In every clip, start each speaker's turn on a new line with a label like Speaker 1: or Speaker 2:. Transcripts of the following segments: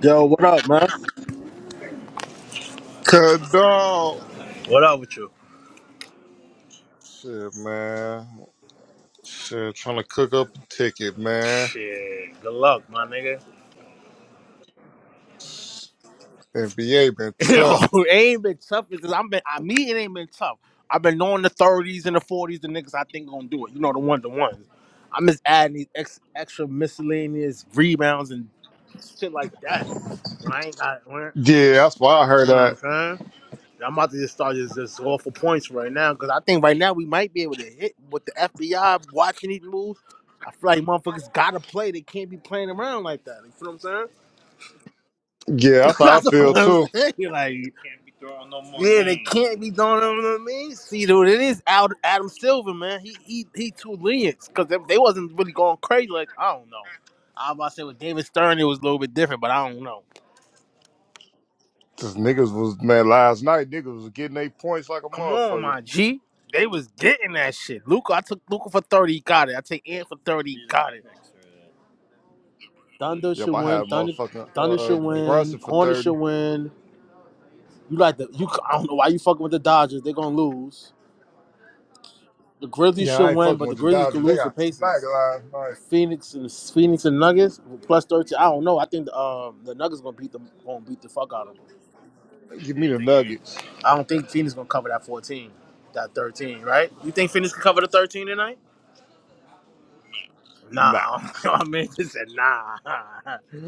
Speaker 1: Yo, what up, man?
Speaker 2: Cause dog,
Speaker 1: What up with you?
Speaker 2: shit, man, shit, trying to cook up a ticket, man.
Speaker 1: Shit, good luck, my nigga.
Speaker 2: NBA been tough.
Speaker 1: Yo, it ain't been tough because I've been, I mean, it ain't been tough. I've been knowing the 30s and the 40s, the niggas I think gonna do it. You know, the one to ones. I'm just adding these ex, extra miscellaneous rebounds and shit like that. When I ain't got, when,
Speaker 2: Yeah, that's why I
Speaker 1: you
Speaker 2: heard
Speaker 1: know what I'm
Speaker 2: that.
Speaker 1: saying? I'm about to just start just, just go for points right now because I think right now we might be able to hit with the FBI watching these moves. I feel like motherfuckers gotta play. They can't be playing around like that. You feel what I'm saying?
Speaker 2: Yeah, that's how I
Speaker 1: That's
Speaker 2: feel
Speaker 1: what I'm
Speaker 2: too.
Speaker 1: saying. Like, you yeah, they can't be throwing. You know what I mean? See, dude, it is out. Adam Silver, man. He he he too lenient because they, they wasn't really going crazy. Like I don't know. I was about to say with David Stern, it was a little bit different, but I don't know.
Speaker 2: Cause niggas was man last night. Niggas was getting their points like a
Speaker 1: Come on,
Speaker 2: motherfucker.
Speaker 1: my G. They was getting that shit. Luca, I took Luca for 30, he got it. I take Ant for 30, he got it. Thunder
Speaker 2: Yep,
Speaker 1: should
Speaker 2: I
Speaker 1: win.
Speaker 2: had
Speaker 1: Thunder
Speaker 2: motherfucking
Speaker 1: Thunder should
Speaker 2: uh
Speaker 1: win.
Speaker 2: Brunson for
Speaker 1: Hornets should
Speaker 2: thirty.
Speaker 1: win. You like the you I don't know why you fucking with the Dodgers. They're gonna lose. The Grizzlies
Speaker 2: Yeah,
Speaker 1: should
Speaker 2: I ain't
Speaker 1: win,
Speaker 2: fucking
Speaker 1: but the
Speaker 2: with the
Speaker 1: Grizzlies could
Speaker 2: Dodgers. They
Speaker 1: lose the
Speaker 2: got smacked
Speaker 1: Pacers.
Speaker 2: last night.
Speaker 1: And Phoenix and Phoenix and Nuggets plus thirteen. I don't know. I think the um, the Nuggets gonna beat them gonna beat the fuck out of them.
Speaker 2: They Give me the Nuggets.
Speaker 1: I don't think Phoenix gonna cover that fourteen, that thirteen, right? You think Phoenix can cover the thirteen tonight?
Speaker 2: Nah,
Speaker 1: Nah, I mean, they said nah.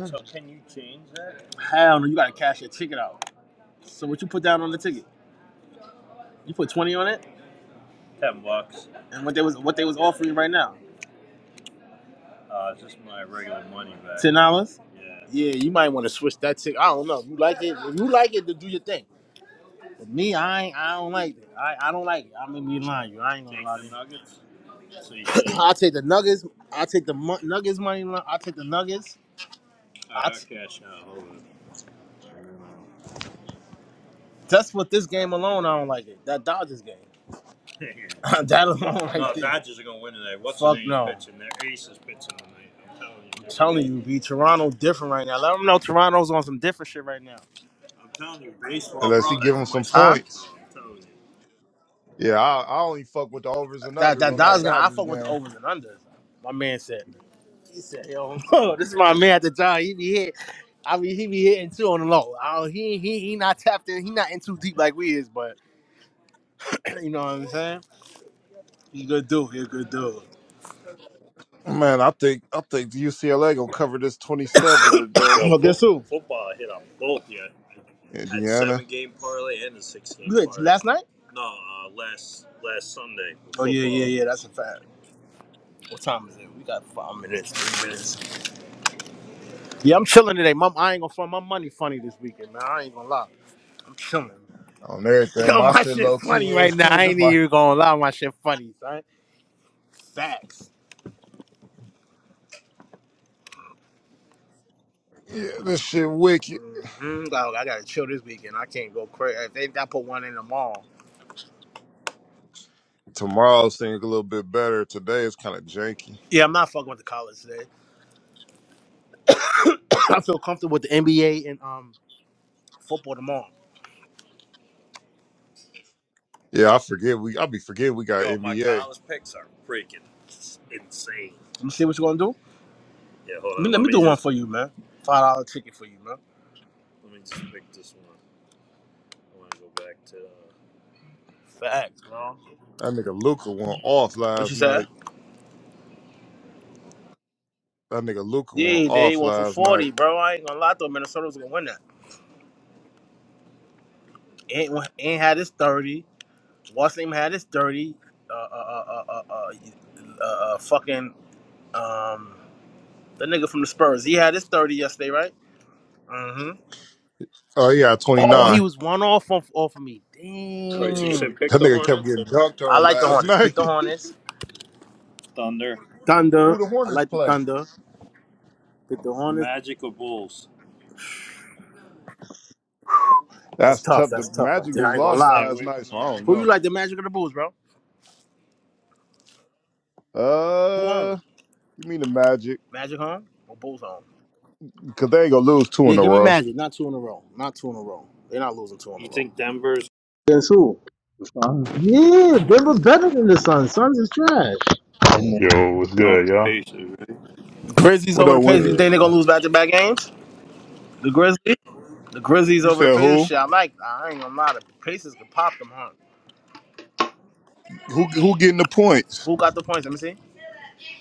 Speaker 1: So can you change that? Hell no, you gotta cash your ticket out. So what you put down on the ticket? You put twenty on it, and what they was what they was offering right now? Uh, it's just my regular money back. Ten dollars? Yeah. Yeah, you might want to switch that ticket. I don't know. You like it? If you like it, then do your thing. But me, I ain't, I don't like it. I, I don't like it. I'm gonna be lying. to You, I ain't gonna Take lie to the you. nuggets. So you take. I'll take the Nuggets. I'll take the mu- Nuggets money line. I'll take the Nuggets. All I'll right, t- I'll cash out. Hold on. Just with this game alone, I don't like it. That Dodgers game, that alone, right there. Fuck no. I'm telling you, be Toronto different right now. Let them know Toronto's on some different shit right now.
Speaker 2: unless he give him some
Speaker 1: Huh?
Speaker 2: points. Yeah, I, I only fuck with the overs and
Speaker 1: That
Speaker 2: unders
Speaker 1: that
Speaker 2: on that
Speaker 1: Dodgers game, I
Speaker 2: Dodgers
Speaker 1: fuck with the
Speaker 2: game.
Speaker 1: overs and unders. My man said. He said, "Yo, this is my man at the job. He be hit. I mean, he be hitting too on the low. I don't- he he he not tapped in. He not in too deep like we is. But you know what I'm saying? He good dude. He a good dude.
Speaker 2: Man, I think I think UCLA gonna cover this twenty seven today.
Speaker 1: Well, guess who?
Speaker 2: Indiana
Speaker 1: Good. Last night? Oh yeah, yeah, yeah. That's a fact. What time is it? We got five minutes, three minutes. Yeah, I'm chilling today. Mom, I ain't gonna find my money funny this weekend, man. I ain't gonna lie. I'm chilling.
Speaker 2: on everything.
Speaker 1: Yo,
Speaker 2: My
Speaker 1: my
Speaker 2: shit
Speaker 1: shit
Speaker 2: low key
Speaker 1: funny right
Speaker 2: is
Speaker 1: now.
Speaker 2: too.
Speaker 1: I
Speaker 2: This
Speaker 1: ain't
Speaker 2: my
Speaker 1: even gonna lie. My shit funny, son. Facts.
Speaker 2: yeah, this shit wicked.
Speaker 1: mm hmm Dog, I gotta chill this weekend. I can't go crazy. If they, I put one in tomorrow.
Speaker 2: Tomorrow's thing a little bit better. Today is kind of janky.
Speaker 1: Yeah, I'm not fucking with the college today. I feel comfortable with the NBA and um football tomorrow.
Speaker 2: Yeah, I forget we I be forgetting we got NBA.
Speaker 1: Let me see what you gonna do. Let me, let me do one for you, man. Five dollar ticket for you, man. Facts.
Speaker 2: That nigga Luca went off
Speaker 1: What you
Speaker 2: last
Speaker 1: say?
Speaker 2: night. That nigga Luca went
Speaker 1: Yeah, they
Speaker 2: off
Speaker 1: won for
Speaker 2: last night.
Speaker 1: forty, bro. I ain't gonna lie though, Minnesota was gonna win that. Ain't ain't had his thirty. Washington had his thirty. Uh uh uh uh uh, uh, uh uh, uh, fucking um the nigga from the Spurs. He had his thirty yesterday, right? Mm-hmm.
Speaker 2: Oh yeah, twenty
Speaker 1: Oh, he
Speaker 2: nine.
Speaker 1: was one off off, off of me. Wait, so Damn.
Speaker 2: That nigga kept getting dunked
Speaker 1: I
Speaker 2: on
Speaker 1: like the
Speaker 2: last
Speaker 1: Hornets.
Speaker 2: night.
Speaker 1: Pick the Hornets.
Speaker 2: Who
Speaker 1: Thunder.
Speaker 2: the
Speaker 1: I
Speaker 2: Hornets
Speaker 1: like the
Speaker 2: play?
Speaker 1: Thunder. Pick the Hornets. That's
Speaker 2: That's
Speaker 1: tough.
Speaker 2: tough. The
Speaker 1: That's tough right
Speaker 2: Magic
Speaker 1: there.
Speaker 2: just
Speaker 1: I ain't gonna
Speaker 2: lost
Speaker 1: lie.
Speaker 2: last night, so I don't
Speaker 1: Who you
Speaker 2: know.
Speaker 1: like the Magic or the Bulls, bro? Who home?
Speaker 2: Uh. Give me the magic.
Speaker 1: Magic home or Bulls home?
Speaker 2: Cause they ain't gonna lose two
Speaker 1: Yeah,
Speaker 2: in a
Speaker 1: give me
Speaker 2: row.
Speaker 1: Magic. Not two in a row. Not two in a row. They're not losing two in a row. Guess who? Yeah, Denver's better than the Suns. Suns is trash.
Speaker 3: Yo, what's good, y'all?
Speaker 1: Grizzlies
Speaker 2: What
Speaker 1: over the
Speaker 2: up,
Speaker 3: Yeah,
Speaker 1: Pacers.
Speaker 2: Wendy?
Speaker 1: You think they're gonna
Speaker 3: man.
Speaker 1: lose back-to-back games? The Grizzlies. The Grizzlies
Speaker 2: You
Speaker 1: over the
Speaker 2: said
Speaker 1: Pacers.
Speaker 2: who?
Speaker 1: Shit, I like. I ain't gonna lie. The Pacers could pop them, huh?
Speaker 2: Who who getting the points?
Speaker 1: Who got the points? Let me see.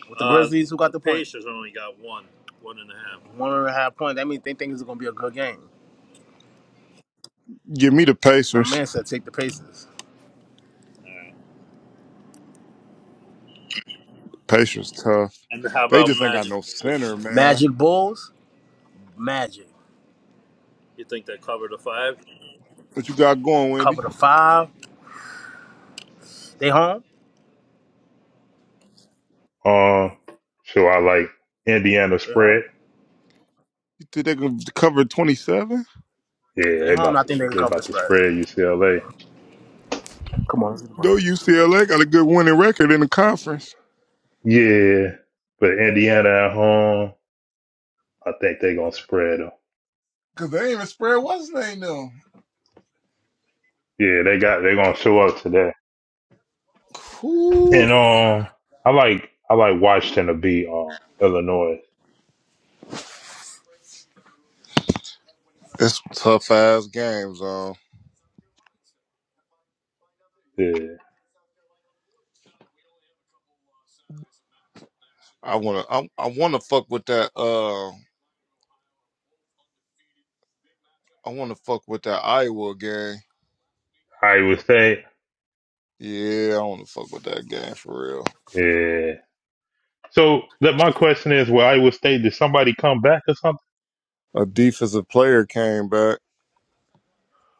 Speaker 1: With the Grizzlies, who the got the points? One and a half points. That means they think it's gonna be a good game.
Speaker 2: Give me the
Speaker 1: My
Speaker 2: Pacers.
Speaker 1: man said take the Pacers.
Speaker 2: Pacers tough. They just ain't got no center, man.
Speaker 1: Magic Bulls, Magic.
Speaker 2: What you got going, Wendy?
Speaker 1: Cover the five. They home.
Speaker 3: Um, so I like Indiana
Speaker 1: They home.
Speaker 3: spread.
Speaker 2: You think they gonna cover twenty seven?
Speaker 1: If
Speaker 3: Yeah,
Speaker 1: They
Speaker 3: they
Speaker 1: home.
Speaker 3: about
Speaker 1: I
Speaker 3: to
Speaker 1: think they can
Speaker 3: they
Speaker 1: cover the
Speaker 3: about to
Speaker 1: spread.
Speaker 3: spread UCLA.
Speaker 1: Come on. let's get the ball.
Speaker 2: No, UCLA got a good winning record in the conference.
Speaker 3: Yeah, but Indiana at home, I think they gonna spread them.
Speaker 2: Cause they ain't even spread what's name though.
Speaker 3: Yeah, they got they gonna show up today.
Speaker 2: Ooh.
Speaker 3: And um, I like I like Washington to beat um Illinois.
Speaker 2: It's tough ass games, um.
Speaker 3: Yeah,
Speaker 2: I wanna I, I wanna fuck with that uh I wanna fuck with that Iowa game.
Speaker 3: Iowa State.
Speaker 2: Yeah, I don't wanna fuck with that game for real.
Speaker 3: Yeah. So that my question is, will Iowa State? Did somebody come back or something?
Speaker 2: A defensive player came back,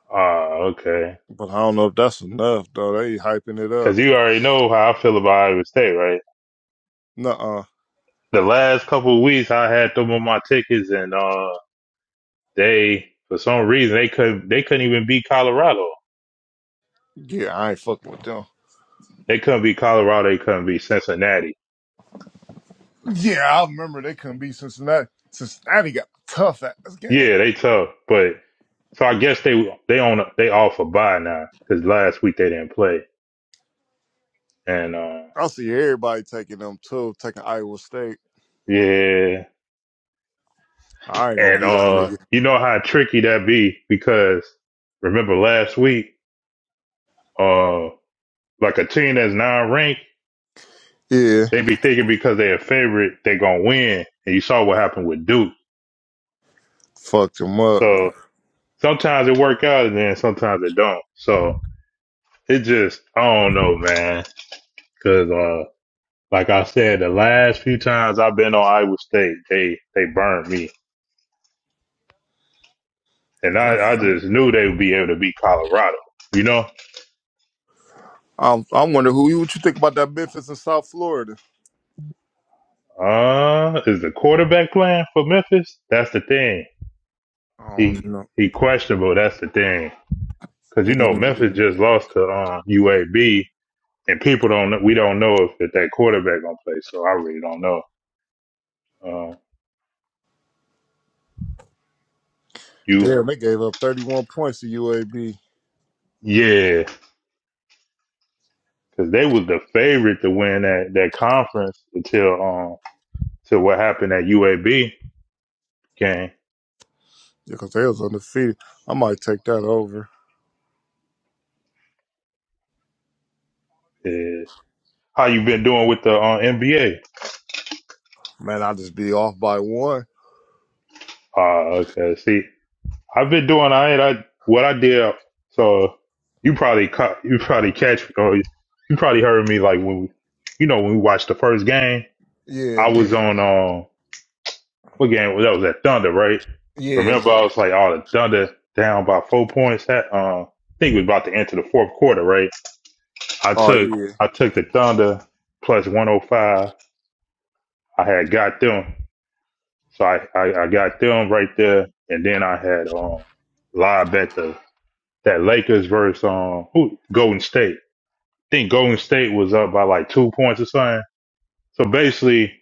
Speaker 3: Ah, okay.
Speaker 2: but I don't know if that's enough though. They hyping it up.
Speaker 3: Because you already know how I feel about Iowa State, right?
Speaker 2: Nuh uh.
Speaker 3: the last couple of weeks I had them on my tickets and uh they for some reason they couldn't they couldn't even beat Colorado.
Speaker 2: Yeah, I ain't fucking with them.
Speaker 3: They couldn't beat Colorado, they couldn't beat Cincinnati.
Speaker 2: Yeah, I remember they couldn't beat Cincinnati. Cincinnati got tough at this game.
Speaker 3: Yeah, they tough, but so I guess they they on a- they off a bye now cuz last week they didn't play. And uh
Speaker 2: I see everybody taking them too, taking Iowa State.
Speaker 3: yeah,
Speaker 2: I ain't gonna
Speaker 3: and
Speaker 2: beat that
Speaker 3: uh
Speaker 2: nigga.
Speaker 3: you know how tricky that be because remember last week uh like a team that's non-ranked,
Speaker 2: Yeah,
Speaker 3: they be thinking because they're a favorite, they going to win. And you saw what happened with Duke
Speaker 2: fucked him up.
Speaker 3: So sometimes it work out and then sometimes it don't. So it just I don't know, man. Cause uh like I said, the last few times I've been on Iowa State, they they burned me. And I, I just knew they would be able to beat Colorado. You know?
Speaker 2: I'm, I wonder who you what you think about that Memphis in South Florida.
Speaker 3: Uh is the quarterback playing for Memphis? That's the thing.
Speaker 2: I don't
Speaker 3: He
Speaker 2: know.
Speaker 3: he questionable, that's the thing. Cause you know
Speaker 2: Mm.
Speaker 3: Memphis just lost to uh, UAB and people don't we don't know if, if that quarterback gonna play, so I really don't know. Um, Uh, you
Speaker 2: Damn, they gave up 31 points to UAB.
Speaker 3: Yeah, because they was the favorite to win that, that conference until um till what happened at UAB game.
Speaker 2: Yeah, cause they was undefeated. I might take that over.
Speaker 3: Yeah. How you been doing with the uh, NBA?
Speaker 2: Man, I'll just be off by one.
Speaker 3: Uh, okay. See, I've been doing I I what I did. So you probably caught you probably catch or you probably heard me like when we, you know when we watched the first game.
Speaker 2: Yeah.
Speaker 3: I was Yeah. on. um, what game that was at Thunder, right?
Speaker 2: Yeah.
Speaker 3: Remember, I was like, oh, the Thunder down by four points. That uh, I think we was about to enter the fourth quarter, right? I
Speaker 2: Oh
Speaker 3: took
Speaker 2: yeah.
Speaker 3: I took the Thunder plus one hundred five. I had got them, so I, I I got them right there, and then I had um live bet the that Lakers versus um who Golden State. I think Golden State was up by like two points or something. So basically,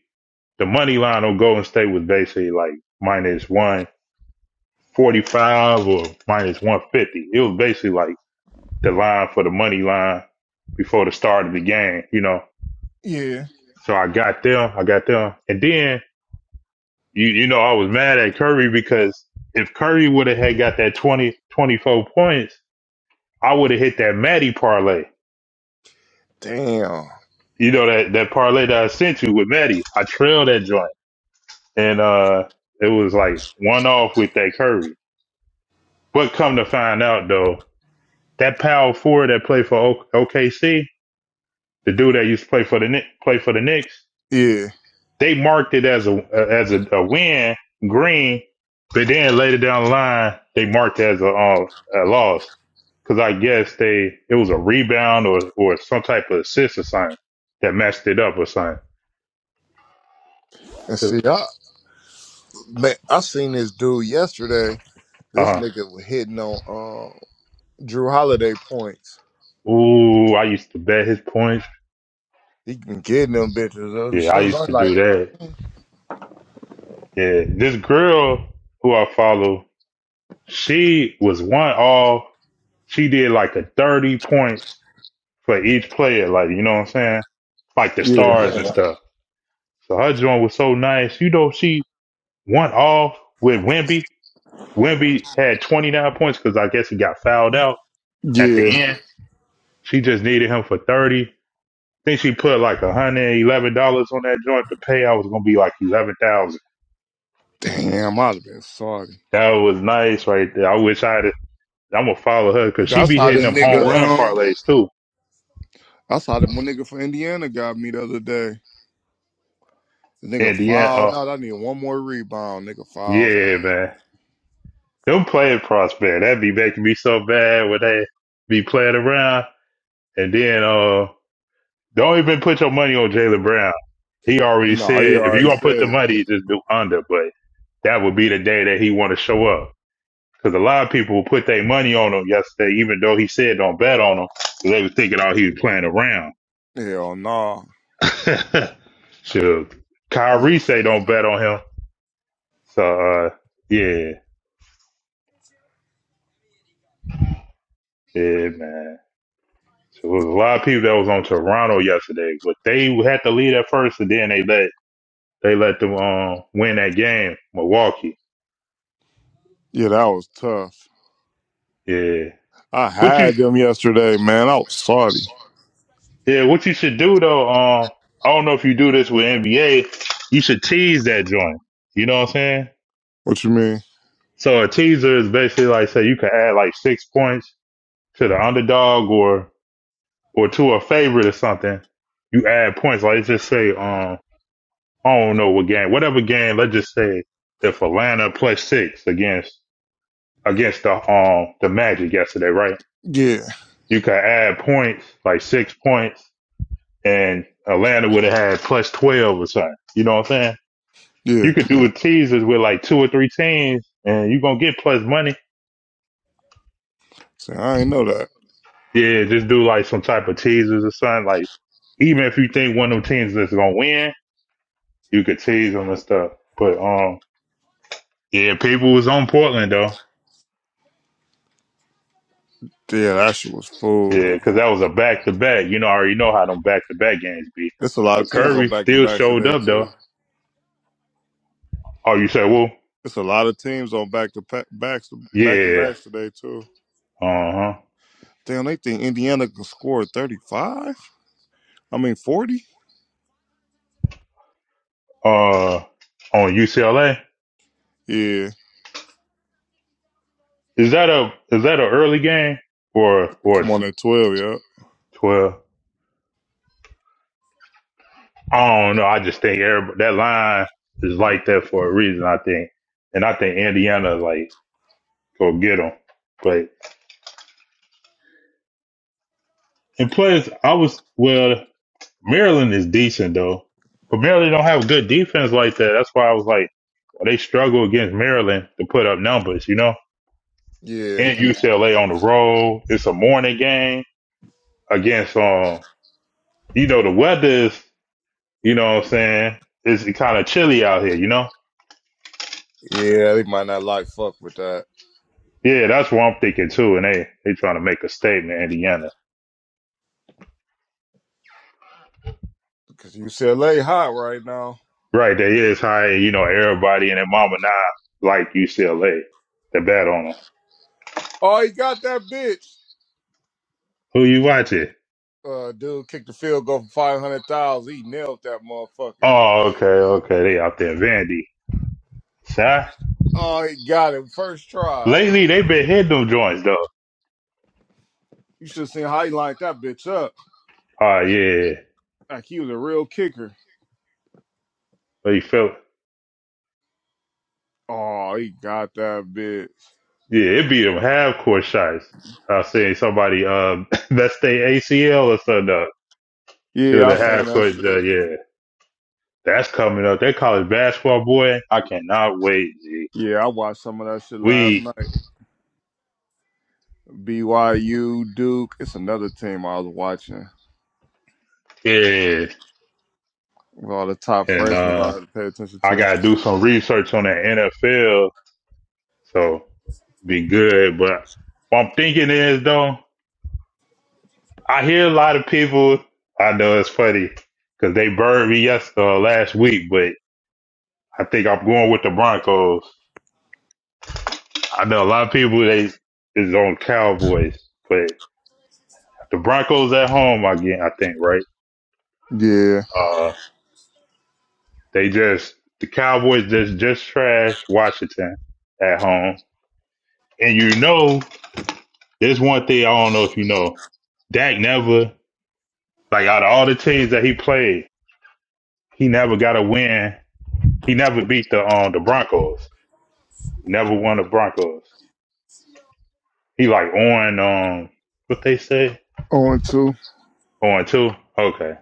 Speaker 3: the money line on Golden State was basically like minus one. 45 or minus 150. It was basically like the line for the money line before the start of the game, you know.
Speaker 2: Yeah.
Speaker 3: So I got them, I got them. And then, you, you know, I was mad at Curry because if Curry would have had got that 20 24 points, I would have hit that Maddie parlay.
Speaker 2: Damn.
Speaker 3: You know, that, that parlay that I sent you with Maddie. I trailed that joint. And, uh, it was like one off with that Curry. But come to find out though, that power forward that played for OKC, the dude that used to play for the Knick- play for the Knicks,
Speaker 2: Yeah.
Speaker 3: they marked it as a as a, a win green, but then later down the line they marked it as a, uh, a loss because I guess they it was a rebound or or some type of assist or something that messed it up or something.
Speaker 2: And
Speaker 3: Uh
Speaker 2: see, I man, I seen this dude yesterday. This
Speaker 3: huh.
Speaker 2: nigga was hitting on uh, Drew Holiday points.
Speaker 3: Ooh, I used to bet his points.
Speaker 2: He been getting them bitches. Uh,
Speaker 3: Yeah,
Speaker 2: She
Speaker 3: I
Speaker 2: was
Speaker 3: used
Speaker 2: only
Speaker 3: to do
Speaker 2: like,
Speaker 3: that. Yeah, this girl who I follow, she was one all. She did like a thirty points for each player, like you know what I'm saying, like the
Speaker 2: yeah,
Speaker 3: stars and Yeah. stuff. So her joint was so nice. You know, she went off with Wimby. Wimby had 29 points because I guess he got fouled out at the
Speaker 2: yeah.
Speaker 3: end. She just needed him for 30. I think she put like $111 on that joint. The payout was gonna be like 11,000.
Speaker 2: Damn, I'd have been sorry.
Speaker 3: That was nice right there. I wish I had. it. I'm gonna follow her because she
Speaker 2: That's
Speaker 3: be
Speaker 2: how the
Speaker 3: hitting them
Speaker 2: nigga.
Speaker 3: home run
Speaker 2: Um,
Speaker 3: parlays too.
Speaker 2: that's how the one nigga from Indiana got me the other day. The nigga
Speaker 3: And the end, uh,
Speaker 2: fouled out. I need one more rebound. Nigga fouled
Speaker 3: yeah,
Speaker 2: out.
Speaker 3: man. Don't play it Prosper. That would be making me so bad when they be playing around. And then uh don't even put your money on Jalen Brown. He already
Speaker 2: No, he
Speaker 3: said if you
Speaker 2: already
Speaker 3: are gonna put the
Speaker 2: said it.
Speaker 3: money, just do under. But that would be the day that he want to show up. Because a lot of people put their money on him yesterday, even though he said don't bet on him. 'cause They was thinking, oh, he was playing around.
Speaker 2: Hell no.
Speaker 3: Sure.
Speaker 2: I-
Speaker 3: Kyrie say don't bet on him. So uh, yeah, yeah, man. So it was a lot of people that was on Toronto yesterday, but they had to lead at first, and then they let they let them um win that game, Milwaukee.
Speaker 2: Yeah, that was tough.
Speaker 3: Yeah,
Speaker 2: I
Speaker 3: what you
Speaker 2: had them yesterday, man. I was salty.
Speaker 3: yeah what you should do though um I don't know if you do this with NBA, you should tease that joint. You know what I'm saying?
Speaker 2: What you mean?
Speaker 3: So a teaser is basically like say you could add like six points to the underdog or or to a favorite or something. You add points like just say um. I don't know what game, whatever game. Let's just say if Atlanta plus six against against the um the Magic yesterday, right?
Speaker 2: Yeah,
Speaker 3: You could add points like six points, and Atlanta would have had plus twelve or something. You know what I'm saying? You
Speaker 2: yeah.
Speaker 3: could do a teasers with like two or three teams, and you are gonna get plus money.
Speaker 2: See, I ain't know that.
Speaker 3: Yeah, just do like some type of teasers or something. Like even if you think one of them teams is gonna win, you could tease them and stuff. But um, yeah, people was on Portland though.
Speaker 2: Yeah, that shit was food.
Speaker 3: Yeah, because that was a back to back. You know, I already know how them back to back games be.
Speaker 2: It's a lot of
Speaker 3: But
Speaker 2: teams
Speaker 3: Curry
Speaker 2: on back to
Speaker 3: still
Speaker 2: backs
Speaker 3: showed
Speaker 2: today
Speaker 3: up though.
Speaker 2: too.
Speaker 3: Oh, you said who?
Speaker 2: It's a lot of teams on back to pa- backs back to
Speaker 3: yeah,
Speaker 2: backs today too.
Speaker 3: uh huh.
Speaker 2: Damn, they think Indiana can score thirty five. I mean, 40?
Speaker 3: Uh, on UCLA
Speaker 2: Yeah.
Speaker 3: is that a is that a early game or or
Speaker 2: Come on at 12, yeah.
Speaker 3: twelve? I don't know. I just think everybody, that line is like that for a reason. I think, and I think Indiana like go get them. But and plus, I was well. Maryland is decent though, but Maryland don't have good defense like that. That's why I was like, oh, they struggle against Maryland to put up numbers, you know.
Speaker 2: Yeah,
Speaker 3: And UCLA on the road, it's a morning game against um, you know, the weather is, you know what I'm saying, it's kind of chilly out here, you know.
Speaker 2: yeah, they might not like fuck with that
Speaker 3: Yeah, that's what I'm thinking too. And they they trying to make a statement, Indiana.
Speaker 2: because UCLA hot right now.
Speaker 3: Right, they is high, you know, everybody and their mama now like UCLA. They bet on them.
Speaker 2: Oh, he got that bitch.
Speaker 3: Who you watching?
Speaker 2: Uh, dude kicked the field goal for five hundred thousand. He nailed that motherfucker.
Speaker 3: Oh, okay, okay. They out there, Vandy. Sir,
Speaker 2: Oh, he got it first try.
Speaker 3: lately they been hitting them joints though.
Speaker 2: You should have seen how he lined that bitch up.
Speaker 3: Oh yeah,
Speaker 2: Like he was a real kicker.
Speaker 3: they felt
Speaker 2: Oh, he got that bitch.
Speaker 3: yeah it be them half court shots. I seen somebody um that's their ACL or something. Up. Shoot
Speaker 2: Yeah, I
Speaker 3: a
Speaker 2: seen
Speaker 3: half
Speaker 2: that
Speaker 3: court
Speaker 2: shit.
Speaker 3: shot. Yeah, that's coming up. That college basketball boy, I cannot wait. G.
Speaker 2: Yeah, I watched some of that shit last
Speaker 3: We
Speaker 2: night. BYU, Duke. It's another team I was watching.
Speaker 3: yeah,
Speaker 2: With all the top
Speaker 3: and
Speaker 2: freshmen I
Speaker 3: uh
Speaker 2: had to pay attention
Speaker 3: I
Speaker 2: to.
Speaker 3: gotta do some research on the NFL, so be good. But what I'm thinking is though. I hear a lot of people. I know it's funny because they burned me yesterday or last week, but I think I'm going with the Broncos. I know a lot of people they is on Cowboys, but the Broncos at home again. I think right.
Speaker 2: Yeah.
Speaker 3: Uh, they just the Cowboys just just trash Washington at home, and you know there's one thing I don't know if you know. Dak never like out of all the teams that he played, he never got a win. He never beat the um the Broncos. He never won the Broncos. He like on um what they say
Speaker 2: 0 and 2.
Speaker 3: on two. Okay,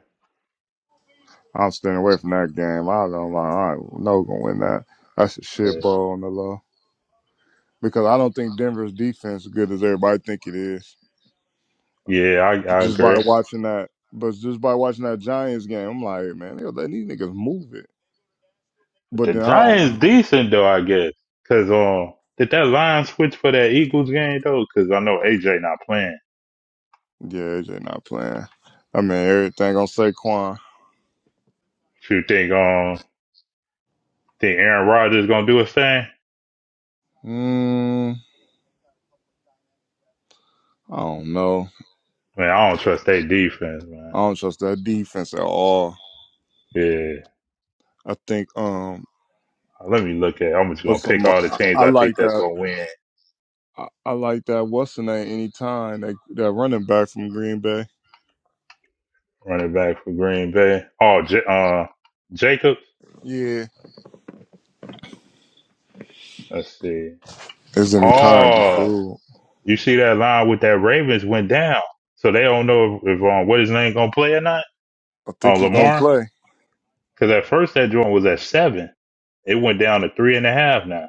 Speaker 2: I'm staying away from that game. I don't like, all right, no we're gonna win that. That's a shit
Speaker 3: yeah,
Speaker 2: ball on the low. Because I don't think Denver's defense is good as everybody think it is.
Speaker 3: Yeah, I I
Speaker 2: Just by
Speaker 3: agree.
Speaker 2: watching that but just by watching that Giants game, I'm like, man, they let these niggas move it.
Speaker 3: But
Speaker 2: But
Speaker 3: the
Speaker 2: then I don't
Speaker 3: Giants decent though, I guess. Cause um, did that line switch for that Eagles game though? Cause I know AJ not playing.
Speaker 2: Yeah, AJ not playing. I mean everything on Saquon.
Speaker 3: If you think um think Aaron Rodgers gonna do his thing,
Speaker 2: Mm, I don't know.
Speaker 3: man, I don't trust their defense,
Speaker 2: I
Speaker 3: man.
Speaker 2: don't trust that defense at all.
Speaker 3: Yeah,
Speaker 2: I think um
Speaker 3: let me look at. I'm just
Speaker 2: for
Speaker 3: gonna pick
Speaker 2: some.
Speaker 3: all the
Speaker 2: I,
Speaker 3: teams
Speaker 2: I
Speaker 3: I think
Speaker 2: like
Speaker 3: that's
Speaker 2: that.
Speaker 3: gonna win.
Speaker 2: I, I like that. What's the name? Anytime that that running back from Green Bay.
Speaker 3: Running back for Green Bay. Oh, J- uh, Jacobs.
Speaker 2: Yeah,
Speaker 3: Let's see.
Speaker 2: it's anytime. You
Speaker 3: Oh,
Speaker 2: fool.
Speaker 3: you see that line with that Ravens went down, so they don't know if, if um, what his name gonna play or not
Speaker 2: I think
Speaker 3: on
Speaker 2: he's gonna
Speaker 3: Lamar.
Speaker 2: play.
Speaker 3: Because at first that joint was at seven, it went down to three and a half now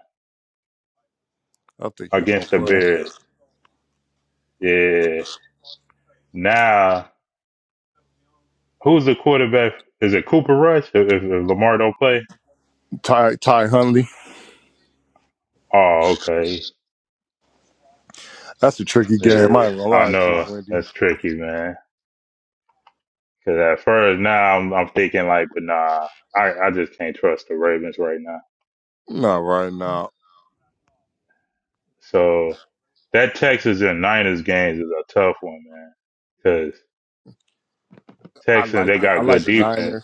Speaker 2: I think he's gonna
Speaker 3: against the
Speaker 2: play.
Speaker 3: Bears. Yeah. Now who's the quarterback? Is it Cooper Rush if, if if Lamar don't play?
Speaker 2: Ty Ty Huntley.
Speaker 3: Oh, okay.
Speaker 2: That's a tricky game.
Speaker 3: Yeah,
Speaker 2: I ain't gonna
Speaker 3: I
Speaker 2: lie to you,
Speaker 3: know
Speaker 2: Wendy.
Speaker 3: that's tricky, man. Because at first now I'm, I'm thinking like, but nah, I, I just can't trust the Ravens right now.
Speaker 2: Not right now.
Speaker 3: So that Texas and Niners games is a tough one, man. Because
Speaker 2: I
Speaker 3: Texans
Speaker 2: like
Speaker 3: they
Speaker 2: the I
Speaker 3: got
Speaker 2: like
Speaker 3: good
Speaker 2: the
Speaker 3: defense.
Speaker 2: Niners.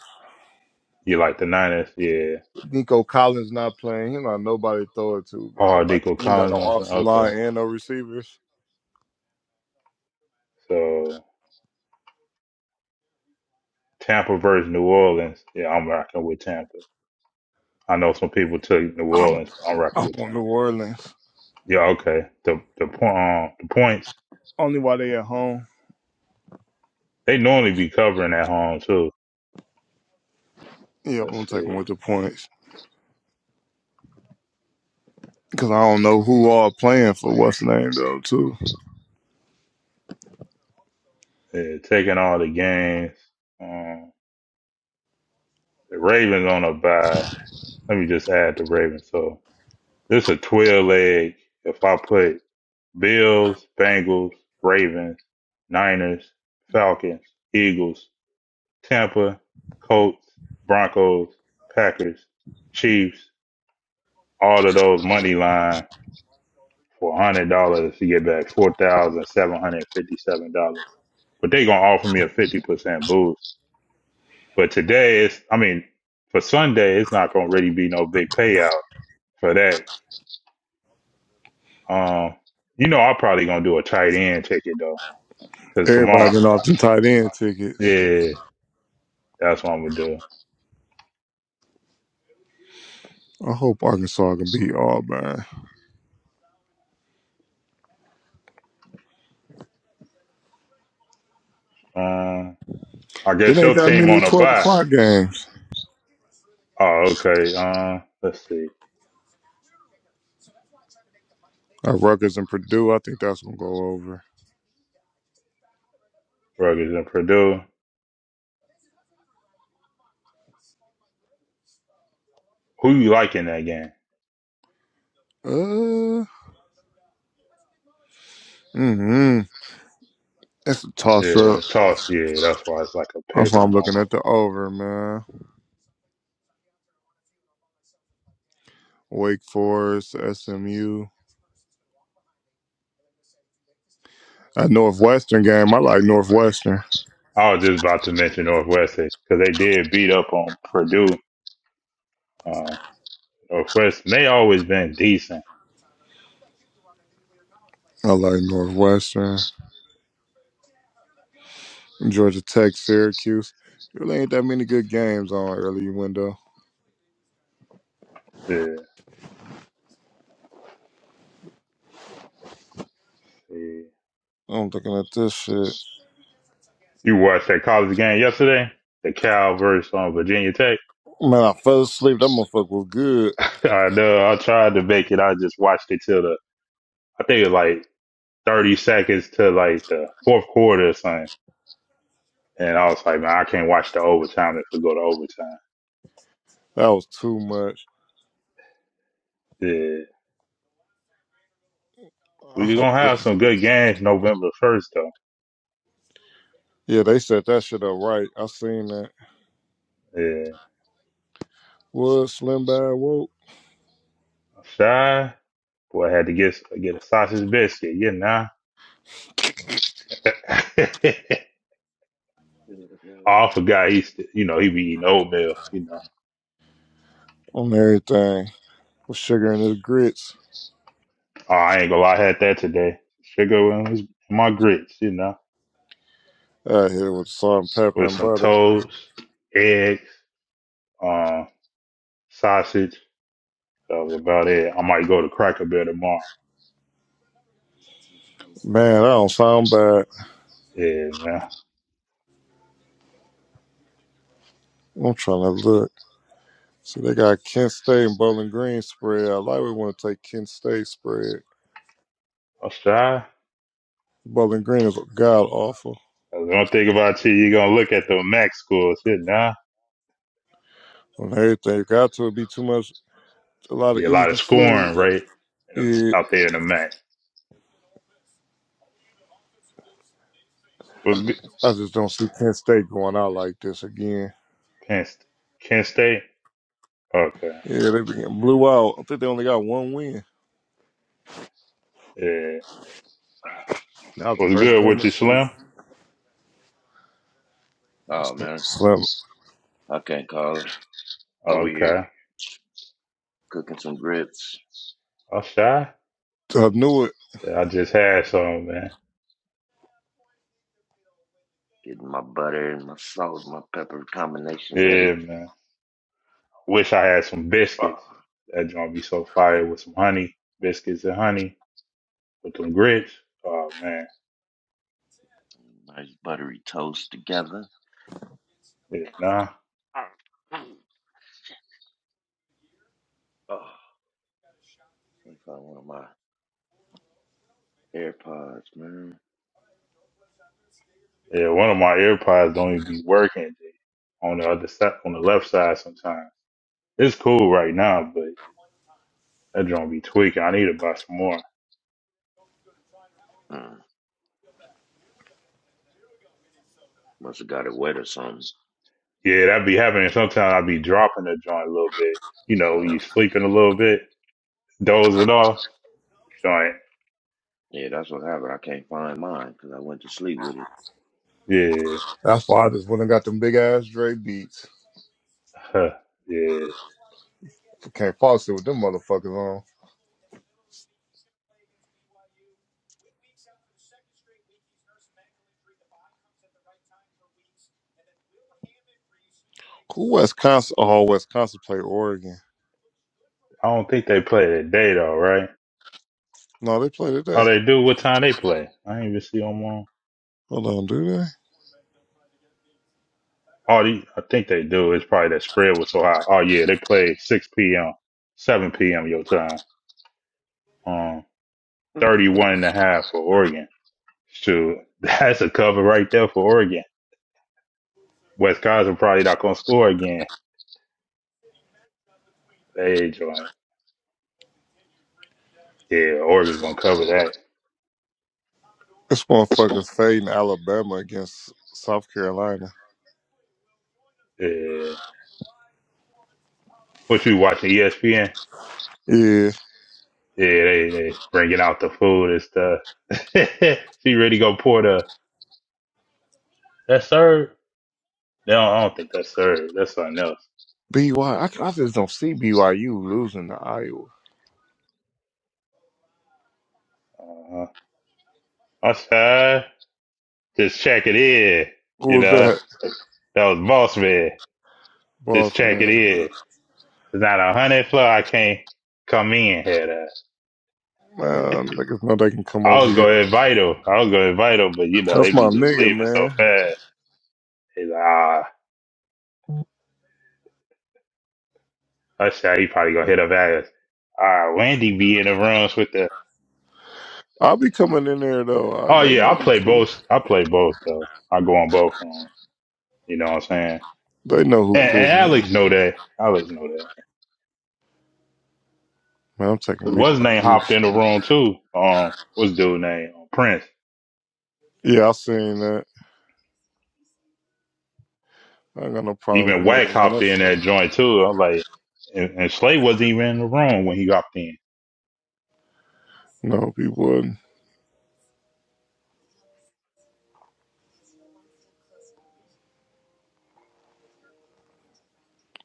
Speaker 3: You like the Niners, yeah.
Speaker 2: Nico Collins not playing. He's not nobody to throw it to, bro.
Speaker 3: Oh,
Speaker 2: Like
Speaker 3: Deco
Speaker 2: you ain't got no
Speaker 3: Collins, like,
Speaker 2: offensive
Speaker 3: okay.
Speaker 2: line and no receivers.
Speaker 3: So Tampa versus New Orleans, yeah, I'm rocking with Tampa. I know some people took New Orleans, but I'm rocking
Speaker 2: I'm
Speaker 3: with
Speaker 2: on
Speaker 3: Tampa.
Speaker 2: New Orleans.
Speaker 3: Yeah, okay. The the point, um, the points
Speaker 2: Only while they at home.
Speaker 3: they normally be covering at home too.
Speaker 2: Yep, I'm gonna
Speaker 3: Let's
Speaker 2: take them
Speaker 3: see,
Speaker 2: with the points. Because I don't know who all playing for what's the name though too.
Speaker 3: yeah, taking all the games. Um, the Ravens on a bye. Let me just add the Ravens. So This a 12 leg. If I put Bills, Bengals, Ravens, Niners, Falcons, Eagles, Tampa, Colts, Broncos, Packers, Chiefs, all of those money line for one hundred dollars to get back four thousand seven hundred fifty seven dollars. But they gonna offer me a fifty percent boost. But today it's I mean, for Sunday it's not gonna really be no big payout for that. Um you know I'm probably gonna do a tight end ticket though. Cause tomorrow,
Speaker 2: Everybody been off them tight end tickets.
Speaker 3: yeah, that's what I'm gonna do.
Speaker 2: I hope Arkansas can beat Auburn.
Speaker 3: Um, I
Speaker 2: It
Speaker 3: guess your
Speaker 2: ain't that
Speaker 3: team
Speaker 2: many
Speaker 3: on a
Speaker 2: twelve
Speaker 3: bye.
Speaker 2: o'clock games.
Speaker 3: Oh, okay. Uh, let's see.
Speaker 2: Uh, Rutgers and Purdue, I think that's gonna go over.
Speaker 3: Rutgers and Purdue. Who you like in that game?
Speaker 2: Uh, mm-hmm. It's a toss up.
Speaker 3: Yeah, toss. Yeah, that's why it's like a
Speaker 2: That's
Speaker 3: pick
Speaker 2: why I'm
Speaker 3: 'em
Speaker 2: looking
Speaker 3: almost.
Speaker 2: at the over, man. Wake Forest, SMU. That Northwestern game, I like Northwestern.
Speaker 3: I was just about to mention Northwestern because they did beat up on Purdue. Uh, Northwestern they always been decent.
Speaker 2: I like Northwestern. Georgia Tech, Syracuse. Really ain't that many good games on early window.
Speaker 3: Yeah. yeah.
Speaker 2: I'm looking at this shit.
Speaker 3: You watched that college game yesterday? The Cal versus um, Virginia Tech.
Speaker 2: Man, I fell asleep. That motherfucker was good.
Speaker 3: I know. I tried to make it. I just watched it till the I think it was like 30 seconds to like the fourth quarter or something. And I was like, man, I can't watch the overtime if we go to overtime.
Speaker 2: That was too much.
Speaker 3: Yeah.
Speaker 2: I
Speaker 3: We're
Speaker 2: hope
Speaker 3: going to have
Speaker 2: this-
Speaker 3: some good games November 1st, though.
Speaker 2: Yeah, they set that shit up right. I seen that.
Speaker 3: Yeah.
Speaker 2: Was Slim Bad woke
Speaker 3: I'm Shy. Boy, I had to get get a sausage biscuit. Yeah, nah.
Speaker 4: Yeah, that
Speaker 3: Oh, I
Speaker 4: French
Speaker 3: forgot he's, you know, he be eating oatmeal, you know.
Speaker 2: on everything with sugar and his grits.
Speaker 3: Oh, I ain't gonna lie, I had that today. Sugar in his- in my grits, you know,
Speaker 2: Out here with salt and pepper
Speaker 3: with
Speaker 2: and
Speaker 3: some
Speaker 2: butter.
Speaker 3: toast, eggs, um, sausage, That was about it. I might go to Cracker Barrel tomorrow.
Speaker 4: toast
Speaker 2: Man, that
Speaker 4: ass.
Speaker 2: don't sound bad.
Speaker 3: Yeah, man.
Speaker 2: I'm trying to look. See, they got Kent State and Bowling Green spread. I like we want to take Kent State spread.
Speaker 3: I'll try.
Speaker 2: Bowling Green is god awful
Speaker 3: That's one thing about you, you're gonna look at the MAC scores. Yeah, nah.
Speaker 2: on everything. Got to be too much, a lot of
Speaker 3: Be a lot
Speaker 2: easy
Speaker 3: of
Speaker 2: food.
Speaker 3: scoring, right? In
Speaker 2: Yeah,
Speaker 3: the, out there in the MAC. What's good?
Speaker 2: I just don't see Penn State going out like this again.
Speaker 3: Penn, St- Kent State. Okay.
Speaker 2: Yeah, they began- blew out. I think they only got one win.
Speaker 3: Yeah.
Speaker 2: That was the
Speaker 3: What's
Speaker 2: first
Speaker 3: good
Speaker 2: game
Speaker 3: with
Speaker 2: of
Speaker 3: you,
Speaker 2: the
Speaker 3: Slim?
Speaker 2: season.
Speaker 4: Oh man,
Speaker 2: So,
Speaker 4: I can't call it. Over here
Speaker 3: Okay.
Speaker 4: cooking some grits,
Speaker 3: I'll try.
Speaker 2: so I knew it.
Speaker 3: Yeah, I just had some, man.
Speaker 4: getting my butter and my salt, my pepper combination ready.
Speaker 3: Yeah, man. Wish I had some
Speaker 4: Ah,
Speaker 3: biscuits. That joint be so fire with some honey, biscuits and honey with them grits. Oh man,
Speaker 4: Nice buttery toast together.
Speaker 3: yeah, nah.
Speaker 4: Ah, Oh, can't find one of my AirPods, man.
Speaker 3: Yeah, one of my AirPods don't even be working on the other side, on the left side sometimes. It's cool right now, but that joint be tweaking. I need to buy some more.
Speaker 4: Mm, must have got it wet or something.
Speaker 3: Yeah, that be happening. Sometimes I be dropping the joint a little bit. You know,
Speaker 4: Oh,
Speaker 3: you sleeping a little bit, dozing off. Joint.
Speaker 4: yeah, that's what happened. I can't find mine because I went to sleep with it.
Speaker 3: Yeah.
Speaker 2: That's why I just went and got them big ass Dre beats.
Speaker 3: Huh. Yeah.
Speaker 2: Can't possibly with them motherfuckers on. Who Wisconsin? Oh, Wisconsin played Oregon.
Speaker 3: I don't think they play today though, right?
Speaker 2: No, they play today.
Speaker 3: Oh, they do. What time they play? I ain't even see them on.
Speaker 2: Hold on, do they?
Speaker 3: Oh, they, I think they do. It's probably that spread was so high. Oh yeah, they play 6 p.m., 7 p.m. your time. Um.
Speaker 4: Mm.
Speaker 3: 31 and a half for Oregon. Shoot, that's a cover right there for Oregon. Wisconsin probably not going to score again. Hey, joint. Yeah, Oregon going to cover that.
Speaker 2: This motherfucker's fading Alabama against South Carolina.
Speaker 3: Yeah. What you watching, ESPN?
Speaker 2: Yeah,
Speaker 3: Yeah, they, they bringing out the food and stuff. she really going to pour the, that serve? No, I don't think that's serve. That's something else.
Speaker 2: BY. I I just don't see BYU losing to Iowa.
Speaker 3: Uh-huh. I said, just check it in.
Speaker 2: Who
Speaker 3: You
Speaker 2: was
Speaker 3: know,
Speaker 2: that?
Speaker 3: that was boss man.
Speaker 2: Boss
Speaker 3: Just check it
Speaker 2: man.
Speaker 3: in. It's not a hundred floor. I can't come in here. That
Speaker 2: Man, niggas know they can come
Speaker 3: I
Speaker 2: over
Speaker 3: was
Speaker 2: here.
Speaker 3: gonna invite him. I was gonna invite him, but you know
Speaker 2: That's
Speaker 3: they
Speaker 2: my
Speaker 3: be just
Speaker 2: nigga,
Speaker 3: leaving so
Speaker 2: man.
Speaker 3: fast. He's like, ah, I said he probably gonna hit up ass. Ah, Wendy be in the rooms with the.
Speaker 2: I'll be coming in there though. I,
Speaker 3: Oh
Speaker 2: they
Speaker 3: yeah,
Speaker 2: know
Speaker 3: I
Speaker 2: we
Speaker 3: play
Speaker 2: cool.
Speaker 3: both. I play both though. I go on both rooms. You know what I'm saying?
Speaker 2: They know who
Speaker 3: And,
Speaker 2: cool.
Speaker 3: and
Speaker 2: Man,
Speaker 3: Alex know that. Alex know that.
Speaker 2: man I'm taking
Speaker 3: 'Cause What's his name
Speaker 2: BYU.
Speaker 3: hopped in the room too. Um, what's dude name? Um, Prince.
Speaker 2: Yeah, I seen that. I ain't got no problem with the
Speaker 3: Even Wack
Speaker 2: nigga, man.
Speaker 3: hopped in
Speaker 2: That's
Speaker 3: that joint too. I'm like, and, and Slay wasn't even in the room when he hopped in.
Speaker 2: no, he wouldn't.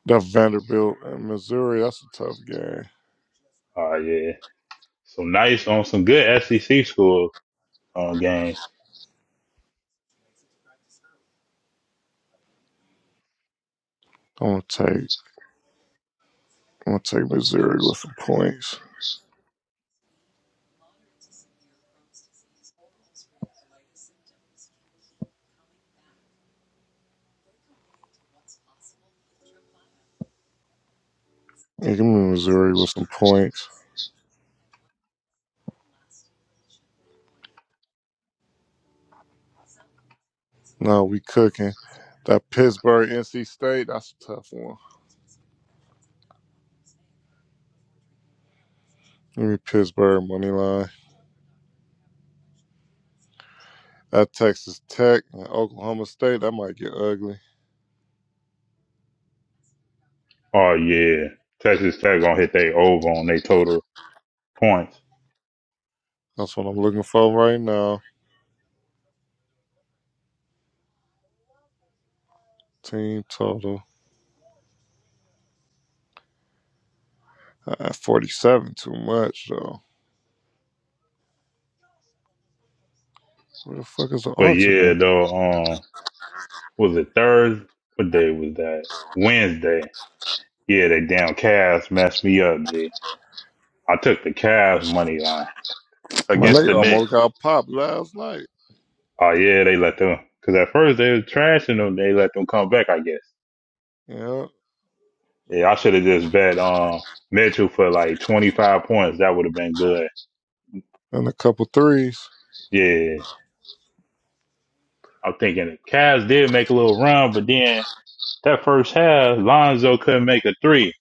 Speaker 2: That's Vanderbilt and Missouri. That's a tough game.
Speaker 3: Oh yeah, some nice on some good SEC schools on games.
Speaker 2: I'm gonna take. I'm gonna take Missouri with some points. Yeah, give me Missouri with some points. No, we cooking. That Pittsburgh, NC State. That's a tough one. Give me Pittsburgh money line. At Texas Tech and Oklahoma State, that might get ugly.
Speaker 3: Oh yeah, Texas Tech gonna hit they over on their total points.
Speaker 2: That's what I'm looking for right now. Team total. Uh, 47, too much, though. Where the fuck is the
Speaker 3: But yeah,
Speaker 2: alternate?
Speaker 3: though, um, was it Thursday? What day was that? Wednesday. Yeah, that damn Cavs messed me up. G. I took the Cavs money line
Speaker 2: My
Speaker 3: against
Speaker 2: leg
Speaker 3: the Knicks.
Speaker 2: almost got popped last night.
Speaker 3: Oh yeah, they let them. Cause at first they was trashing them. They let them come back. I guess.
Speaker 2: Yeah,
Speaker 3: Yeah, I should have just bet um Mitchell for like twenty five points. That would have been good.
Speaker 2: and a couple threes.
Speaker 3: Yeah. I'm thinking the Cavs did make a little run, but then that first half, Lonzo couldn't make a three.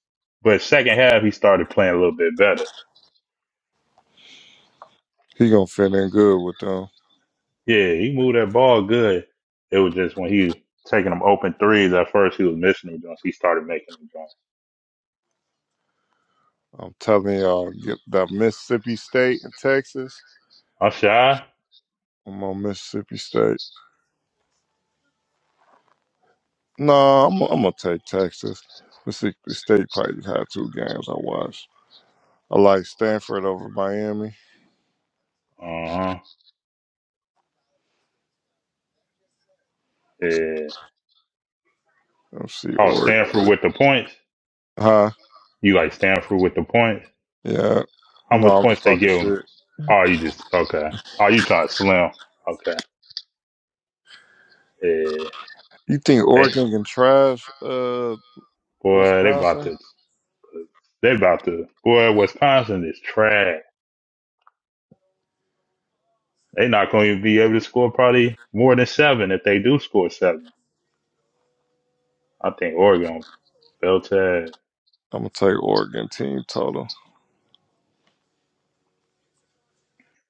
Speaker 3: But second half, he started playing a little bit better.
Speaker 2: He gonna fit in good with them.
Speaker 3: Yeah, he moved that ball good. It was just when he was taking them open threes at first, he was missing them joints. He started making them joints.
Speaker 2: I'm telling y'all, get that Mississippi State and Texas.
Speaker 3: I'm shy.
Speaker 2: I'm on Mississippi State. No, I'm, I'm gonna take Texas. Mississippi State probably had two games I watched. I like Stanford over Miami.
Speaker 3: Uh huh. Yeah.
Speaker 2: Let me see,
Speaker 3: Oh,
Speaker 2: Oregon.
Speaker 3: Stanford with the points.
Speaker 2: Huh?
Speaker 3: You like Stanford with the points?
Speaker 2: Yeah.
Speaker 3: How
Speaker 2: No,
Speaker 3: much
Speaker 2: I'm
Speaker 3: points
Speaker 2: just
Speaker 3: they
Speaker 2: talking
Speaker 3: give him?
Speaker 2: shit.
Speaker 3: Oh, you just okay. Oh, you trying to slim? Okay. Yeah.
Speaker 2: You think
Speaker 3: They
Speaker 2: Oregon can trash uh
Speaker 3: boy, they about
Speaker 2: Wisconsin?
Speaker 3: to. They about to boy, Wisconsin is trash. They not gonna even be able to score probably more than seven if they do score seven. I think Oregon fell to
Speaker 2: I'm gonna take Oregon team total.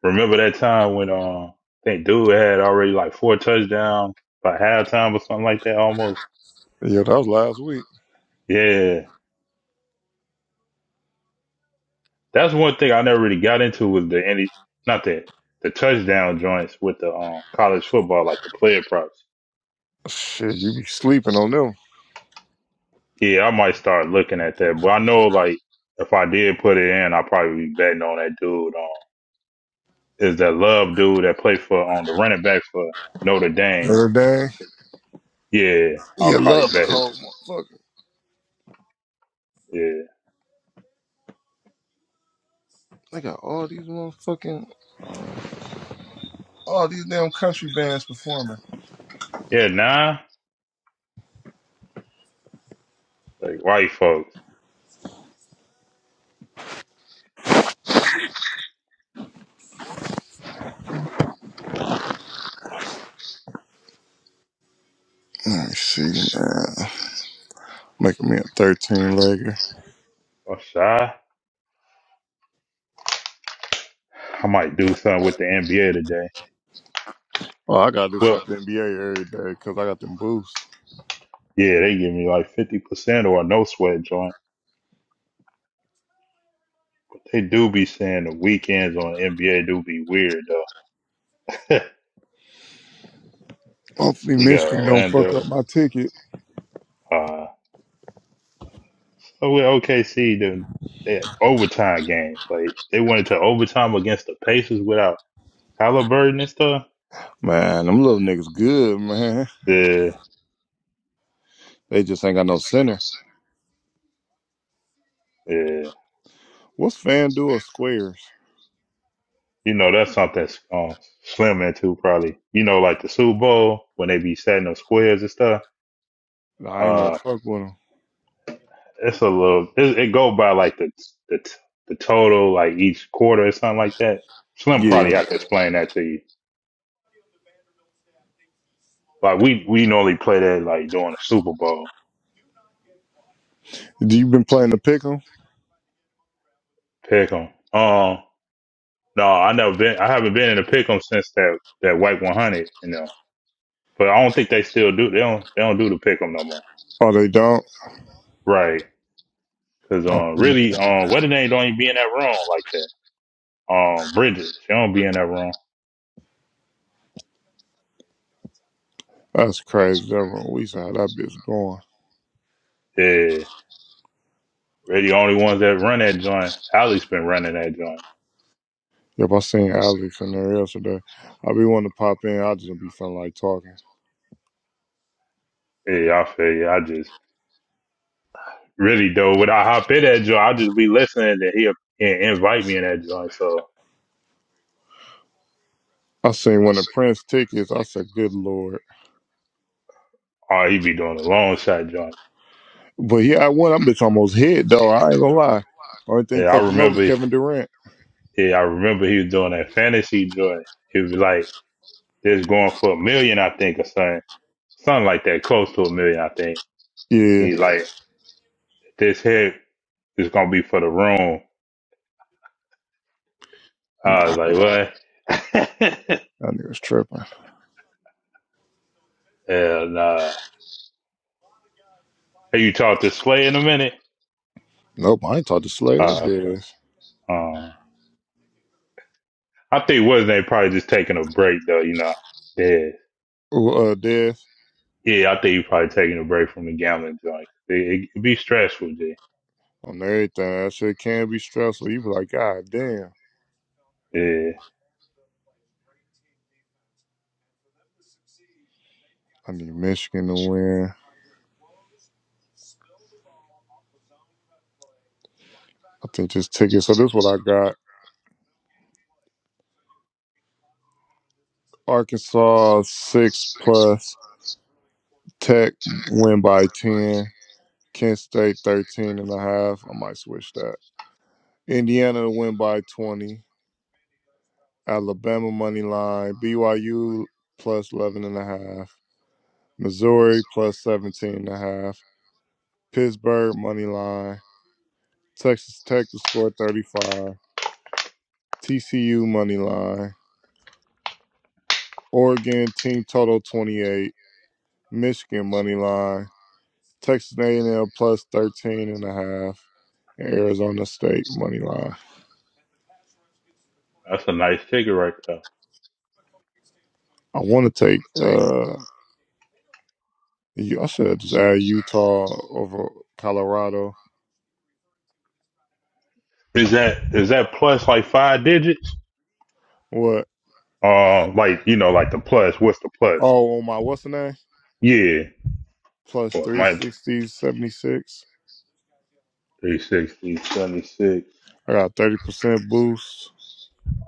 Speaker 3: remember that time when uh I think dude had already like four touchdowns by halftime or something like that almost.
Speaker 2: Yeah, that was last week.
Speaker 3: Yeah. That's one thing I never really got into was the any not that the touchdown joints with the um college football, like the player props.
Speaker 2: Shit, you be sleeping on them.
Speaker 3: Yeah, I might start looking at that. But I know like if I did put it in, I'd probably be betting on that dude on is that Love dude that played for on um, the running back for Notre Dame.
Speaker 2: every day.
Speaker 3: Yeah, I'll
Speaker 2: Yeah,
Speaker 3: probably
Speaker 2: love a
Speaker 3: bet
Speaker 2: cold
Speaker 3: his.
Speaker 2: motherfucker.
Speaker 3: Yeah,
Speaker 2: They got all these motherfucking all these damn country bands performing.
Speaker 3: yeah, nah, like white folks.
Speaker 2: Let me see, man. Making me a 13 legger.
Speaker 3: Oh, shy. I might do something with the NBA today.
Speaker 2: Oh, I gotta do
Speaker 3: Well,
Speaker 2: something with the NBA every day because I got them boosts.
Speaker 3: yeah, they give me like fifty percent or a no sweat joint. They do be saying the weekends on NBA do be weird though.
Speaker 2: Hopefully
Speaker 3: you got
Speaker 2: Michigan don't fuck
Speaker 3: Orlando.
Speaker 2: up my ticket.
Speaker 3: Uh, so with OKC, the they- had overtime games. Like they went into overtime against the Pacers without Halliburton and stuff.
Speaker 2: Man, them little niggas good, man.
Speaker 3: Yeah.
Speaker 2: They just ain't got no center.
Speaker 3: Yeah.
Speaker 2: What's FanDuel or Squares?
Speaker 3: You know, that's something um, Slim into probably. You know, like the Super Bowl when they be setting up squares and stuff.
Speaker 2: I ain't never
Speaker 3: Uh,
Speaker 2: fuck with them.
Speaker 3: it's a little. It, it go by like the the the total, like each quarter or something like that. Slim
Speaker 2: Yeah.
Speaker 3: probably have to explain that to you. Like we we normally play that like during the Super Bowl
Speaker 2: Do you been playing the pick 'em?
Speaker 3: pick 'em. Um, no, I never been. I haven't been in a pick 'em since that that White 100. You know, but I don't think they still do. They don't they don't do the pick 'em no more.
Speaker 2: Oh, they don't?
Speaker 3: Right. Cause
Speaker 2: Oh,
Speaker 3: um,
Speaker 2: man.
Speaker 3: really, um, what the name don't even be in that room like that. Um, Bridget, she don't be in that room.
Speaker 2: that's crazy. That one- We saw how that bitch going.
Speaker 3: Yeah, really, the only ones that run that joint. Allie's been running that joint.
Speaker 2: Yep, I seen Alex in there yesterday. I be wanting to pop in. I just be feeling like talking.
Speaker 3: Yeah, I feel you. I just really though, when I hop in that joint, I just be listening to he'll and invite me in that joint. So,
Speaker 2: I seen one of Prince tickets. I said, good lord.
Speaker 3: oh, he be doing the long shot joints.
Speaker 2: But yeah, I won. I'm bitch almost hit, though. I ain't gonna lie. Only
Speaker 3: Yeah,
Speaker 2: thing
Speaker 3: I
Speaker 2: fucked him up was
Speaker 3: remember.
Speaker 2: Kevin Durant.
Speaker 3: Yeah, I remember he was doing that fantasy joint. He was like, "This going for a million, I think, or something, something like that, close to a million, I think."
Speaker 2: Yeah.
Speaker 3: He's like. this hit is gonna be for the room. I was like, what?
Speaker 2: That nigga's tripping.
Speaker 3: and uh, have you talked to Slay in a minute?
Speaker 2: Nope, I ain't talked to Slayer or
Speaker 3: Uh,
Speaker 2: Death.
Speaker 3: um, I think wasn't they probably just taking a break though, you know? Yeah,
Speaker 2: Ooh, uh, Death
Speaker 3: yeah. I think you probably taking a break from the gambling joint. It, it be stressful, G.
Speaker 2: on everything. That shit can be stressful. You be like, God damn,
Speaker 3: Yeah,
Speaker 2: I need Michigan to win. I think this ticket. So this is what I got: Arkansas six plus, Tech win by ten, Kent State 13 and a half. I might switch that. Indiana to win by twenty, Alabama money line, BYU plus plus 11 and a half, Missouri plus plus 17 and a half, Pittsburgh money line. Texas Tech to score 35. TCU money line. Oregon team total 28. Michigan money line. Texas A&M plus 13 and a half. And Arizona State money line.
Speaker 3: that's a nice ticket right there.
Speaker 2: I want to take. uh you- I should just add Utah over Colorado.
Speaker 3: Is that is that plus like five digits?
Speaker 2: What?
Speaker 3: Uh, like you know, like the plus. What's the plus?
Speaker 2: Oh, on my what's the name?
Speaker 3: Yeah,
Speaker 2: Plus
Speaker 3: well, my
Speaker 2: 360, 76.
Speaker 3: three sixty seventy six?
Speaker 2: I got 30% boost.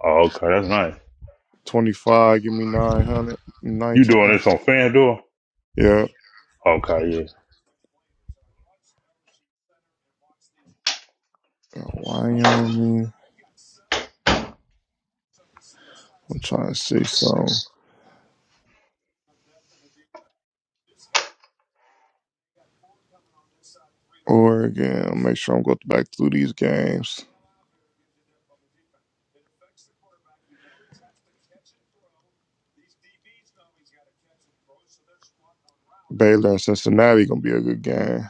Speaker 3: Oh, okay, that's nice.
Speaker 2: 25, give me 900,
Speaker 3: You
Speaker 2: 19.
Speaker 3: doing this on FanDuel?
Speaker 2: Yeah.
Speaker 3: Okay, yeah.
Speaker 2: Wyoming. I'm trying to see some Oregon. Make sure I'm going back through these games. Baylor and Cincinnati gonna be a good game.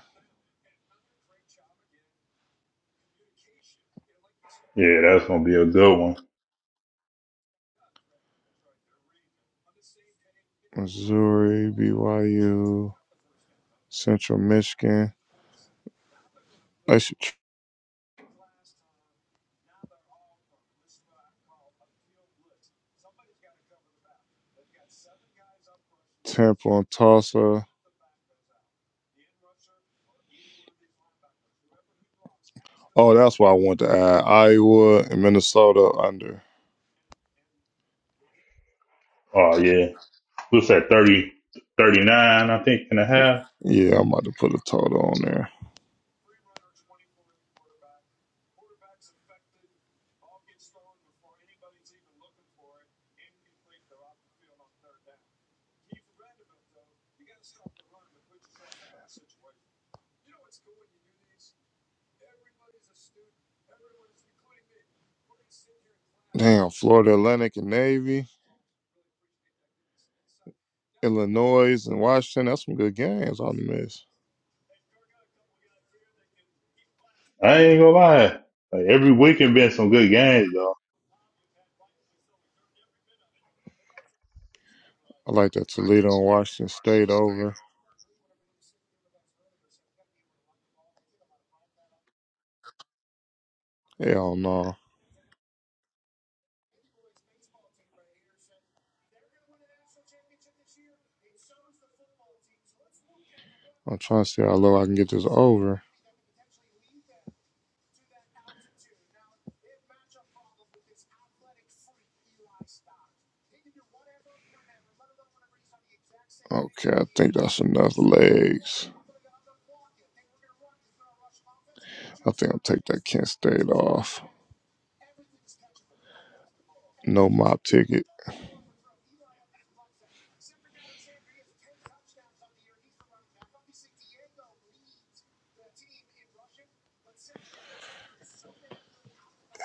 Speaker 3: Yeah, that's going to be a good one.
Speaker 2: Missouri, BYU, Central Michigan. I should tr- Temple and Tulsa. Oh, that's why I want to add Iowa and Minnesota under.
Speaker 3: Oh, yeah. What's that, 30, 39? I think, and a half?
Speaker 2: Yeah, I'm about to put a total on there. Damn, Florida Atlantic and Navy, Illinois and Washington. That's some good games on the miss.
Speaker 3: I ain't going to lie. Like, every week has been some good games, though.
Speaker 2: I like that Toledo and Washington State over. Hell no. I'm trying to see how low I can get this over. Okay, I think that's enough legs. I think I'll take that Kent State off. No mop ticket.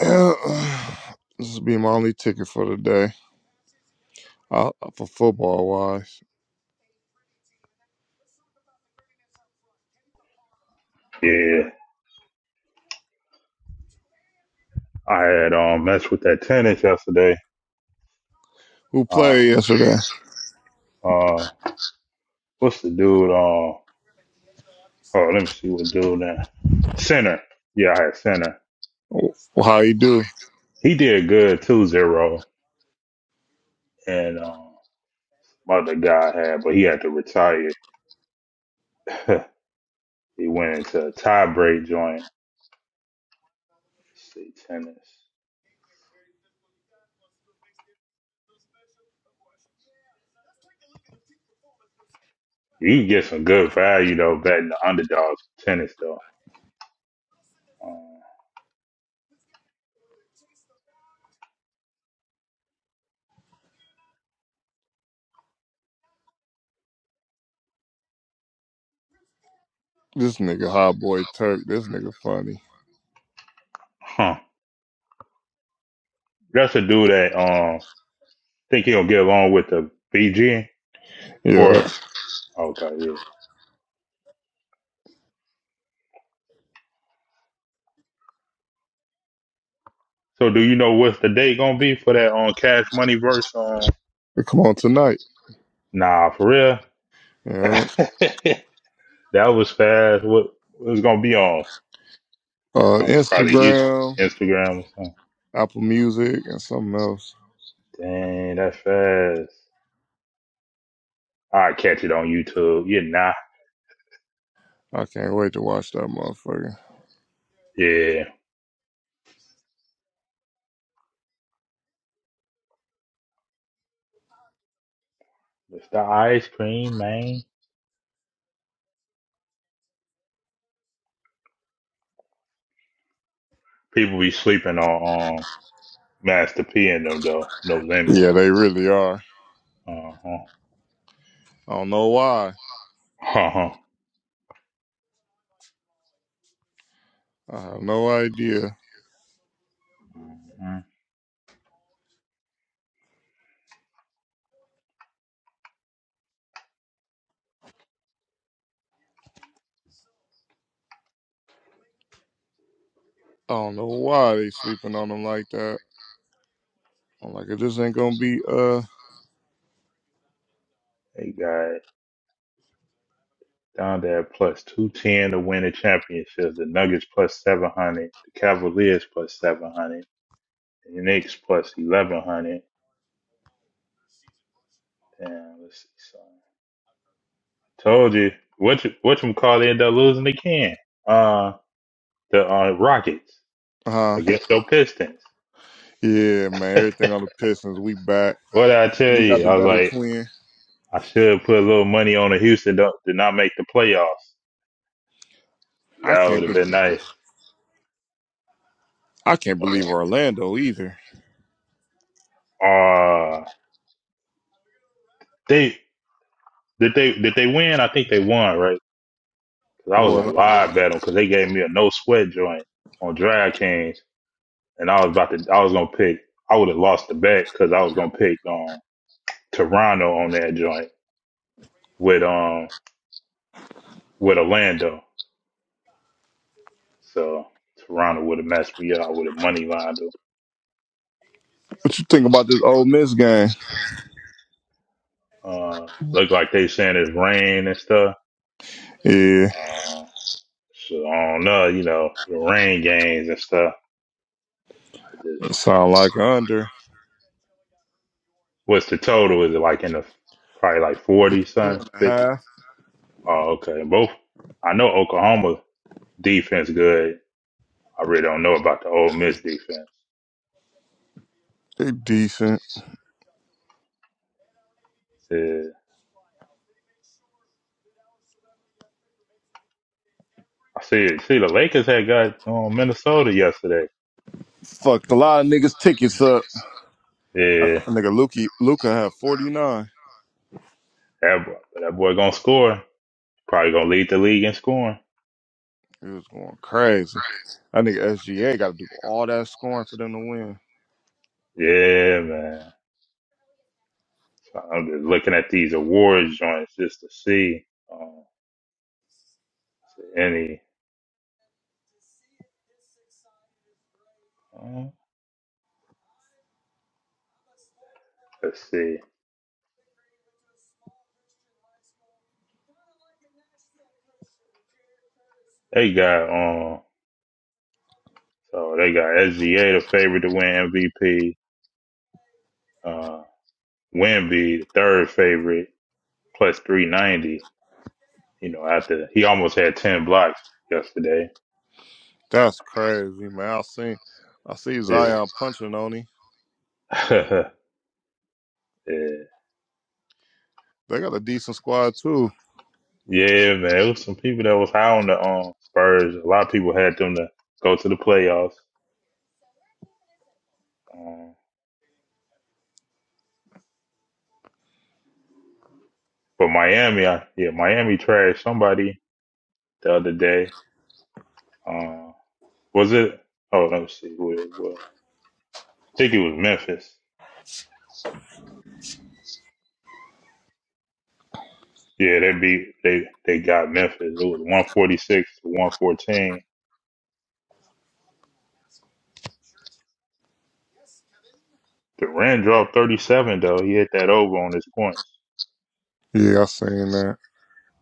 Speaker 2: Yeah, This will be my only ticket for the day. Uh, for football wise.
Speaker 3: Yeah. I had um matched with that tennis yesterday.
Speaker 2: Who
Speaker 3: Uh,
Speaker 2: played yesterday?
Speaker 3: uh, what's the dude? Uh, oh, let me see what dude that. Center. Yeah, I had center.
Speaker 2: Well, how you do?
Speaker 3: He did good, two zero. And um, other guy had, but he had to retire. he went into a tie break joint see tennis. You can get some good value though betting the underdogs in tennis though. Um,
Speaker 2: This nigga hot boy Turk. This nigga funny.
Speaker 3: huh. That's a dude that um think he'll get along with the BG
Speaker 2: Yeah.
Speaker 3: or okay yeah. So do you know what's the date gonna be for that on Cash Money verse? Um,
Speaker 2: Come on tonight.
Speaker 3: nah, for real.
Speaker 2: Yeah.
Speaker 3: that was fast. What what it's gonna be on?
Speaker 2: Uh
Speaker 3: Oh, it's probably YouTube,
Speaker 2: Instagram.
Speaker 3: Instagram or something.
Speaker 2: Apple Music and something else.
Speaker 3: Dang, that's fast. I catch it on YouTube. Yeah, nah.
Speaker 2: I can't wait to watch that motherfucker.
Speaker 3: Yeah. It's the ice cream, man. People be sleeping on um, Master P and them though. No limit.
Speaker 2: Yeah, they really are.
Speaker 3: Uh huh.
Speaker 2: I don't know why.
Speaker 3: Uh huh.
Speaker 2: I have no idea.
Speaker 3: hmm
Speaker 2: I don't know why they sleeping on them like that. I'm like, it just ain't gonna be uh
Speaker 3: They got down there plus two ten to win the championships. The Nuggets plus seven hundred. The Cavaliers plus seven hundred. The Knicks plus eleven hundred. Damn, let's see. So, told you what you what you call it, end up losing again. Uh, the uh, Rockets
Speaker 2: uh
Speaker 3: against the Pistons.
Speaker 2: yeah, man. Everything on the Pistons. We back.
Speaker 3: What did I tell
Speaker 2: We got
Speaker 3: you?
Speaker 2: the
Speaker 3: I was
Speaker 2: better
Speaker 3: like,
Speaker 2: twin.
Speaker 3: I should put a little money on the Houston to, to not make the playoffs.
Speaker 2: I
Speaker 3: That would
Speaker 2: can't
Speaker 3: have
Speaker 2: believe
Speaker 3: been nice.
Speaker 2: I can't believe Orlando either.
Speaker 3: Uh, they did they did they win? I think they won, right? Because I was
Speaker 2: Or
Speaker 3: gonna lie bet them because they gave me a no sweat joint on Drag Kings, and I was about to I was gonna pick. I would have lost the bet because I was gonna pick um Toronto on that joint with um with Orlando. So Toronto would have messed me up. I would have money lined them.
Speaker 2: what you think about this Ole Miss game?
Speaker 3: Uh, look like they saying it's rain and stuff.
Speaker 2: Yeah,
Speaker 3: Uh, so I don't know, you know, the rain games and stuff. I just
Speaker 2: it sound like under
Speaker 3: What's the total? Is it like in the probably like forty,
Speaker 2: two
Speaker 3: son,
Speaker 2: and a
Speaker 3: fifty?
Speaker 2: half.
Speaker 3: Oh, okay. Both. I know Oklahoma defense good. I really don't know about the Ole Miss defense.
Speaker 2: They decent.
Speaker 3: Yeah. I see. See, the Lakers had got um, Minnesota yesterday.
Speaker 2: Fucked a lot of niggas tickets up. I, I
Speaker 3: Yeah,
Speaker 2: nigga Luki Luca had 49.
Speaker 3: that boy, that boy gonna score. Probably gonna lead the league in scoring.
Speaker 2: It was going crazy. I nigga SGA got to do all that scoring for them to win.
Speaker 3: Yeah, man. So I'm just looking at these awards joints just to see um, any. Um, let's see. They got on. So they got SGA the favorite to win MVP. Uh, Wimby the third favorite plus three ninety. You know, after he almost had ten blocks yesterday.
Speaker 2: That's crazy, man. I seen, I see
Speaker 3: Yeah.
Speaker 2: Zion punching on him.
Speaker 3: yeah,
Speaker 2: They got a decent squad too.
Speaker 3: yeah, man. It was some people that was high on the um, Spurs. A lot of people had them to go to the playoffs. Um, but Miami, I, yeah, Miami trashed somebody the other day. Uh, was it? Oh, let me see who it was. I think it was Memphis. Yeah, they beat they they got Memphis. It was one forty six to one fourteen. Durant dropped thirty seven though. He hit that over on his points.
Speaker 2: Yeah, I seen that.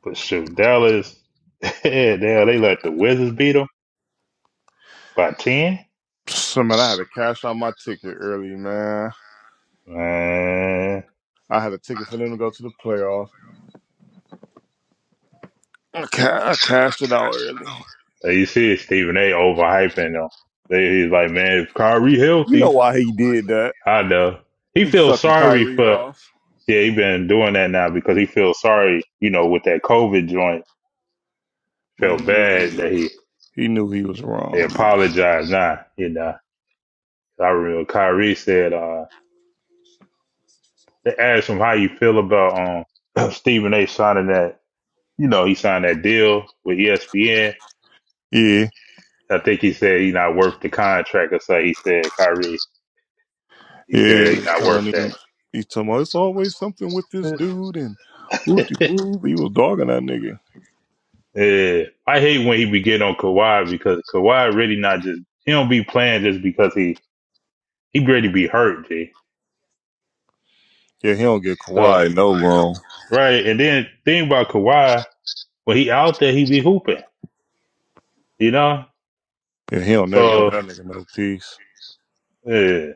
Speaker 3: But shoot, Dallas, yeah, damn, they let the Wizards beat them by ten.
Speaker 2: So man, I had to cash out my ticket early, man.
Speaker 3: Man,
Speaker 2: I had a ticket for them to go to the playoffs. I, ca- I cashed it out early.
Speaker 3: Hey, you see it, Stephen A. overhyping them. They, he's like, man, if Kyrie
Speaker 2: You know
Speaker 3: healthy,
Speaker 2: why he did that?
Speaker 3: I know he
Speaker 2: He's
Speaker 3: feels
Speaker 2: sucking
Speaker 3: sorry
Speaker 2: Kyrie
Speaker 3: for.
Speaker 2: off.
Speaker 3: Yeah, he been doing that now because he feels sorry. You know, with that COVID joint,
Speaker 2: Man,
Speaker 3: felt
Speaker 2: he knew he
Speaker 3: bad
Speaker 2: was,
Speaker 3: that he
Speaker 2: he knew he was
Speaker 3: they
Speaker 2: wrong, man.
Speaker 3: apologized now. You know. I remember Kyrie said uh, they asked him how you feel about um, Stephen A. signing that. You know, he signed that deal with ESPN.
Speaker 2: Yeah.
Speaker 3: I think he said he's not worth the contract or so. He said Kyrie. He
Speaker 2: Yeah, he
Speaker 3: said he's
Speaker 2: was
Speaker 3: not
Speaker 2: telling
Speaker 3: worth
Speaker 2: him, he's talking about it's always something with this
Speaker 3: that.
Speaker 2: dude and whoopty whoop. He was dogging that nigga.
Speaker 3: Yeah, I hate when he be getting on Kawhi because Kawhi really not just he don't be playing just because he he really be hurt. G.
Speaker 2: Yeah, he don't get
Speaker 3: So
Speaker 2: Kawhi no wrong.
Speaker 3: right, and then thing about Kawhi when he out there he be hooping. You know,
Speaker 2: Yeah, he don't never get
Speaker 3: so
Speaker 2: that nigga no peace.
Speaker 3: yeah.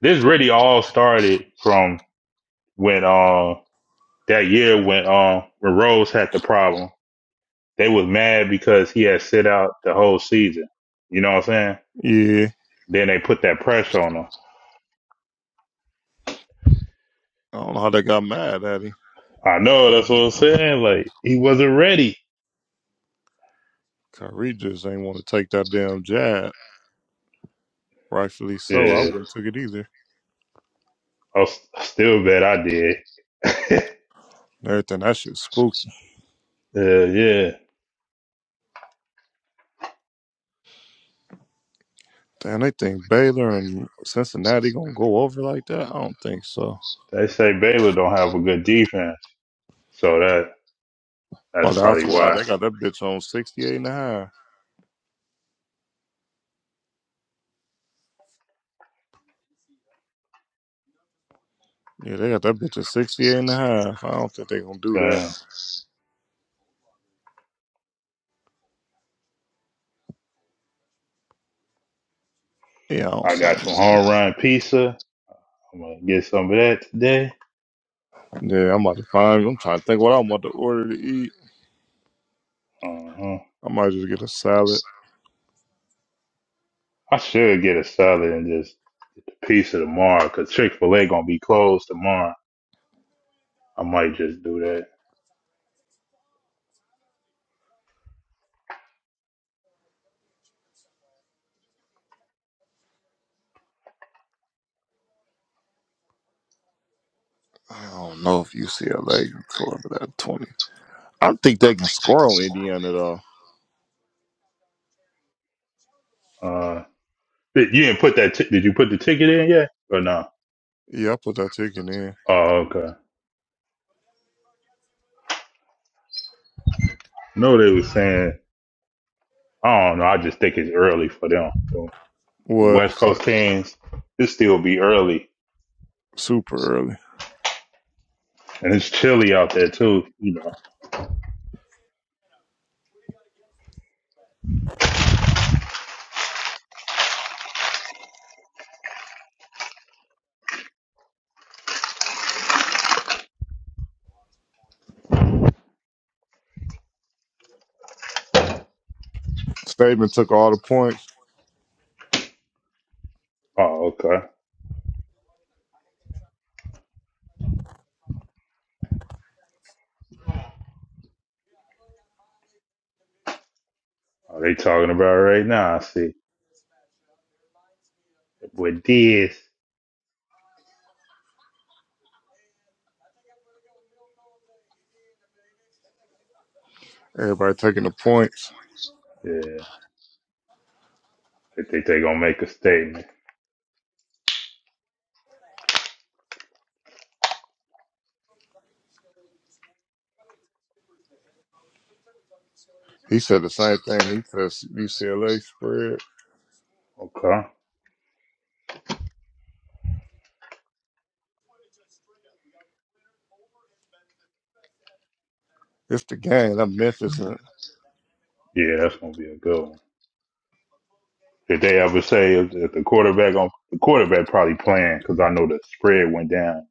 Speaker 3: This really all started from when uh that year when uh when Rose had the problem. They was mad because he had sit out the whole season. You know what I'm saying?
Speaker 2: Yeah,
Speaker 3: Then they put that pressure on him.
Speaker 2: I don't know how they got mad at him.
Speaker 3: I know that's what I'm saying. Like he wasn't ready.
Speaker 2: Kyrie just ain't want to take that damn jab. Rightfully so. I
Speaker 3: Yeah,
Speaker 2: wouldn't took it either.
Speaker 3: I s- I still bet I did.
Speaker 2: Everything that shit spooky.
Speaker 3: Yeah, yeah.
Speaker 2: Damn, they think Baylor and Cincinnati gonna go over like that? I don't think so.
Speaker 3: They say Baylor don't have a good defense, so that that's
Speaker 2: Oh, that's
Speaker 3: probably
Speaker 2: why
Speaker 3: why.
Speaker 2: they got that bitch on 68 and a half. Yeah, they got that bitch at 68 and a half. I don't think they gonna do that.
Speaker 3: Damn.
Speaker 2: Yeah, I don't
Speaker 3: I
Speaker 2: see
Speaker 3: got
Speaker 2: them.
Speaker 3: some home run pizza. I'm gonna get some of that today.
Speaker 2: doing it. Yeah, I'm about to find. I'm trying to think what I'm about to order to eat.
Speaker 3: Uh huh.
Speaker 2: I might just get a salad.
Speaker 3: I should get a salad and just a piece of tomorrow because Chick Fil A gonna be closed tomorrow. I might just do that.
Speaker 2: I don't know if UCLA can cover that 20. I think they can score on Indiana though.
Speaker 3: Uh, did, you didn't put that? T- did you put the ticket in yet or no?
Speaker 2: Yeah, I put that ticket in.
Speaker 3: Oh, okay. No, they were saying. I don't know. I just think it's early for them. So the
Speaker 2: What?
Speaker 3: West Coast teams, it still be early
Speaker 2: Super early.
Speaker 3: and it's chilly out there too. You know.
Speaker 2: Statement took all the points.
Speaker 3: Oh, okay. Are they talking about it right now? I see. With this,
Speaker 2: Everybody taking the points.
Speaker 3: yeah, they think they gonna make a statement.
Speaker 2: He said the same thing. He says UCLA spread.
Speaker 3: Okay.
Speaker 2: It's the game. I'm Memphis and
Speaker 3: Yeah, that's gonna be a good one. Did they ever say if, if the quarterback on the quarterback probably playing? Because I know the spread went down.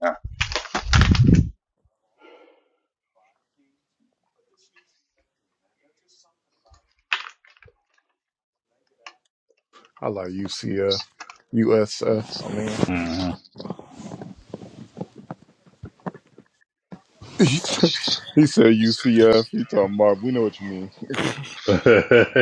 Speaker 2: I like UCF, USF. I mean.
Speaker 3: Mm-hmm.
Speaker 2: he said UCF. He talking about we know what you mean.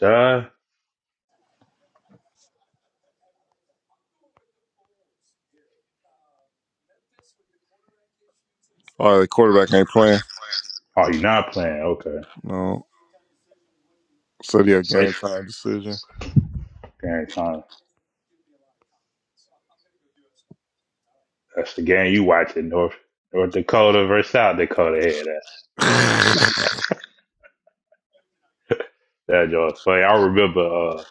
Speaker 3: Shy?
Speaker 2: All right, the quarterback ain't playing.
Speaker 3: Oh, you not playing? Okay.
Speaker 2: No, so yeah, game time decision.
Speaker 3: Dang, That's the game you watching North North Dakota versus South Dakota. Yeah, that's that joke. But I remember uh,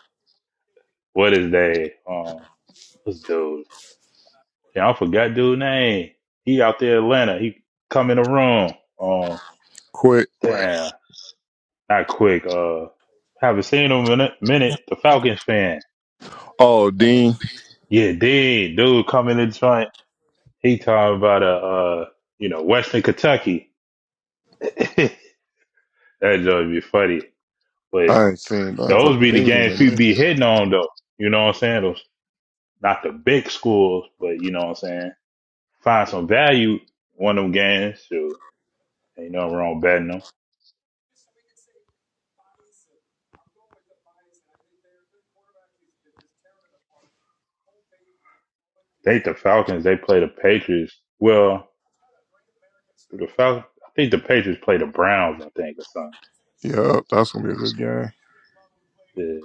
Speaker 3: what is that? Um, what's dude? Damn, I forgot dude name. He out there in Atlanta. He come in the room. Um,
Speaker 2: Quick.
Speaker 3: damn. not quick. Uh, haven't seen him in a minute. The Falcons fan.
Speaker 2: Oh, Dean.
Speaker 3: Yeah, dude, dude coming in the joint. He talking about a uh, you know, Western Kentucky. that joint be funny. But
Speaker 2: I ain't seen. I ain't
Speaker 3: those
Speaker 2: talked
Speaker 3: be
Speaker 2: to
Speaker 3: the
Speaker 2: Dean in
Speaker 3: games
Speaker 2: a
Speaker 3: people
Speaker 2: minute.
Speaker 3: be hitting on though. You know what I'm saying? Those not the big schools, but you know what I'm saying. Find some value one of them games. Shoot, ain't nothing wrong betting them. I think the Falcons they play the Patriots. Well, the Falcons. I think the Patriots play the Browns. I think or something.
Speaker 2: Yup, that's gonna be a good game.
Speaker 3: Yeah.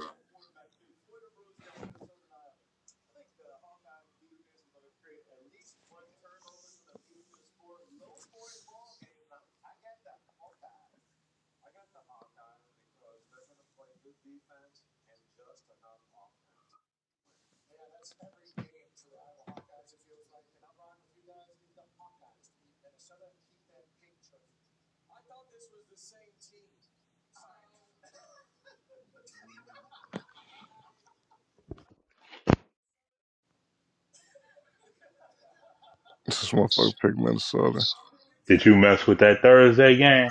Speaker 2: This motherfucker picked Minnesota.
Speaker 3: Did you mess with that Thursday game?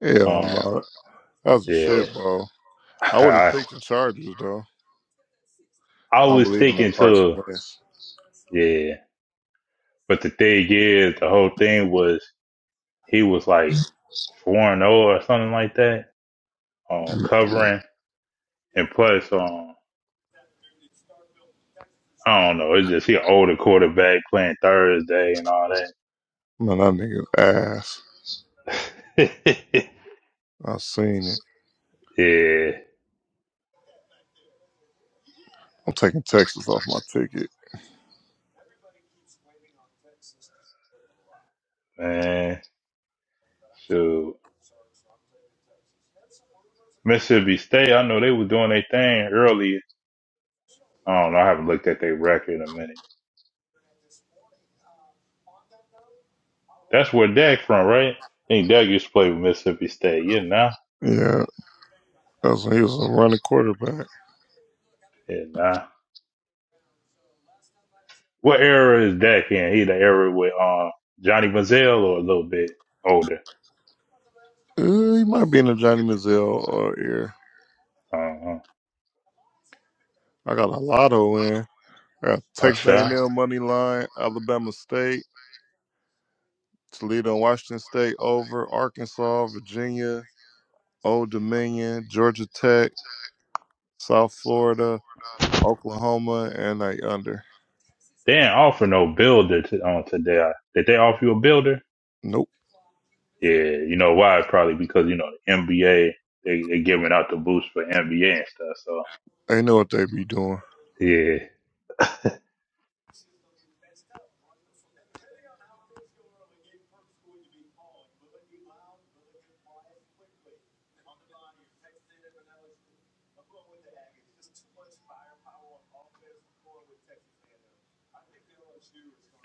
Speaker 2: Hell
Speaker 3: Um,
Speaker 2: no, that was a
Speaker 3: yeah.
Speaker 2: shit, bro. I would have
Speaker 3: I,
Speaker 2: picked the Chargers though.
Speaker 3: I
Speaker 2: I don't
Speaker 3: was
Speaker 2: believe in no
Speaker 3: thinking
Speaker 2: Carson
Speaker 3: too.
Speaker 2: Wentz.
Speaker 3: Yeah. But the thing is, the whole thing was he was like 4 and 0 or something like that, on um, covering. And plus, um, I don't know. It's just he an older quarterback playing Thursday and all that.
Speaker 2: Man, that nigga's ass. I seen it.
Speaker 3: yeah,
Speaker 2: I'm taking Texas off my ticket.
Speaker 3: man. So Mississippi State, I know they were doing their thing earlier. I don't know. I haven't looked at their record in a minute. That's where Dak from, right? I think Dak used to play with Mississippi State. Yeah, nah,
Speaker 2: Yeah, that's he was a running quarterback.
Speaker 3: yeah, nah. What era is Dak in? He the era with uh, Johnny Manziel or a little bit older.
Speaker 2: Uh, he might be in a Johnny Manziel or ear.
Speaker 3: Uh-huh.
Speaker 2: I got a lotto in. I got
Speaker 3: Oh,
Speaker 2: Texas
Speaker 3: sure.
Speaker 2: A&M money line, Alabama State, Toledo and Washington State over, Arkansas, Virginia, Old Dominion, Georgia Tech, South Florida, Oklahoma, and they under.
Speaker 3: They ain't offer no builder to, on today. Did they offer you a builder?
Speaker 2: Nope,
Speaker 3: Yeah, you know why? Probably because you know the NBA they they giving out the boost for NBA and stuff. So
Speaker 2: they know what they be doing.
Speaker 3: yeah,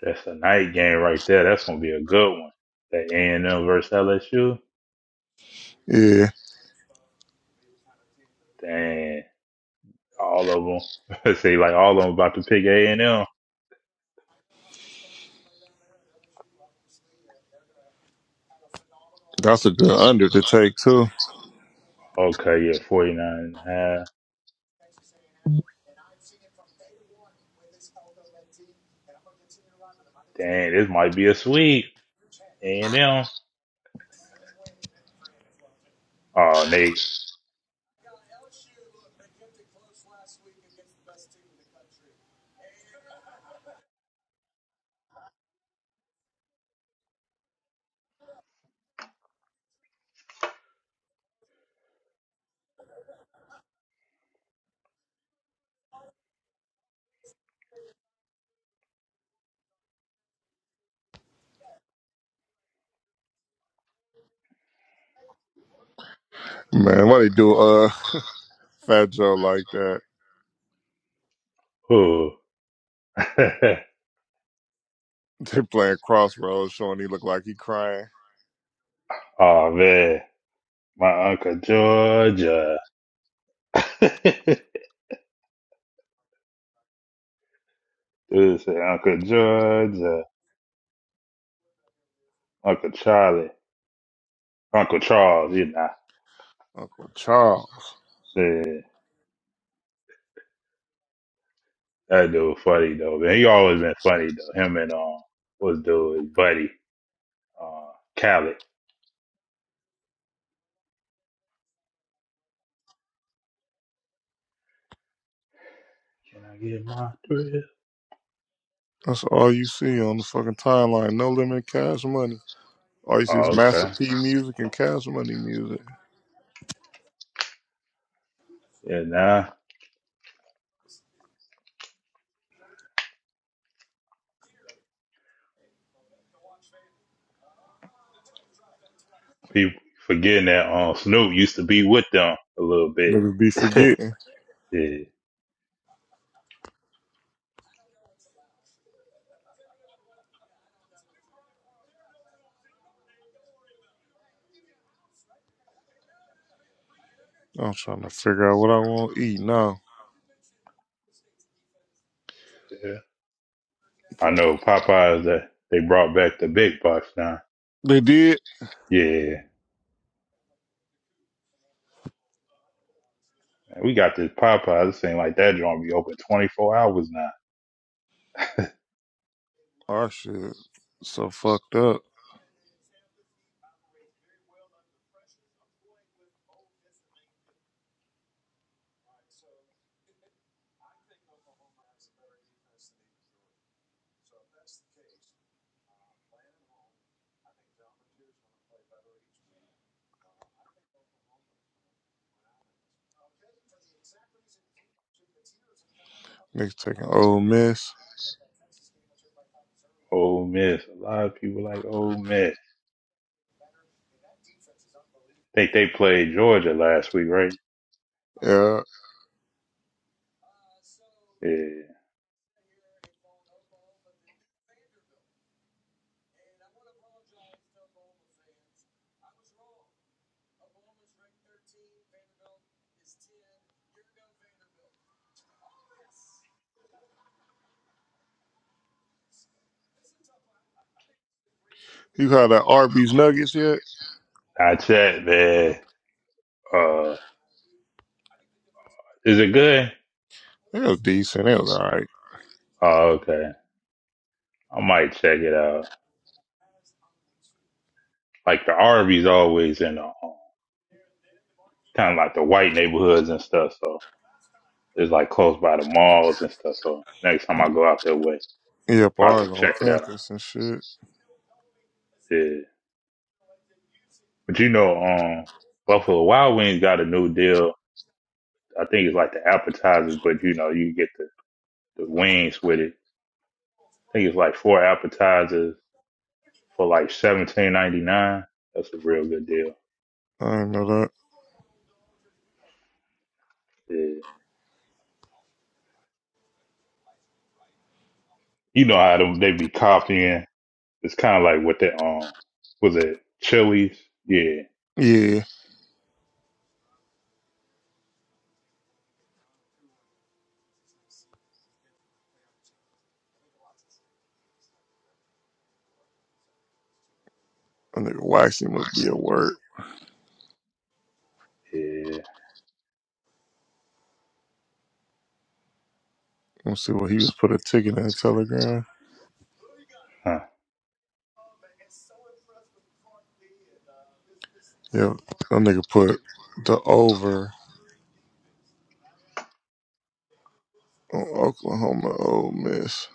Speaker 3: that's a night game right there. That's gonna be a good one. That A and M versus LSU.
Speaker 2: Yeah,
Speaker 3: Dang, all of them. Let's See, like all of them about to pick A and M.
Speaker 2: that's a good under to take too.
Speaker 3: Okay, yeah, 49 and a half. and Dang, this might be a sweep. A and M. Oh, Nate.
Speaker 2: Man, why they do uh Fat Joe like that?
Speaker 3: Ooh.
Speaker 2: They playing crossroads, showing he look like he crying.
Speaker 3: oh man, my uncle Georgia. Dude said Uncle Georgia, Uncle Charlie, Uncle Charles. You know,
Speaker 2: Uncle Charles.
Speaker 3: shit. That dude funny though, man. He always been funny though. Him and um, what's dude, his buddy, uh, Khaled. Can I get my thrill?
Speaker 2: That's all you see on the fucking timeline. No limit cash money. All you see is
Speaker 3: Oh,
Speaker 2: Master
Speaker 3: okay.
Speaker 2: P music and cash money music.
Speaker 3: Yeah, now People forgetting that um Snoop used to be with them a little bit.
Speaker 2: Niggas be
Speaker 3: yeah.
Speaker 2: forgetting.
Speaker 3: Yeah.
Speaker 2: I'm trying to figure out what I want to eat now.
Speaker 3: I
Speaker 2: Like,
Speaker 3: know Popeyes that they brought back the big box now.
Speaker 2: they did?
Speaker 3: Yeah. We got this Popeyes. This ain't like that joint be open twenty four hours now.
Speaker 2: Our shit. So fucked up. Niggas taking Ole Miss.
Speaker 3: Ole Miss. A lot of people like Ole Miss. think they played Georgia last week, right?
Speaker 2: Yeah.
Speaker 3: Yeah.
Speaker 2: You had that Arby's Nuggets yet?
Speaker 3: I checked man. Uh is it good?
Speaker 2: It was decent. It was alright.
Speaker 3: Oh, okay. I might check it out. Like the Arby's always in the kind of like the white neighborhoods and stuff. So it's like close by the malls and stuff. So next time I go out that way, I'll
Speaker 2: Yep,
Speaker 3: probably
Speaker 2: ours on
Speaker 3: check it out.
Speaker 2: campus and shit.
Speaker 3: Yeah. But you know, um, Buffalo Wild Wings got a new deal. I think it's like the appetizers, but you know, you get the, the wings with it. I think it's like four appetizers for like seventeen ninety nine. That's a real good deal.
Speaker 2: I didn't know that.
Speaker 3: Yeah. You know how them, they be copying. It's kind of like what that um was it Chili's? Yeah.
Speaker 2: Yeah. I nigga Waxy must be at work.
Speaker 3: Yeah.
Speaker 2: Let's see what he was put a ticket in the telegram. Yeah, that nigga put the over on Oklahoma Ole Miss.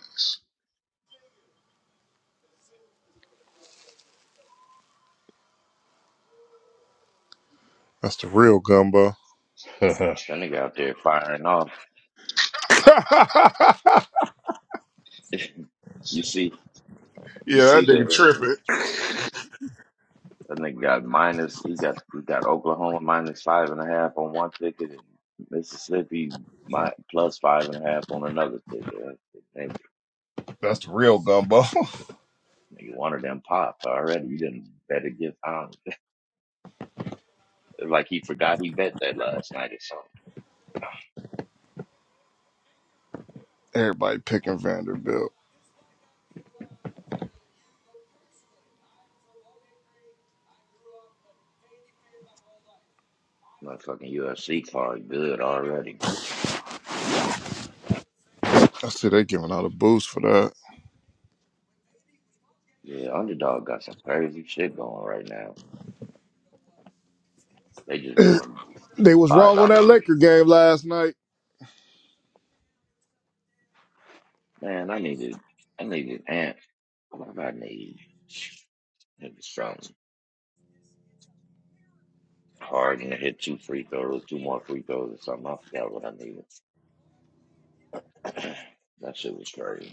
Speaker 2: That's the real gumbo.
Speaker 3: Huh.
Speaker 4: That nigga out there firing off.
Speaker 2: yeah,
Speaker 4: you see, you see
Speaker 2: that nigga
Speaker 4: the
Speaker 2: tripping.
Speaker 4: That nigga got minus. He got he got Oklahoma minus five and a half on one ticket, and Mississippi my, plus five and a half on another ticket. Nigga,
Speaker 2: That's the real gumbo.
Speaker 4: nigga, one of them popped already. You didn't bet against Holland. like he forgot he bet that last night or something.
Speaker 2: Everybody picking Vanderbilt.
Speaker 4: My fucking UFC card good already.
Speaker 2: I see they giving out a boost for that.
Speaker 4: Yeah, underdog got some crazy shit going right now. They just doing
Speaker 2: They was
Speaker 4: five
Speaker 2: wrong on that
Speaker 4: dollars.
Speaker 2: liquor game last night.
Speaker 4: Man, I needed I needed ant. What do I need? Maybe something. Harden hit two free throws, two more free throws or something. I forgot what I needed. that shit was crazy.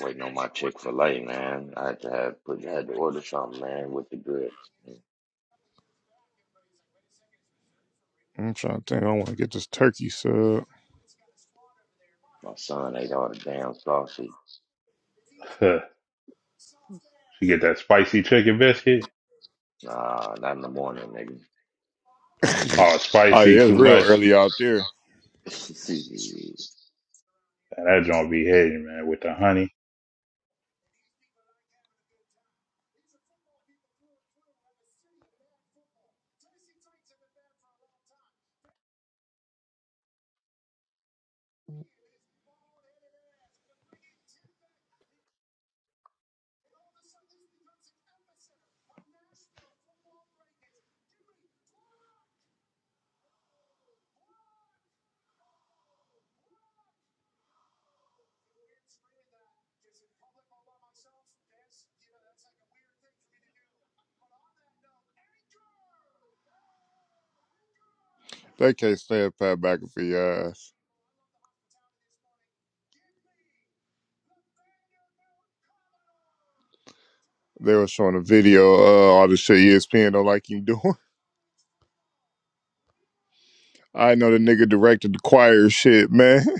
Speaker 4: Waiting on my Chick Fil A, man. I had to have put, I had to order something, man, with the grits.
Speaker 2: I'm trying to think. I want to get this turkey sub.
Speaker 4: My son ate all the damn sausage.
Speaker 3: You get that spicy chicken biscuit.
Speaker 4: Nah, not in the morning,
Speaker 3: Oh,
Speaker 2: Oh
Speaker 3: spicy
Speaker 2: yeah, it's
Speaker 3: too
Speaker 2: real
Speaker 3: much.
Speaker 2: early out there.
Speaker 4: nigga.
Speaker 3: Man, that joint be hitting, man, with the honey.
Speaker 2: They can't stand Pat McAfee ass. They were showing a video. Uh, all the shit ESPN don't like him doing. I know the nigga directed the choir shit, man.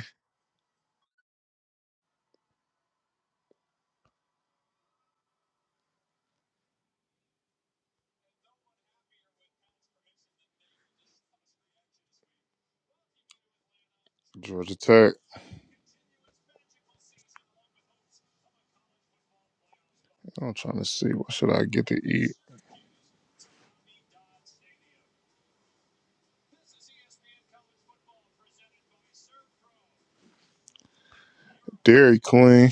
Speaker 2: Georgia Tech. I'm trying to see what should I get to eat. Dairy Queen.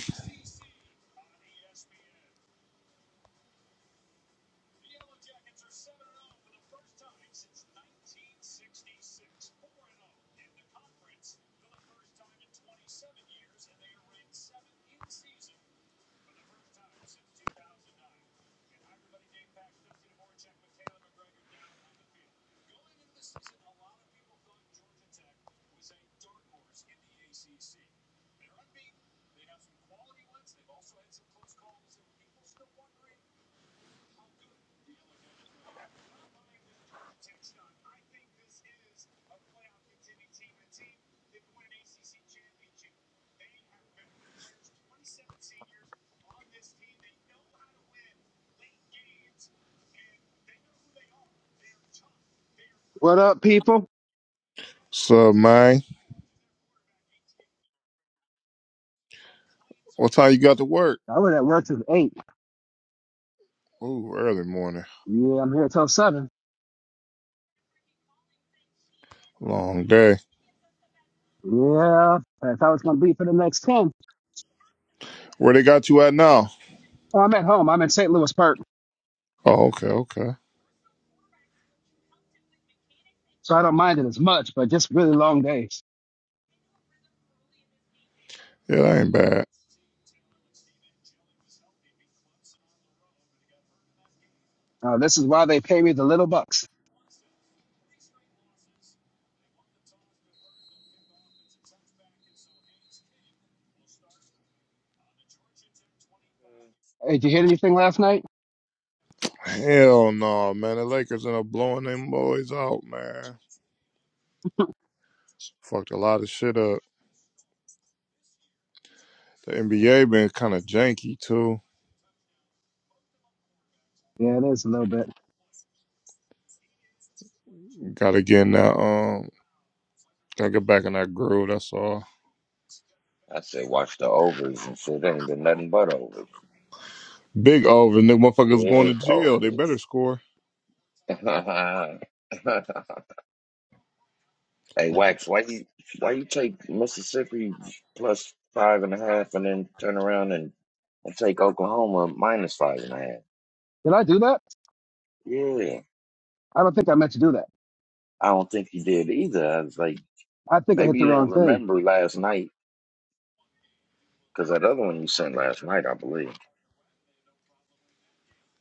Speaker 5: What up, people?
Speaker 2: Sub man. What time you got to work?
Speaker 5: I was at work till eight.
Speaker 2: Ooh, early morning.
Speaker 5: Yeah, I'm here till seven.
Speaker 2: Long day.
Speaker 5: Yeah, that's how it's gonna be for the next ten.
Speaker 2: Where they got you at now?
Speaker 5: Oh, I'm at home. I'm in St. Louis Park,
Speaker 2: Oh, okay, okay.
Speaker 5: so I don't mind it as much, but just really long days.
Speaker 2: Yeah, that ain't bad.
Speaker 5: Uh, this is why they pay me the little bucks. Hey, did you hit anything last night?
Speaker 2: Hell no, man. The Lakers end up blowing them boys out, man. Fucked a lot of shit up. The NBA been kind of janky too.
Speaker 5: Yeah, it is a little bit.
Speaker 2: Gotta get in that um gotta get back in that groove, that's all.
Speaker 4: I said, watch the overs and shit. Ain't been nothing but overs,
Speaker 2: Big over, nigga motherfuckers going to
Speaker 4: big
Speaker 2: jail. They better
Speaker 4: overs.
Speaker 2: score.
Speaker 4: Hey, Wax, why you why you take Mississippi plus five and a half and then turn around and, and take Oklahoma minus five and a half?
Speaker 5: Did I do that?
Speaker 4: Yeah,
Speaker 5: I don't think I meant to do that.
Speaker 4: I don't think you did either. I was like,
Speaker 5: I think I hit
Speaker 4: maybe
Speaker 5: the
Speaker 4: you didn't
Speaker 5: wrong thing.
Speaker 4: remember last night because that other one you sent last night, I believe.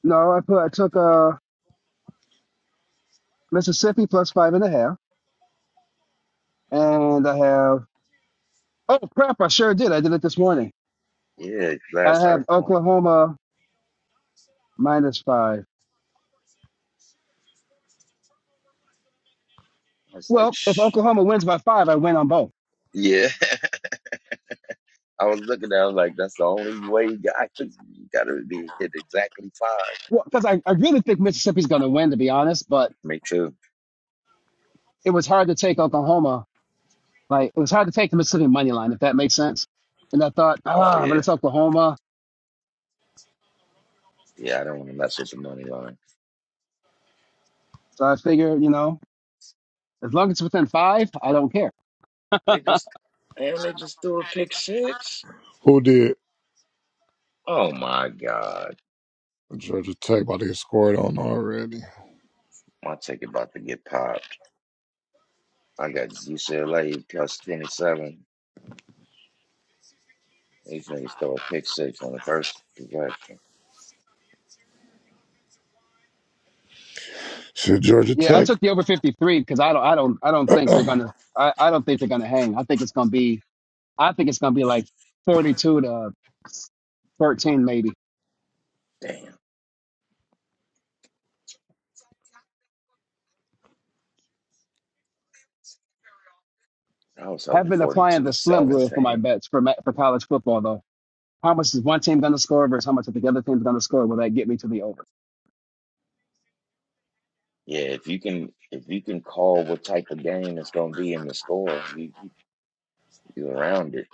Speaker 5: No, I put I took uh Mississippi plus five and a half, and I have oh crap, I sure did. I did it this morning.
Speaker 4: Yeah,
Speaker 5: I
Speaker 4: last I,
Speaker 5: have
Speaker 4: I
Speaker 5: Oklahoma minus five.
Speaker 4: was like,
Speaker 5: Well, if
Speaker 4: shh.
Speaker 5: Oklahoma wins by five, I win on both.
Speaker 4: Yeah, I was looking at. it, I was like, that's the only way you got. I could, you got to be hit exactly five.
Speaker 5: Well, because I, I really think Mississippi's going to win, to be honest, but
Speaker 4: Me too.
Speaker 5: it was hard to take Oklahoma. Like, it was hard to take the Mississippi money line, if that makes sense. And I thought,
Speaker 4: Oh
Speaker 5: ah, but
Speaker 4: yeah,
Speaker 5: it's Oklahoma.
Speaker 4: yeah. I don't want to mess with the money line.
Speaker 5: So I figured, you know, as long as it's within five, I don't care.
Speaker 4: They just damn, they just threw a pick six.
Speaker 2: Who did?
Speaker 4: Oh my God,
Speaker 2: Georgia Tech about to get scored on already.
Speaker 4: my ticket about to get popped. I got UCLA plus twenty seven. These niggas throw a pick six on the first possession.
Speaker 2: Shit, Georgia
Speaker 5: Yeah, I
Speaker 2: Tech.
Speaker 5: took the over 53 because I don't, I don't, I don't think they're going to, I, I don't think they're going to hang. I think it's going to be, I think it's going to be like 42 to 13, maybe.
Speaker 4: Damn, I was
Speaker 5: I've
Speaker 4: hoping
Speaker 5: been
Speaker 4: forty
Speaker 5: applying
Speaker 4: two
Speaker 5: the slim rule for my
Speaker 4: seventeen.
Speaker 5: bets for, ma- for college football, though. How much is one team going to score versus how much is the other team's going to score? Will that get me to the over?
Speaker 4: Yeah, if you can if you can call what type of game it's gonna be in the score, you you, you around it.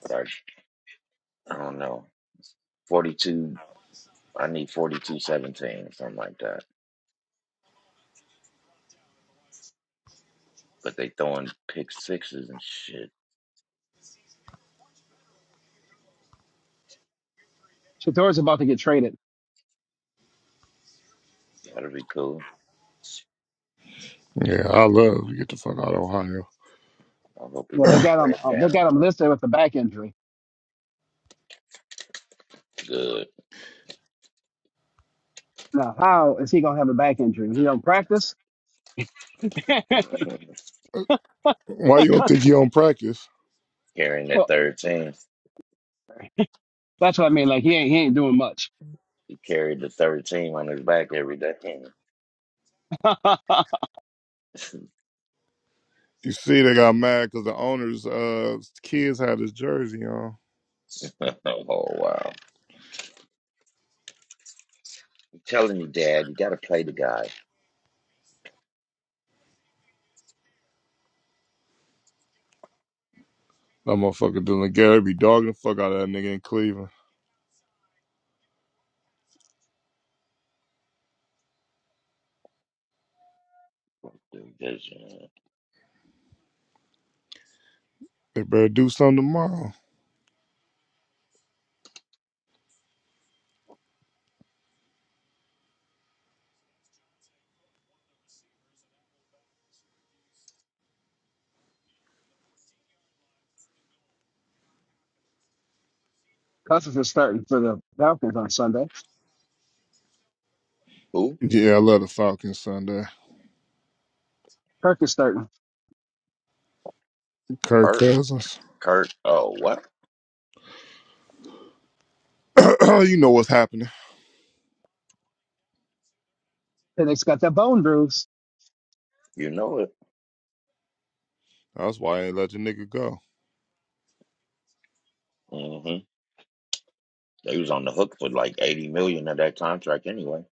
Speaker 4: But I I don't know. Forty two. I need forty two seventeen or something like that. But they throwing pick sixes and shit.
Speaker 5: Shador's about to get traded.
Speaker 4: That'd be cool.
Speaker 2: yeah, I love to get the fuck out of Ohio.
Speaker 4: I hope he
Speaker 5: You know, they
Speaker 4: never
Speaker 5: got him.
Speaker 4: plays
Speaker 5: Um, they
Speaker 4: down,
Speaker 5: got him
Speaker 4: but
Speaker 5: listed with a back injury.
Speaker 4: good.
Speaker 5: Now, how is he going to have a back injury? He don't practice.
Speaker 2: Why you don't think you on practice?
Speaker 4: Carrying that
Speaker 5: Well,
Speaker 4: third team.
Speaker 5: that's what I mean. Like he ain't he ain't doing much.
Speaker 4: He carried the third team on his back every day.
Speaker 2: You see, they got mad because the owner's uh kids had his jersey on.
Speaker 4: oh, wow. I'm telling you, Dad, you got to play the guy.
Speaker 2: That motherfucker Dylan Gary be dogging the fuck out of that nigga in Cleveland.
Speaker 4: There's, uh,
Speaker 2: They better do something tomorrow.
Speaker 5: Cousins is starting for the Falcons on Sunday.
Speaker 4: Who?
Speaker 2: Yeah, I love the Falcons Sunday.
Speaker 5: Kirk is starting. and
Speaker 2: Kirk
Speaker 4: Perk?
Speaker 2: Cousins.
Speaker 4: Kurt? Oh, what?
Speaker 2: you know what's happening.
Speaker 5: Phoenix got that bone bruise.
Speaker 4: You know it.
Speaker 2: That's why I ain't let the nigga go.
Speaker 4: mm hmm They was on the hook for like 80 million dollars of that contract anyway.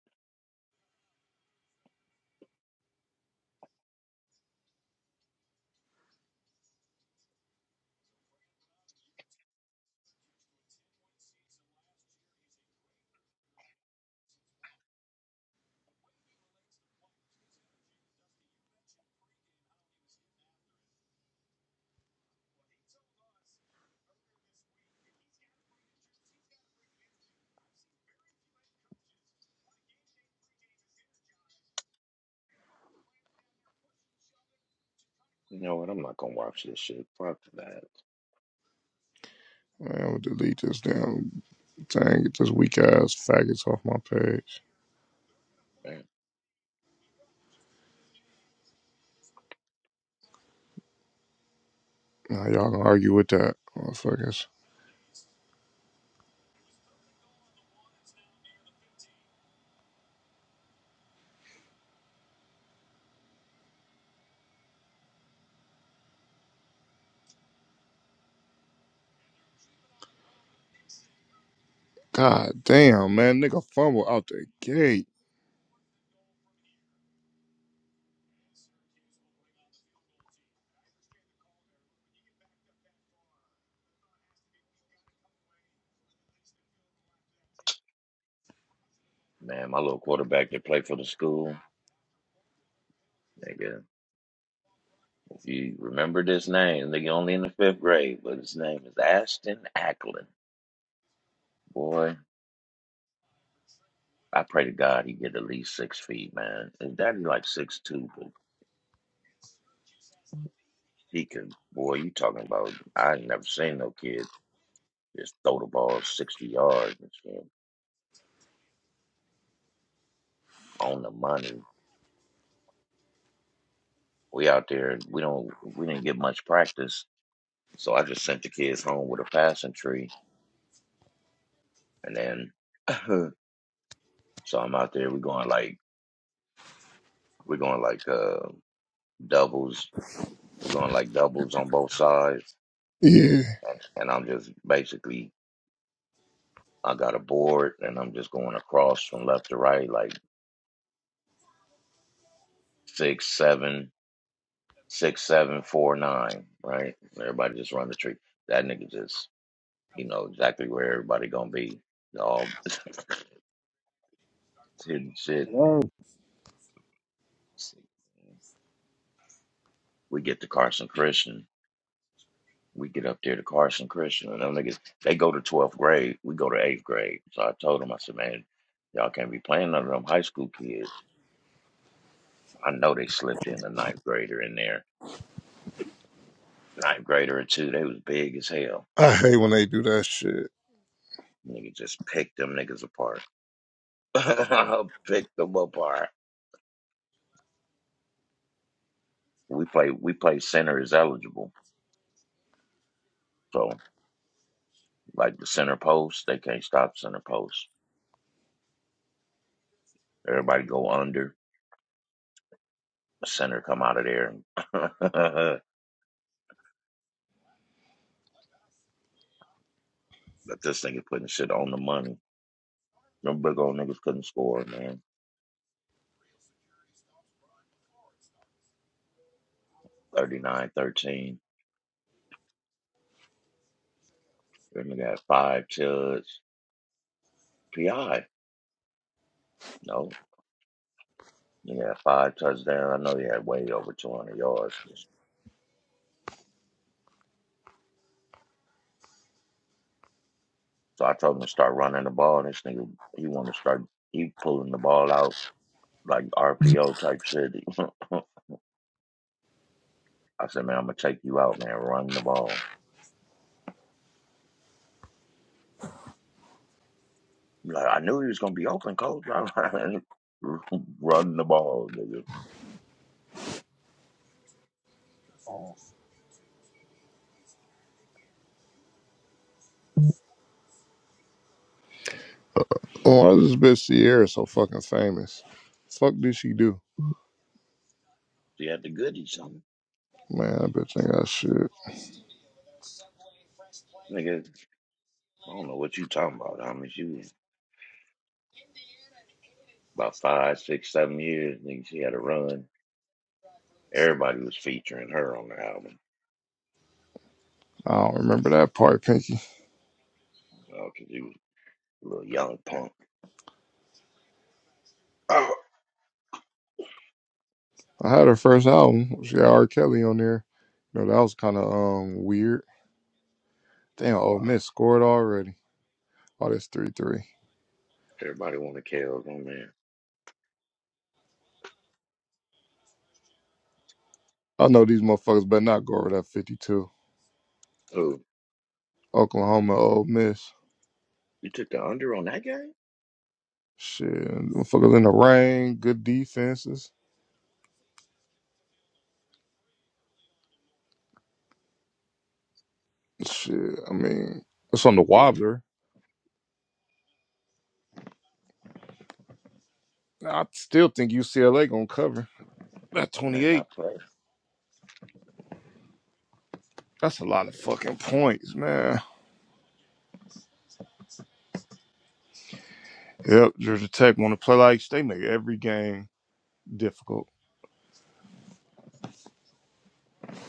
Speaker 4: You know what? I'm not going to watch this shit. Fuck that.
Speaker 2: Man, I'm gonna delete this damn thing. Get this weak ass faggots off my page.
Speaker 4: Man,
Speaker 2: Now y'all gonna argue with that, motherfuckers. God damn, man, nigga fumble out the gate.
Speaker 4: man, my little quarterback that played for the school. nigga, You remember this name. They only in the fifth grade, but his name is Ashton Ackland. Boy, I pray to God he get at least six feet, man. His daddy like six two, but he can boy, you talking about I ain't never seen no kid just throw the ball sixty yards and shit on the money. We out there we don't we didn't get much practice. So I just sent the kids home with a passing tree and then so I'm out there we going like we're going like uh doubles We're going like doubles on both sides,
Speaker 2: Yeah,
Speaker 4: and and I'm just basically I got a board, and I'm just going across from left to right, like six, seven, six, seven, four, nine, right? Everybody just run the tree. That nigga just he know exactly where everybody gonna be. All shit, shit.
Speaker 5: Whoa.
Speaker 4: We get to Carson Christian. We get up there to Carson Christian, and them niggas they go to twelfth grade. We go to eighth grade. So I told them, I said, man, y'all can't be playing none of them high school kids. I know they slipped in a ninth grader in there. Ninth grader or two, they was big as hell.
Speaker 2: I hate when they do that shit.
Speaker 4: Nigga just picked them niggas apart. picked them apart. We play we play center is eligible. So like the center post, they can't stop center post. Everybody go under. The center come out of there. but this nigga putting shit on the money. Them big old niggas couldn't score, man. thirty nine thirteen. 13 That nigga had five tuds. PI. no. He had five touchdowns. I know he had way over 200 yards. So I told him to start running the ball. And this nigga, he wanted to start, he pulling the ball out like RPO type shit. I said, man, I'm going to take you out, man. Run the ball. He Like, I knew he was going to be open, coach. Run the ball, nigga.
Speaker 2: Oh, Why is this bitch Sierra so fucking famous? Fuck did she do?
Speaker 4: He had the goodies, son.
Speaker 2: Man, that bitch ain't got shit.
Speaker 4: Nigga, I don't know what you talking about. I mean, she was about five, six, seven years. Nigga, she had a run. Everybody was featuring her on the album
Speaker 2: I don't remember that part, Pinky.
Speaker 4: you know, because he was a little young punk. Oh,
Speaker 2: I had her first album. She had R. Kelly on there. You know, that was kind of um weird. Damn, oh,
Speaker 4: wow.
Speaker 2: Miss scored already. Oh, this 3 3.
Speaker 4: Everybody want to KO. Oh, man.
Speaker 2: I know these motherfuckers better not go over that 52.
Speaker 4: Oh,
Speaker 2: Oklahoma, Ole Miss.
Speaker 4: you took the under on that game?
Speaker 2: Shit, motherfuckers in the rain, good defenses. Shit, I mean, it's on the
Speaker 4: Yeah.
Speaker 2: wobbler. I still think UCLA gonna cover. That
Speaker 4: Oh, man, I
Speaker 2: 28,
Speaker 4: played.
Speaker 2: that's a lot of fucking points, man. Yep, Georgia Tech wanna play like they make every game difficult.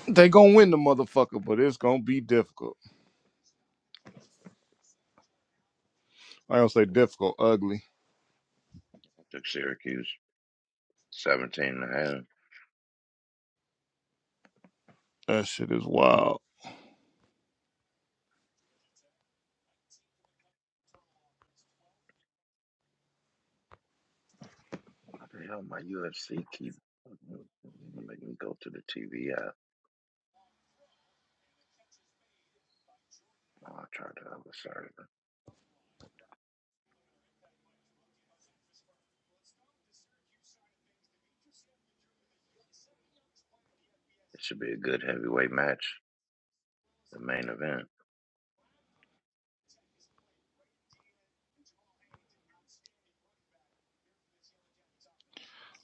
Speaker 2: They gonna win the motherfucker, but it's gonna be difficult. I don't say difficult, ugly.
Speaker 4: I took Syracuse 17 and a half.
Speaker 2: That shit is wild.
Speaker 4: How the hell my UFC keep uh, make me go to the TV app? Oh, I tried the other server. It should be a good heavyweight match, the main event.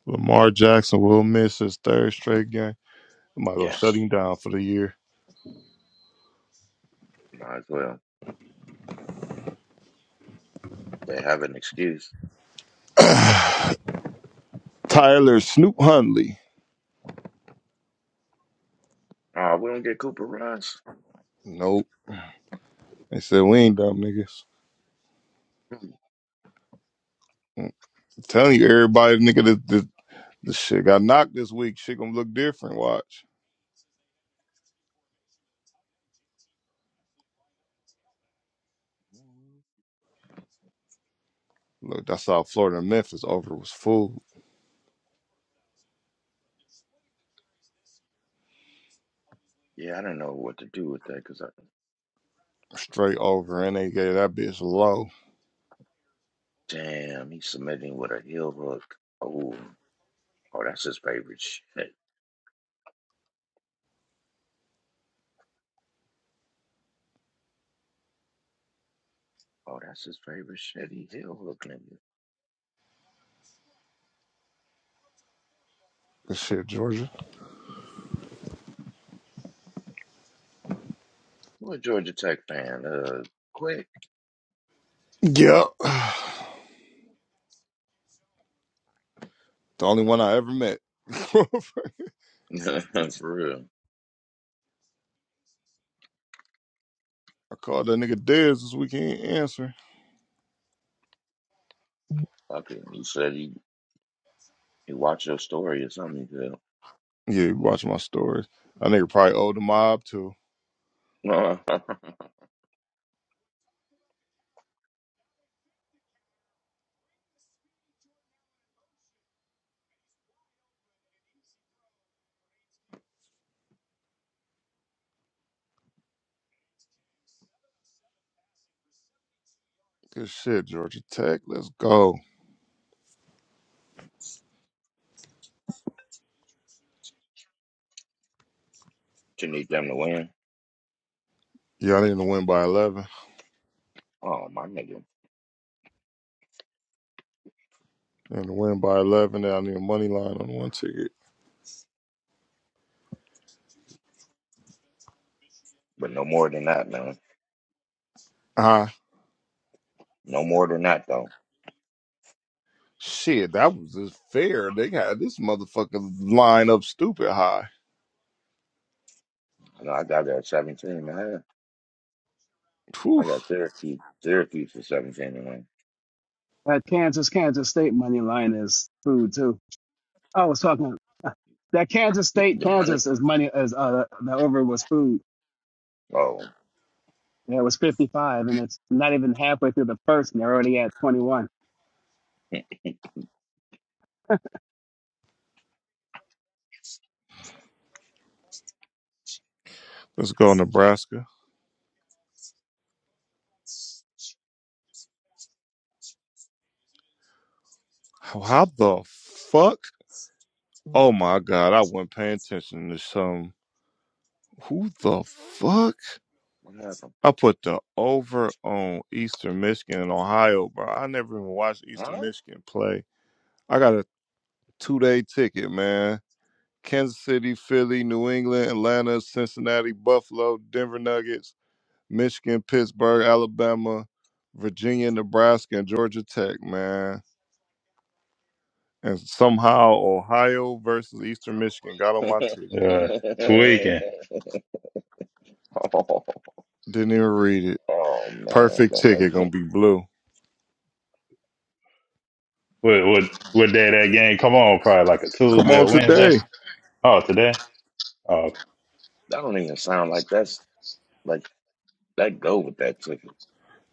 Speaker 2: Lamar Jackson will miss his third straight game. Am I going
Speaker 4: Yes.
Speaker 2: down for the year?
Speaker 4: Might as well. They have an excuse.
Speaker 2: Tyler Snoop Hundley.
Speaker 4: Oh, we don't get Cooper Rush.
Speaker 2: Nope. They said we ain't dumb niggas.
Speaker 4: Hmm.
Speaker 2: Mm, I'm telling you, everybody, nigga, the, the, the shit got knocked this week. Shit gonna look different. Watch. Look, that's how Florida and Memphis over was full.
Speaker 4: Yeah, I do not know what to do with that because I.
Speaker 2: Straight over, and they gave that bitch low.
Speaker 4: Damn, he's submitting with a heel hook. Oh. Oh, that's his favorite shit. Oh, that's his favorite shit. He he'll hook niggas.
Speaker 2: Good shit, Georgia.
Speaker 4: I'm a Georgia Tech fan. Uh, quick,
Speaker 2: Yep. The only one I ever met. I
Speaker 4: for real.
Speaker 2: called that nigga Dez this weekend. Answer.
Speaker 4: Fucking, he said he he watched your story or something. He
Speaker 2: Yeah, you watch my stories. That nigga probably owed the mob too.
Speaker 4: said,
Speaker 2: Good shit, Georgia Tech. Let's go.
Speaker 4: you need them to win.
Speaker 2: Yeah, I need to win by 11.
Speaker 4: Oh, my nigga.
Speaker 2: And to win by 11, then I need a money line on one ticket.
Speaker 4: But no more than that, man.
Speaker 2: Ah,
Speaker 4: No more than that, though.
Speaker 2: shit, that was just fair. They got this motherfucker line up stupid high.
Speaker 4: You know, I got that 17, man.
Speaker 2: Whew.
Speaker 4: I got Syracuse, Syracuse for 17 and one.
Speaker 5: That Kansas, Kansas State money line is food too. I was talking that Kansas
Speaker 4: The,
Speaker 5: State,
Speaker 4: the money?
Speaker 5: Kansas is money as uh the over was food.
Speaker 4: Oh,
Speaker 5: Yeah, it was 55, and it's not even halfway through the first, and they're already at 21.
Speaker 2: Let's go, Nebraska. How how the fuck? Oh my God, I wasn't paying attention to some. Who the fuck?
Speaker 4: what happened?
Speaker 2: I put the over on Eastern Michigan and Ohio, bro. I never even watched Eastern
Speaker 4: Huh?
Speaker 2: Michigan play. I got a two day ticket, man. Kansas City, Philly, New England, Atlanta, Cincinnati, Buffalo, Denver Nuggets, Michigan, Pittsburgh, Alabama, Virginia, Nebraska, and Georgia Tech, man. And somehow Ohio versus Eastern Michigan got on my ticket.
Speaker 3: Uh, tweaking.
Speaker 4: Oh.
Speaker 2: Didn't even read it.
Speaker 4: Oh man,
Speaker 2: Perfect
Speaker 4: that
Speaker 2: ticket,
Speaker 4: makes
Speaker 2: gonna be blue.
Speaker 3: What, what, what day that game come on? Probably like a
Speaker 2: Come
Speaker 3: Tuesday
Speaker 2: on
Speaker 3: or Wednesday.
Speaker 2: today.
Speaker 3: Oh, today? Oh, okay.
Speaker 4: That don't even sound like that's like that go with that ticket.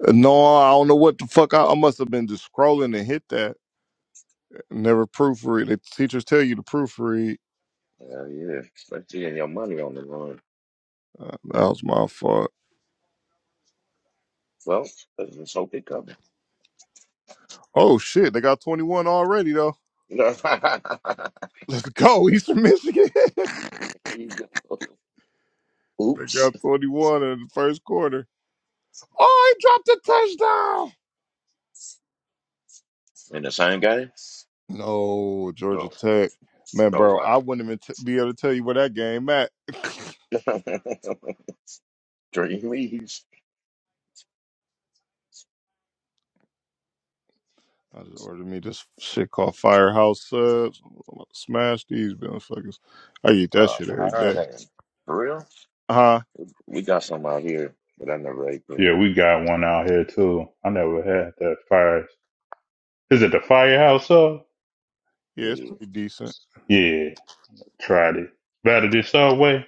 Speaker 2: Uh, No, I don't know what the fuck. I, I must have been just scrolling and hit that. Never proofread. The teachers tell you to proofread.
Speaker 4: Hell yeah, especially in your money on the line.
Speaker 2: Uh, that was my fault.
Speaker 4: Well, let's just hope they cover.
Speaker 2: Oh shit, they got 21 already though. Let's go, Eastern Michigan. they
Speaker 4: there you go. Oops,
Speaker 2: got 21 in the first quarter. Oh, he dropped a touchdown.
Speaker 4: and the same guy.
Speaker 2: No, Georgia
Speaker 4: Oh,
Speaker 2: Tech. Man,
Speaker 4: oh
Speaker 2: bro, I
Speaker 4: wow.
Speaker 2: wouldn't even t- be able to tell you where that game at. I
Speaker 4: Dreamies.
Speaker 2: just ordered me this shit called Firehouse Subs. I'm gonna Smash these motherfuckers. I eat that
Speaker 4: Uh,
Speaker 2: shit every
Speaker 4: higher
Speaker 2: day.
Speaker 4: than for real.
Speaker 2: Huh?
Speaker 4: We got some out here, but I never ate there.
Speaker 3: yeah, we got one out here too. I never had that fire. Is it the firehouse sub?
Speaker 2: Yeah, it's
Speaker 4: Yeah,
Speaker 2: pretty decent.
Speaker 3: Yeah, tried it. Better than Subway?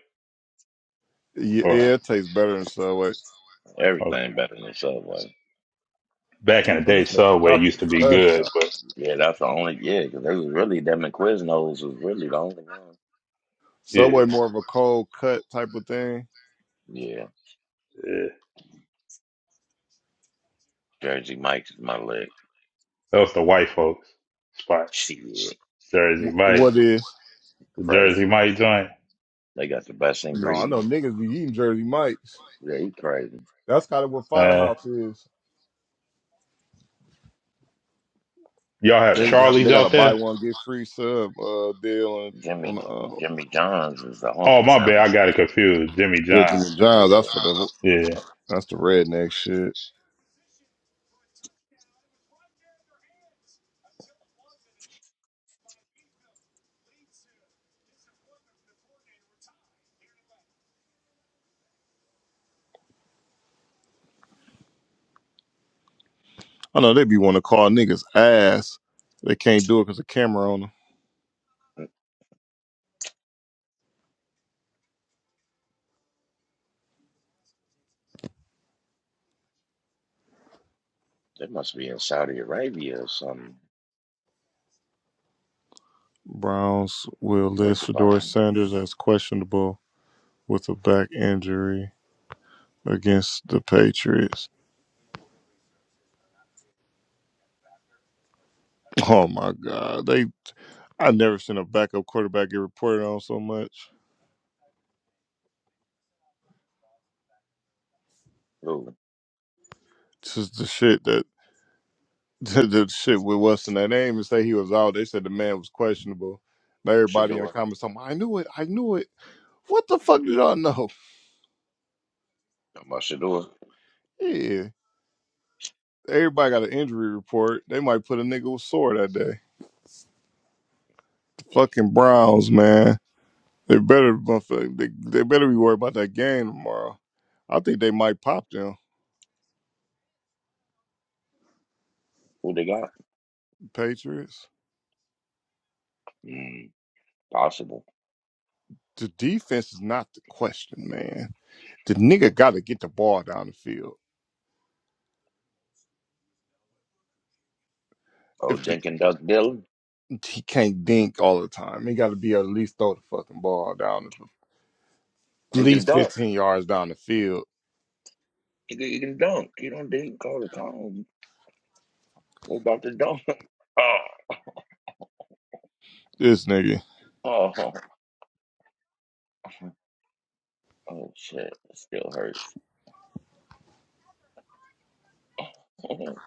Speaker 2: Yeah,
Speaker 3: Or,
Speaker 2: yeah, it tastes better than Subway.
Speaker 3: okay.
Speaker 4: everything better than Subway.
Speaker 3: Back in the
Speaker 2: Man, this
Speaker 3: day,
Speaker 2: nigga
Speaker 3: Subway
Speaker 2: dropped a
Speaker 3: used to be good,
Speaker 2: touchdown.
Speaker 3: but
Speaker 4: Yeah, that's the only. Yeah, because they was really them and Quiznos was really the only one.
Speaker 3: yeah,
Speaker 2: Subway more of a cold cut type of thing.
Speaker 4: Yeah,
Speaker 3: yeah.
Speaker 4: Jersey Mike's is my lick.
Speaker 3: That was the white folks spot.
Speaker 4: Shit,
Speaker 3: Jersey
Speaker 2: Wh-
Speaker 3: Mike.
Speaker 2: What is?
Speaker 3: Jersey
Speaker 4: crazy.
Speaker 3: Mike joint.
Speaker 4: They got the best
Speaker 2: No, I know
Speaker 4: ingredients.
Speaker 2: niggas be eating Jersey Mike's.
Speaker 4: Yeah, he crazy.
Speaker 2: That's kind of what
Speaker 3: Uh,
Speaker 2: Firehouse is.
Speaker 3: y'all have
Speaker 2: They
Speaker 4: Jimmy,
Speaker 2: have, they
Speaker 3: Charlie's
Speaker 2: got
Speaker 3: out
Speaker 2: a buy
Speaker 3: there?
Speaker 2: one get free sub uh, deal on on
Speaker 4: Jimmy,
Speaker 2: uh,
Speaker 4: Jimmy John's is the
Speaker 3: Oh,
Speaker 4: honky
Speaker 3: my bad.
Speaker 4: sandwich.
Speaker 3: I got it confused. Jimmy
Speaker 2: Jim
Speaker 3: John.
Speaker 2: and Johns. That's
Speaker 4: Yeah,
Speaker 2: for the
Speaker 3: Yeah.
Speaker 2: that's the redneck shit. I know they be want to call niggas ass. They can't do it because the camera on them.
Speaker 4: Mm, they must be in Saudi Arabia or something
Speaker 2: Browns will
Speaker 4: or
Speaker 2: list
Speaker 4: Dubai.
Speaker 2: Fedora Sanders as questionable with a back injury against the Patriots. Oh my God, they I never seen a backup quarterback get reported on so much.
Speaker 4: Who?
Speaker 2: This is the shit that the, the shit with what's in that name and say he was out. They said the man was questionable. Now everybody in the
Speaker 4: Shador.
Speaker 2: comments talking, I knew it, I knew it. What the fuck did y'all know?
Speaker 4: Talking about Shador.
Speaker 2: Yeah. Everybody got an injury report. They might put a nigga with sore that day. The
Speaker 4: Mm.
Speaker 2: fucking Browns, man. They better motherfuck- they, they better be worried about that game tomorrow. I think they might pop them.
Speaker 4: Who they got?
Speaker 2: Patriots.
Speaker 4: Mm, possible.
Speaker 2: The defense is not the question, man. The nigga gotta get the ball down the field.
Speaker 4: Oh, Dink and Duck Dillon.
Speaker 2: he can't dink all the time. He got to be able to at least throw the fucking ball down the, at
Speaker 4: He can
Speaker 2: least
Speaker 4: duck.
Speaker 2: 15 yards down the field.
Speaker 4: He can, he can dunk. He don't dink all the time, What about the dog?
Speaker 2: This nigga,
Speaker 4: Oh, oh, oh, shit. It still hurts.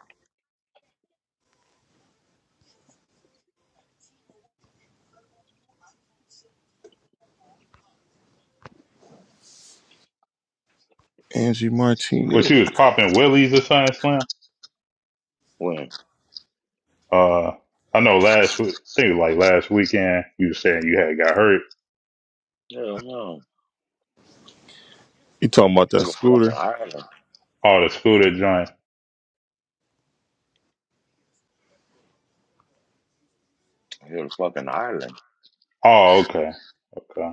Speaker 2: Angie
Speaker 3: But
Speaker 2: Martinez.
Speaker 3: she was popping Willie's or something, Slim.
Speaker 4: when?
Speaker 3: Uh, I know last week, I think it was like last weekend, you was saying you had got hurt.
Speaker 4: Hell no.
Speaker 2: You talking about
Speaker 4: I
Speaker 2: that
Speaker 4: hit a fucking
Speaker 2: scooter?
Speaker 4: island.
Speaker 3: Oh, the scooter joint.
Speaker 4: I hit a fucking island.
Speaker 3: Oh, okay. Okay.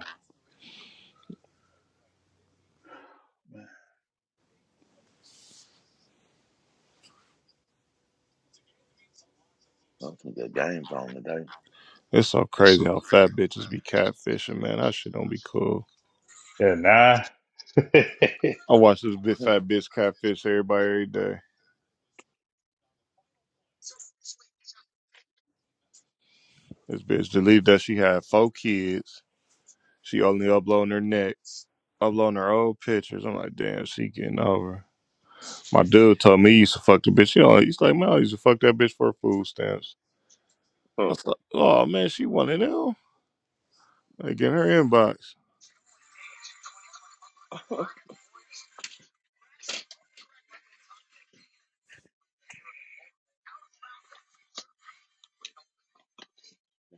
Speaker 4: Those some good games on today.
Speaker 2: It's so crazy how fat bitches be catfishing, man. That shit don't be cool.
Speaker 3: Yeah, nah.
Speaker 2: I watch this big fat bitch catfish everybody every day. This bitch believed that she had four kids. She only uploading her neck, uploading her old pictures. I'm like, damn, she getting over. My dude told me he used to fuck the bitch. He only, he's like, man, I used to fuck that bitch for her food stamps. I
Speaker 4: Oh.
Speaker 2: was like, oh man, she one of them. Like in her inbox.
Speaker 4: it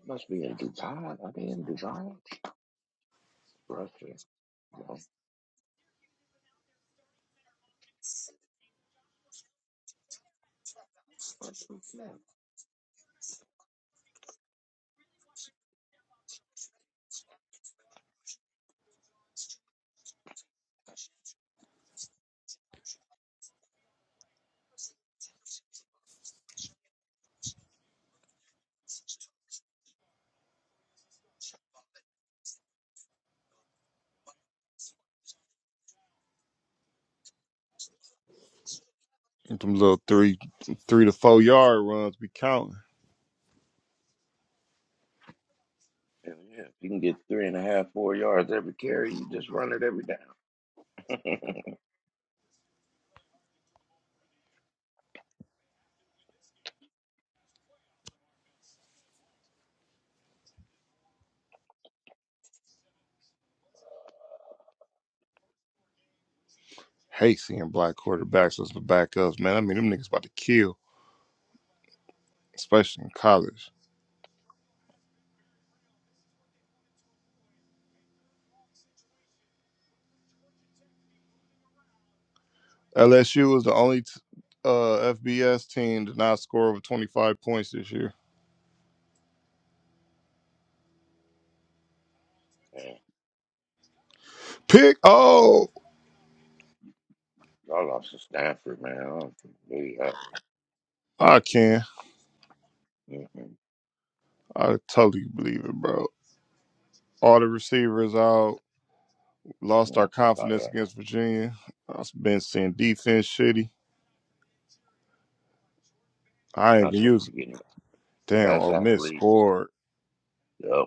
Speaker 4: must be a desire. Are they in desire? Russia.
Speaker 2: and Them little three three to four yard runs be counting.
Speaker 4: Hell yeah. If you can get three and a half, four yards every carry, you just run it every down.
Speaker 2: Hate seeing black quarterbacks as the backups, man. I mean them niggas about to kill, especially in college. LSU was the only t- uh FBS team to not score over twenty five points this year.
Speaker 4: Yeah,
Speaker 2: Pick oh
Speaker 4: I lost to Stanford, man. I don't believe that.
Speaker 2: I can.
Speaker 4: Mm-mm.
Speaker 2: I totally believe it, bro. All the receivers out, lost our
Speaker 4: No, fuck all
Speaker 2: confidence
Speaker 4: that.
Speaker 2: against Virginia. I've been seeing defense shitty. I ain't
Speaker 4: Not
Speaker 2: even
Speaker 4: supposed
Speaker 2: using.
Speaker 4: to be getting
Speaker 2: Damn,
Speaker 4: Best
Speaker 2: Ole Miss
Speaker 4: athlete.
Speaker 2: scored.
Speaker 4: Yep.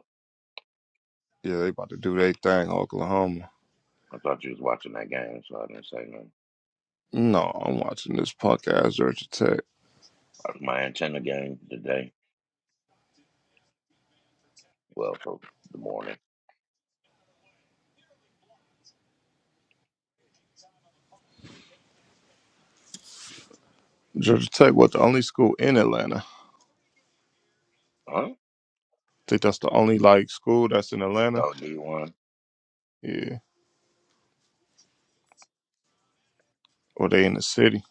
Speaker 2: Yeah, they about to do their thing, Oklahoma.
Speaker 4: I thought you was watching that game, so I didn't say nothing.
Speaker 2: No, I'm watching this punk ass Georgia Tech.
Speaker 4: Uh, My antenna game today. Well, for the morning.
Speaker 2: Georgia Tech was the only school in Atlanta. I
Speaker 4: Huh?
Speaker 2: think that's the only like school that's in Atlanta.
Speaker 4: Oh, you won.
Speaker 2: Yeah, or they in the city.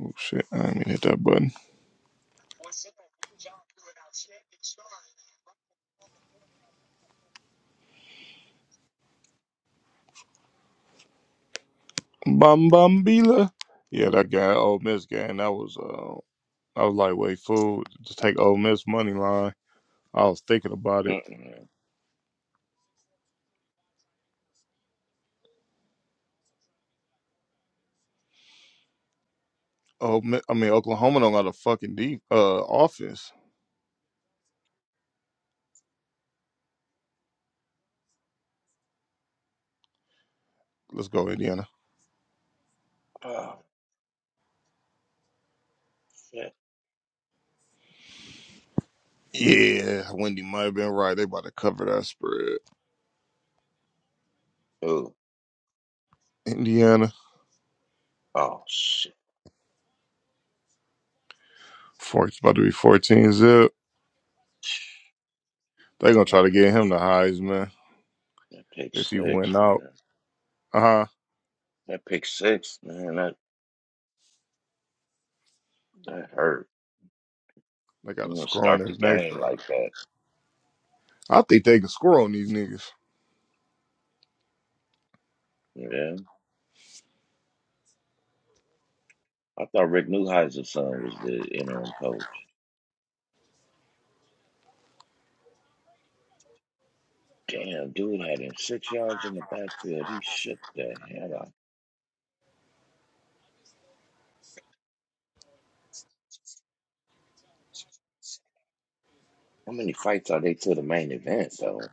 Speaker 2: Oh shit, I didn't mean to hit that button. Bam bam bila. Yeah, that guy Ole Miss game. That was uh, I was like, wait, fool, just take Ole Miss money line. I was thinking about it.
Speaker 4: Mm-mm.
Speaker 2: Oh, I mean, Oklahoma don't got a fucking deep uh offense. Let's go, Indiana.
Speaker 4: Oh shit.
Speaker 2: Yeah, Wendy might have been right. They about to cover that spread.
Speaker 4: Ooh.
Speaker 2: Indiana,
Speaker 4: Oh shit.
Speaker 2: four, it's about to be 14 zip. They gonna
Speaker 4: That
Speaker 2: try to
Speaker 4: pick.
Speaker 2: get him the Heisman
Speaker 4: That pick
Speaker 2: if he
Speaker 4: six,
Speaker 2: went out.
Speaker 4: man.
Speaker 2: Uh huh.
Speaker 4: That pick six, man. That that hurt.
Speaker 2: They
Speaker 4: You
Speaker 2: gotta
Speaker 4: know,
Speaker 2: score on
Speaker 4: start the
Speaker 2: this next
Speaker 4: game
Speaker 2: drive.
Speaker 4: like that.
Speaker 2: I think they can score on these niggas.
Speaker 4: Yeah. I thought Rick Neuheiser's son was the interim coach. Damn, dude had him six yards in the backfield. He shook the hell out. How many fights are they to the main event though?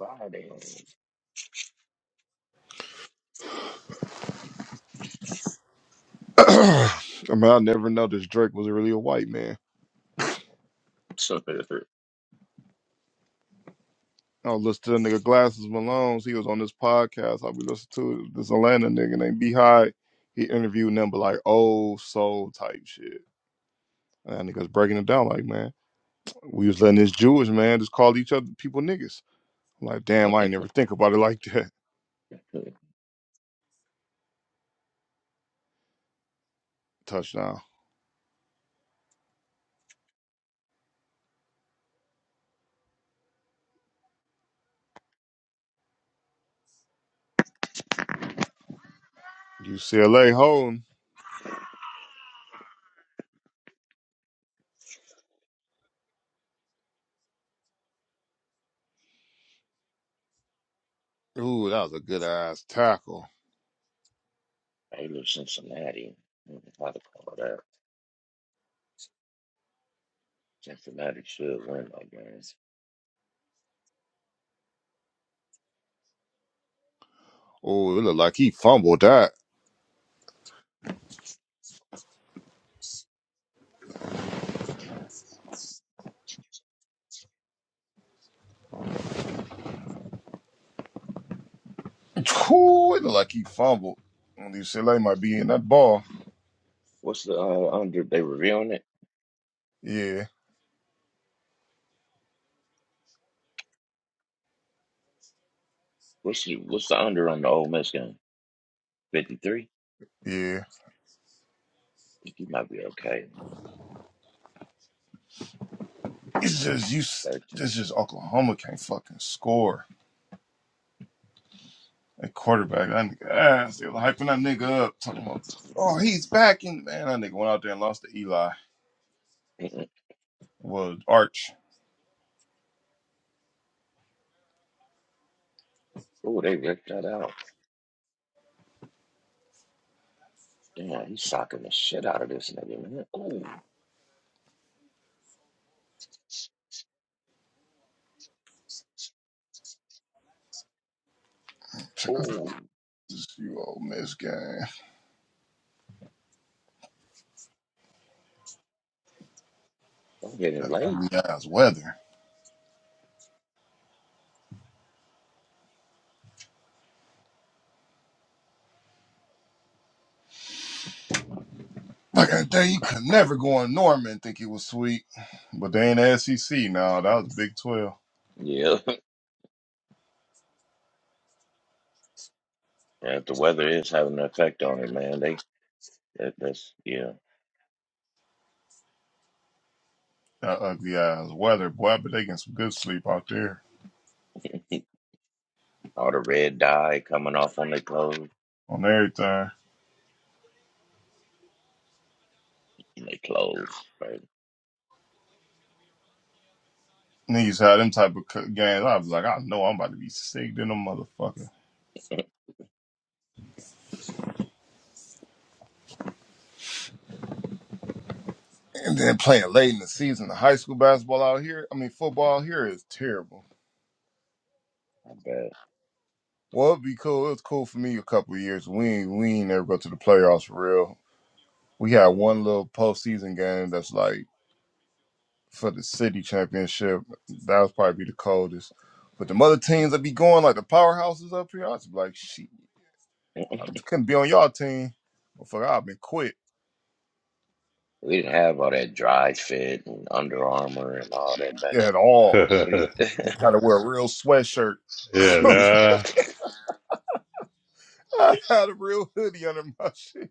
Speaker 4: God damn.
Speaker 2: I mean, I never noticed Drake was really a white man.
Speaker 4: So different.
Speaker 2: I was listening to the nigga Glasses Malone's. He was on this podcast. I be listening to this Atlanta nigga named Beehive. He interviewed them, but like old soul type shit. And that nigga's breaking it down like, man. We was letting this Jewish man just call each other people niggas. I'm like, damn, I ain't never think about it like that.
Speaker 4: I
Speaker 2: Touchdown. UCLA holding. Ooh, that was a good ass tackle.
Speaker 4: live Cincinnati. Hmm, How to call that? Cincinnati should win that game.
Speaker 2: Ooh, it looked like he fumbled that. Ooh, it looked like he fumbled. And UCLA might be in that ball.
Speaker 4: What's the uh, under? They reviewing it.
Speaker 2: Yeah,
Speaker 4: What's the what's the under on the Ole Miss game? Fifty three.
Speaker 2: yeah.
Speaker 4: Think he might be okay. Man.
Speaker 2: It's just you.
Speaker 4: Thirteen.
Speaker 2: It's just Oklahoma can't fucking score. That quarterback, that nigga ass. They was hyping that nigga up, talking about, oh, he's back in. Man, that nigga went out there and lost to Eli. Well, Arch.
Speaker 4: Oh, they ripped that out. Damn, he's socking the shit out of this nigga, man. Ooh, ooh,
Speaker 2: You old miss game. I
Speaker 4: I'm getting late.
Speaker 2: mean, that's weather. Like that day, you could never go in Norman and think it was sweet. But they ain't the SEC now. That was Big 12.
Speaker 4: Yeah, yeah, the weather is having an effect on it, man. They that, that's yeah.
Speaker 2: That ugly ass weather. Boy, I bet they getting some good sleep out there
Speaker 4: All the red dye coming off on their clothes,
Speaker 2: on everything.
Speaker 4: and their clothes, right?
Speaker 2: Niggas had them type of c- games. I was like, I know I'm about to be sick in them motherfucker. And then playing late in the season, the high school basketball out here, I mean, football here is terrible.
Speaker 4: I bet.
Speaker 2: Well, it'd be cool. It was cool for me a couple of years. We ain't, we ain't never go to the playoffs for real. we had one
Speaker 4: Mm.
Speaker 2: little postseason game that's like for the city championship. That was probably the coldest. But the other teams that be going, like the powerhouses up here, I was like, shit, I just couldn't be on y'all team. Well, fuck, I've been quit
Speaker 4: We didn't have all that dry fit and Under Armour and all that. Like,
Speaker 2: at all.
Speaker 4: we,
Speaker 2: I had to wear a real sweatshirt.
Speaker 3: yeah,
Speaker 4: yeah.
Speaker 3: nah.
Speaker 2: I had a real hoodie under my shit.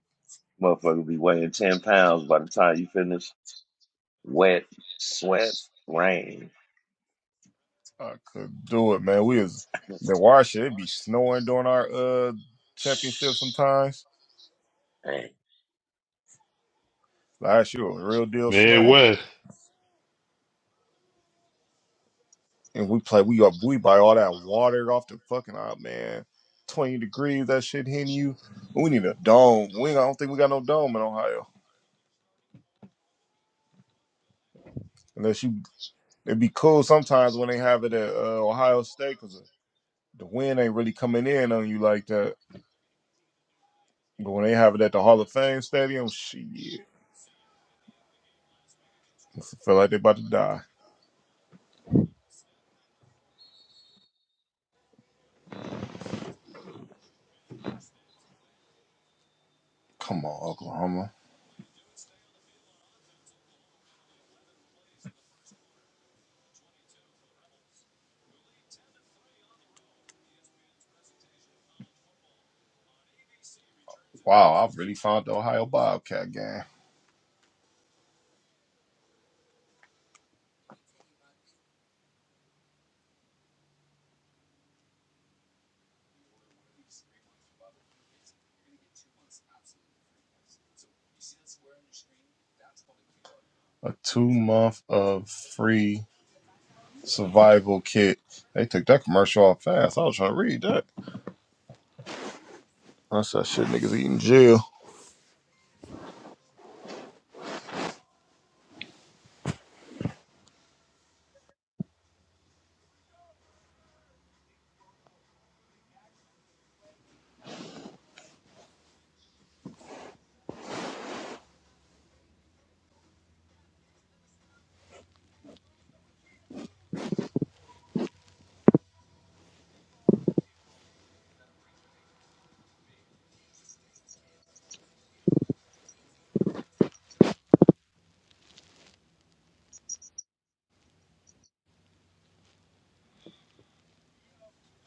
Speaker 4: motherfucker be weighing 10 pounds by the time you finish. Wet, sweat, rain.
Speaker 2: I couldn't do it, man. We was
Speaker 4: Dang.
Speaker 2: the wire shit. It be snowing during our uh championship sometimes. Last year was real deal snowing.
Speaker 3: Midwest.
Speaker 2: and we play we are we buy all that water off the fucking Oh man. Twenty degrees, that shit hitting you. We need a dome. We I don't think we got no dome in Ohio. Unless you, it'd be cool sometimes when they have it at uh, Ohio State because the wind ain't really coming in on you like that. But when they have it at the Hall of Fame Stadium, shit, I feel like they about to die. Come on, Oklahoma. Wow, I have really found the Ohio Bobcat game. A two month of free Survival kit. They took that commercial off fast. I was trying to read that. I said, shit, niggas eating jail.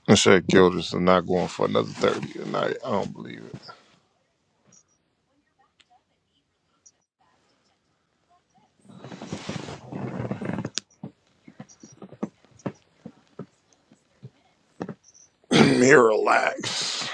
Speaker 2: I said, Gilders are not going for another 30 tonight. I don't believe it. Here, relax.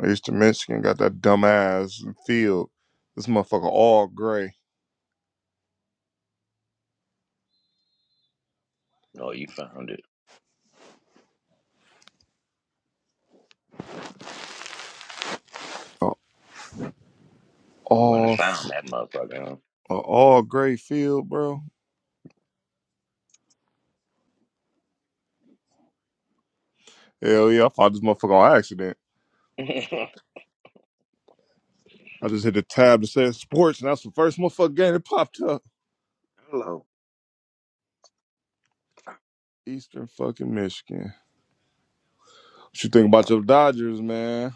Speaker 2: I used to Michigan, got that dumbass field. This motherfucker all gray.
Speaker 4: Oh, you found it.
Speaker 2: A
Speaker 4: You went and
Speaker 2: all,
Speaker 4: found that motherfucker,
Speaker 2: a all gray field, bro. Hell yeah, I fought this motherfucker on accident.
Speaker 4: huh?
Speaker 2: I just hit the tab that said sports, and that's the first motherfucker game that popped up.
Speaker 4: Hello.
Speaker 2: Eastern fucking Michigan. What you think about
Speaker 4: Fuck
Speaker 2: your
Speaker 4: that.
Speaker 2: Dodgers, man?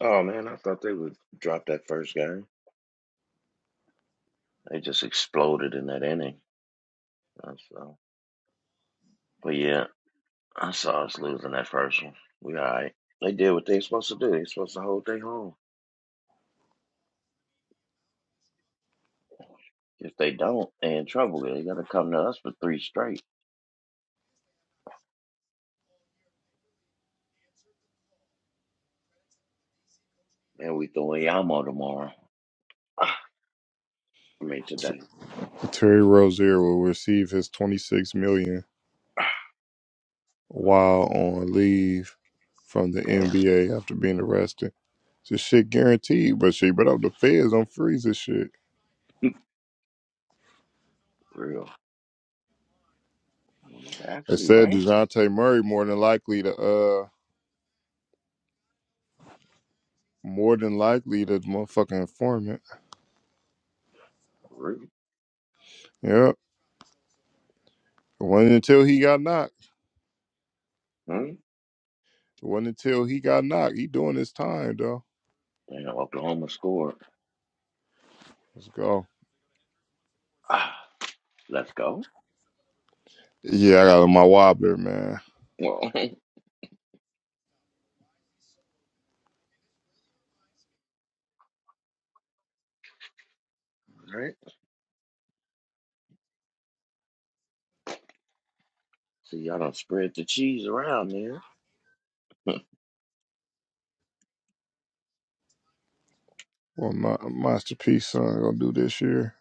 Speaker 4: Oh, man, I thought they would drop that first game. They just exploded in that inning. That's, uh, So, but yeah, I saw us losing that first one. We all right. They did what they supposed to do. They supposed to hold their home. If they don't, they in trouble. They got to come to us for three straight. And we throwing Yamo tomorrow. I mean, today.
Speaker 2: Terry Rozier will receive his 26 million while on leave from the
Speaker 4: Damn.
Speaker 2: NBA after being arrested. This shit guaranteed, but she but up the feds on freeze this shit.
Speaker 4: real.
Speaker 2: It
Speaker 4: Actually,
Speaker 2: said
Speaker 4: right?
Speaker 2: DeJounte Murray more than likely to uh more than likely the motherfucking informant.
Speaker 4: For real.
Speaker 2: Yep. It wasn't until he got knocked.
Speaker 4: Hmm?
Speaker 2: It wasn't until he got knocked. He doing his time though.
Speaker 4: Damn, Oklahoma scored.
Speaker 2: Let's go.
Speaker 4: Ah, let's go.
Speaker 2: Yeah, I got my wobbler, man.
Speaker 4: Well, all right. See, y'all done spread the cheese around there.
Speaker 2: Well my masterpiece son gonna do this year.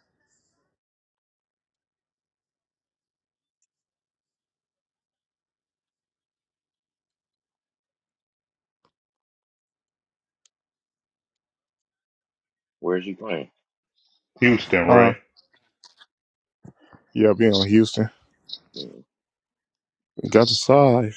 Speaker 4: Where's you playing?
Speaker 3: Houston, right?
Speaker 2: Huh? Yeah, being on Houston. We got the side.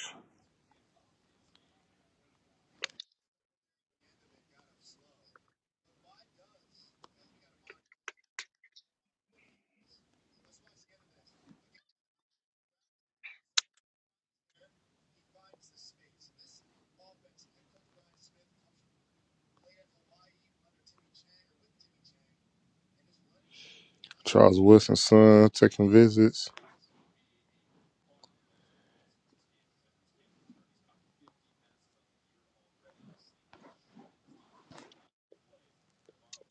Speaker 2: Charles Wilson's son taking visits.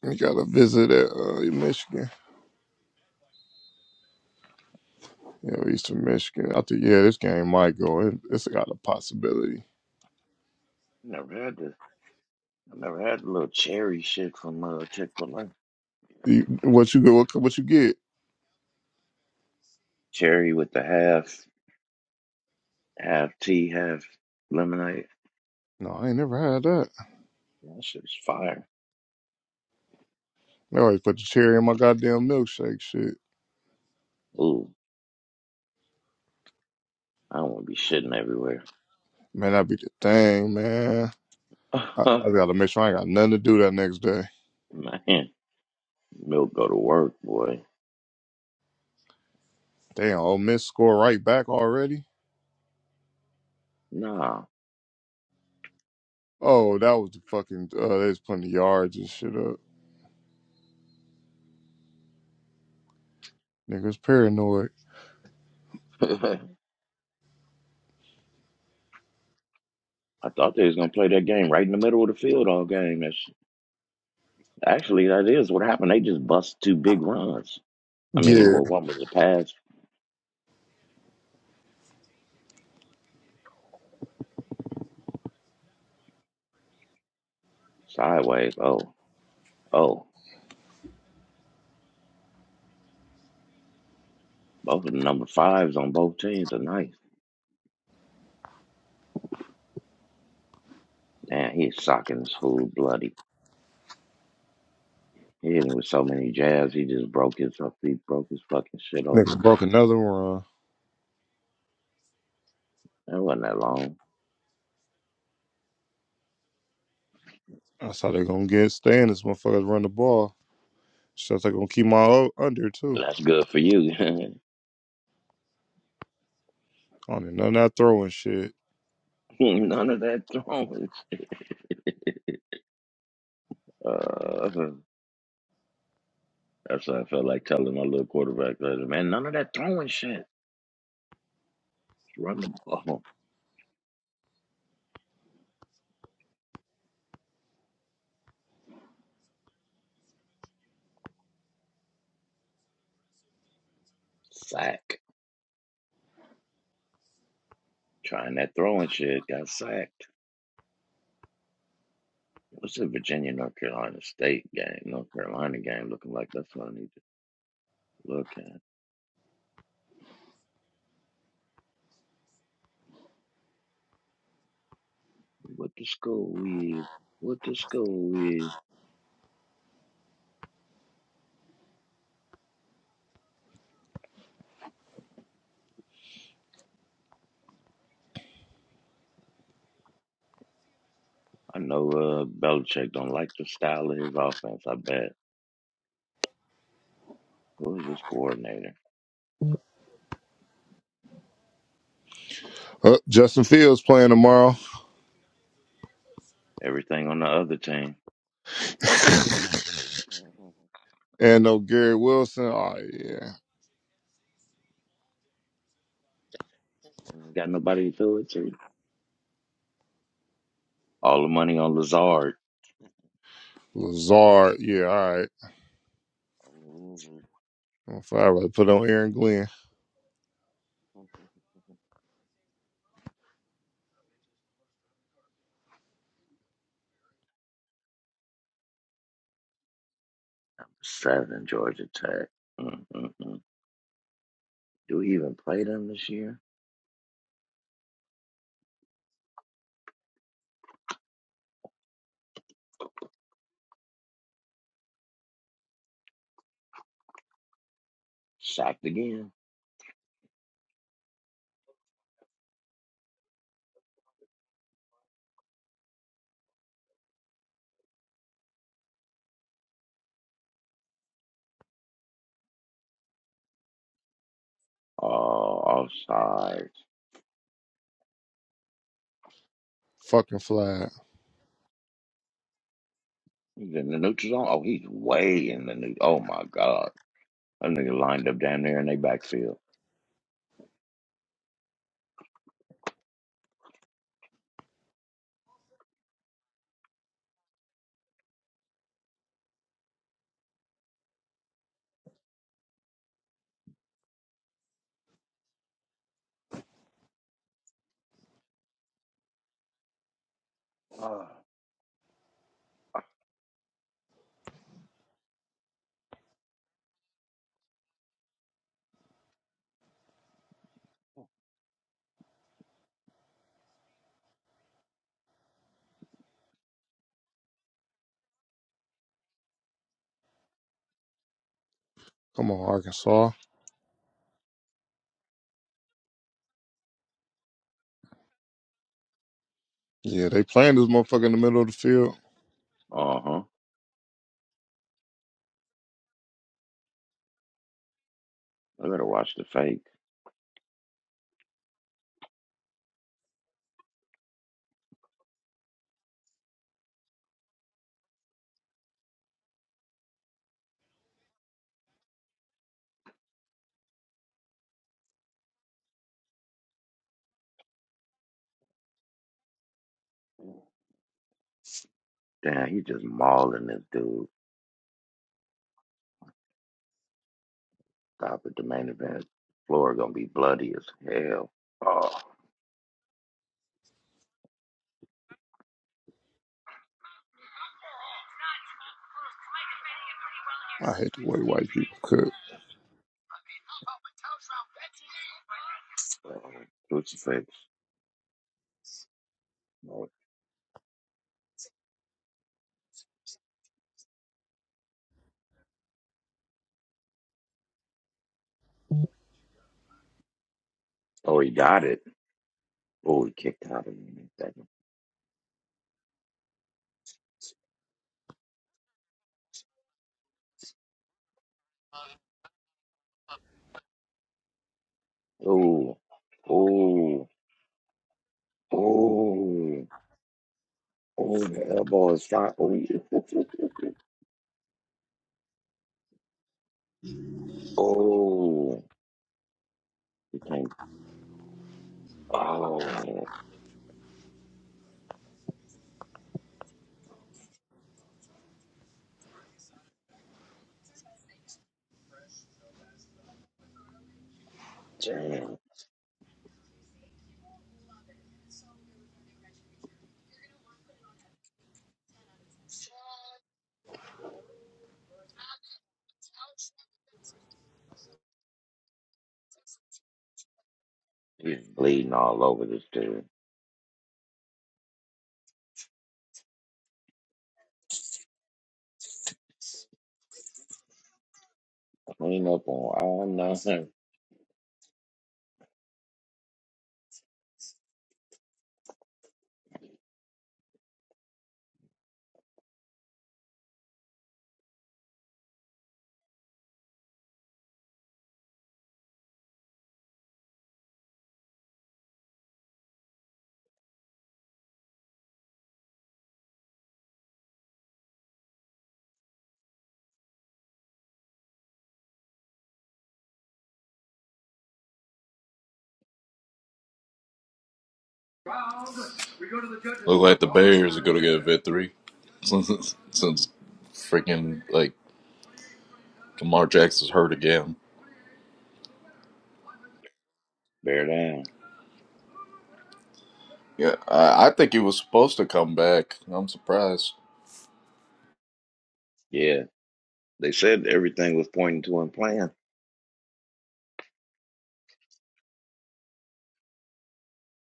Speaker 2: We got a visit at uh, Michigan. Yeah, Eastern Michigan. I think yeah, this game might go. It, it's got a possibility.
Speaker 4: Never had this. I never had the little cherry shit from uh, Chick Fil A.
Speaker 2: You, what you get? What, what you get?
Speaker 4: Cherry with the half half tea, half lemonade.
Speaker 2: No, I ain't never had that.
Speaker 4: Yeah, That shit's fire.
Speaker 2: They always put the cherry in my goddamn milkshake. Shit,
Speaker 4: Ooh, I don't want to be shitting everywhere.
Speaker 2: man, that be the thing, man. I, I gotta make sure I ain't got nothing to do that next day.
Speaker 4: Man, milk go to work, boy.
Speaker 2: Damn, Ole Miss score right back already?
Speaker 4: Nah.
Speaker 2: Oh, that was the fucking uh they was putting the yards and shit up. Niggas paranoid.
Speaker 4: I thought they was gonna play that game right in the middle of the field all game. That's actually that is what happened. They just bust two big runs. I mean,
Speaker 2: Yeah.
Speaker 4: well, one was a pass sideways. Oh, oh, both of the number fives on both teams are nice. Damn, he's socking this fool bloody. He hit him with so many jabs, he just broke his up. He broke his fucking shit open.
Speaker 2: Niggas broke another run.
Speaker 4: That wasn't that long.
Speaker 2: That's how they gonna get staying this motherfuckers run the ball. So they gonna keep my o- under too.
Speaker 4: That's good for you.
Speaker 2: I don't need none of that throwing shit.
Speaker 4: None of that throwing. shit. Uh, that's what I felt like telling my little quarterback. I said, Man, none of that throwing shit. Just Run the ball. Sack. Trying that throwing shit. Got sacked. What's the Virginia North Carolina State game? North Carolina game looking like that's what I need to look at. What the school is. What the school is. I know uh, Belichick don't like the style of his offense. I bet. Who is this coordinator?
Speaker 2: Uh, Justin Fields playing tomorrow.
Speaker 4: Everything on the other team.
Speaker 2: and no Gary Wilson. Oh yeah.
Speaker 4: Ain't Got nobody to throw it to. All the money on Lazard.
Speaker 2: Lazard, yeah, all right. I'd rather put on Aaron Glenn.
Speaker 4: Seven Georgia Tech. Mm-mm-mm. Do we even play them this year? Sacked again. Oh, offsides.
Speaker 2: Fucking flag.
Speaker 4: He's in the neutral zone. Oh, he's way in the new. Oh my God, that nigga lined up down there in their backfield. Uh
Speaker 2: Come on, Arkansas. Yeah, they playing this motherfucker in the middle of the field.
Speaker 4: huh. I better watch the fake. Damn, he just mauling this dude. Stop at the main event. Floor gonna be bloody as hell. Oh,
Speaker 2: I hate the way white people cook.
Speaker 4: uh, crucifix. Oh, oh, he got it. Oh, he kicked out of him in a second. Oh, oh, oh, oh, the elbow is shot. Oh, oh, he can't. Oh, damn. He's bleeding all over this dude. Clean up on all nothing.
Speaker 6: Look like the Bears are gonna get a vet three since since freaking like Lamar Jackson's hurt again.
Speaker 4: Bear down.
Speaker 6: Yeah, I, I think he was supposed to come back. I'm surprised.
Speaker 4: Yeah, they said everything was pointing to him playing.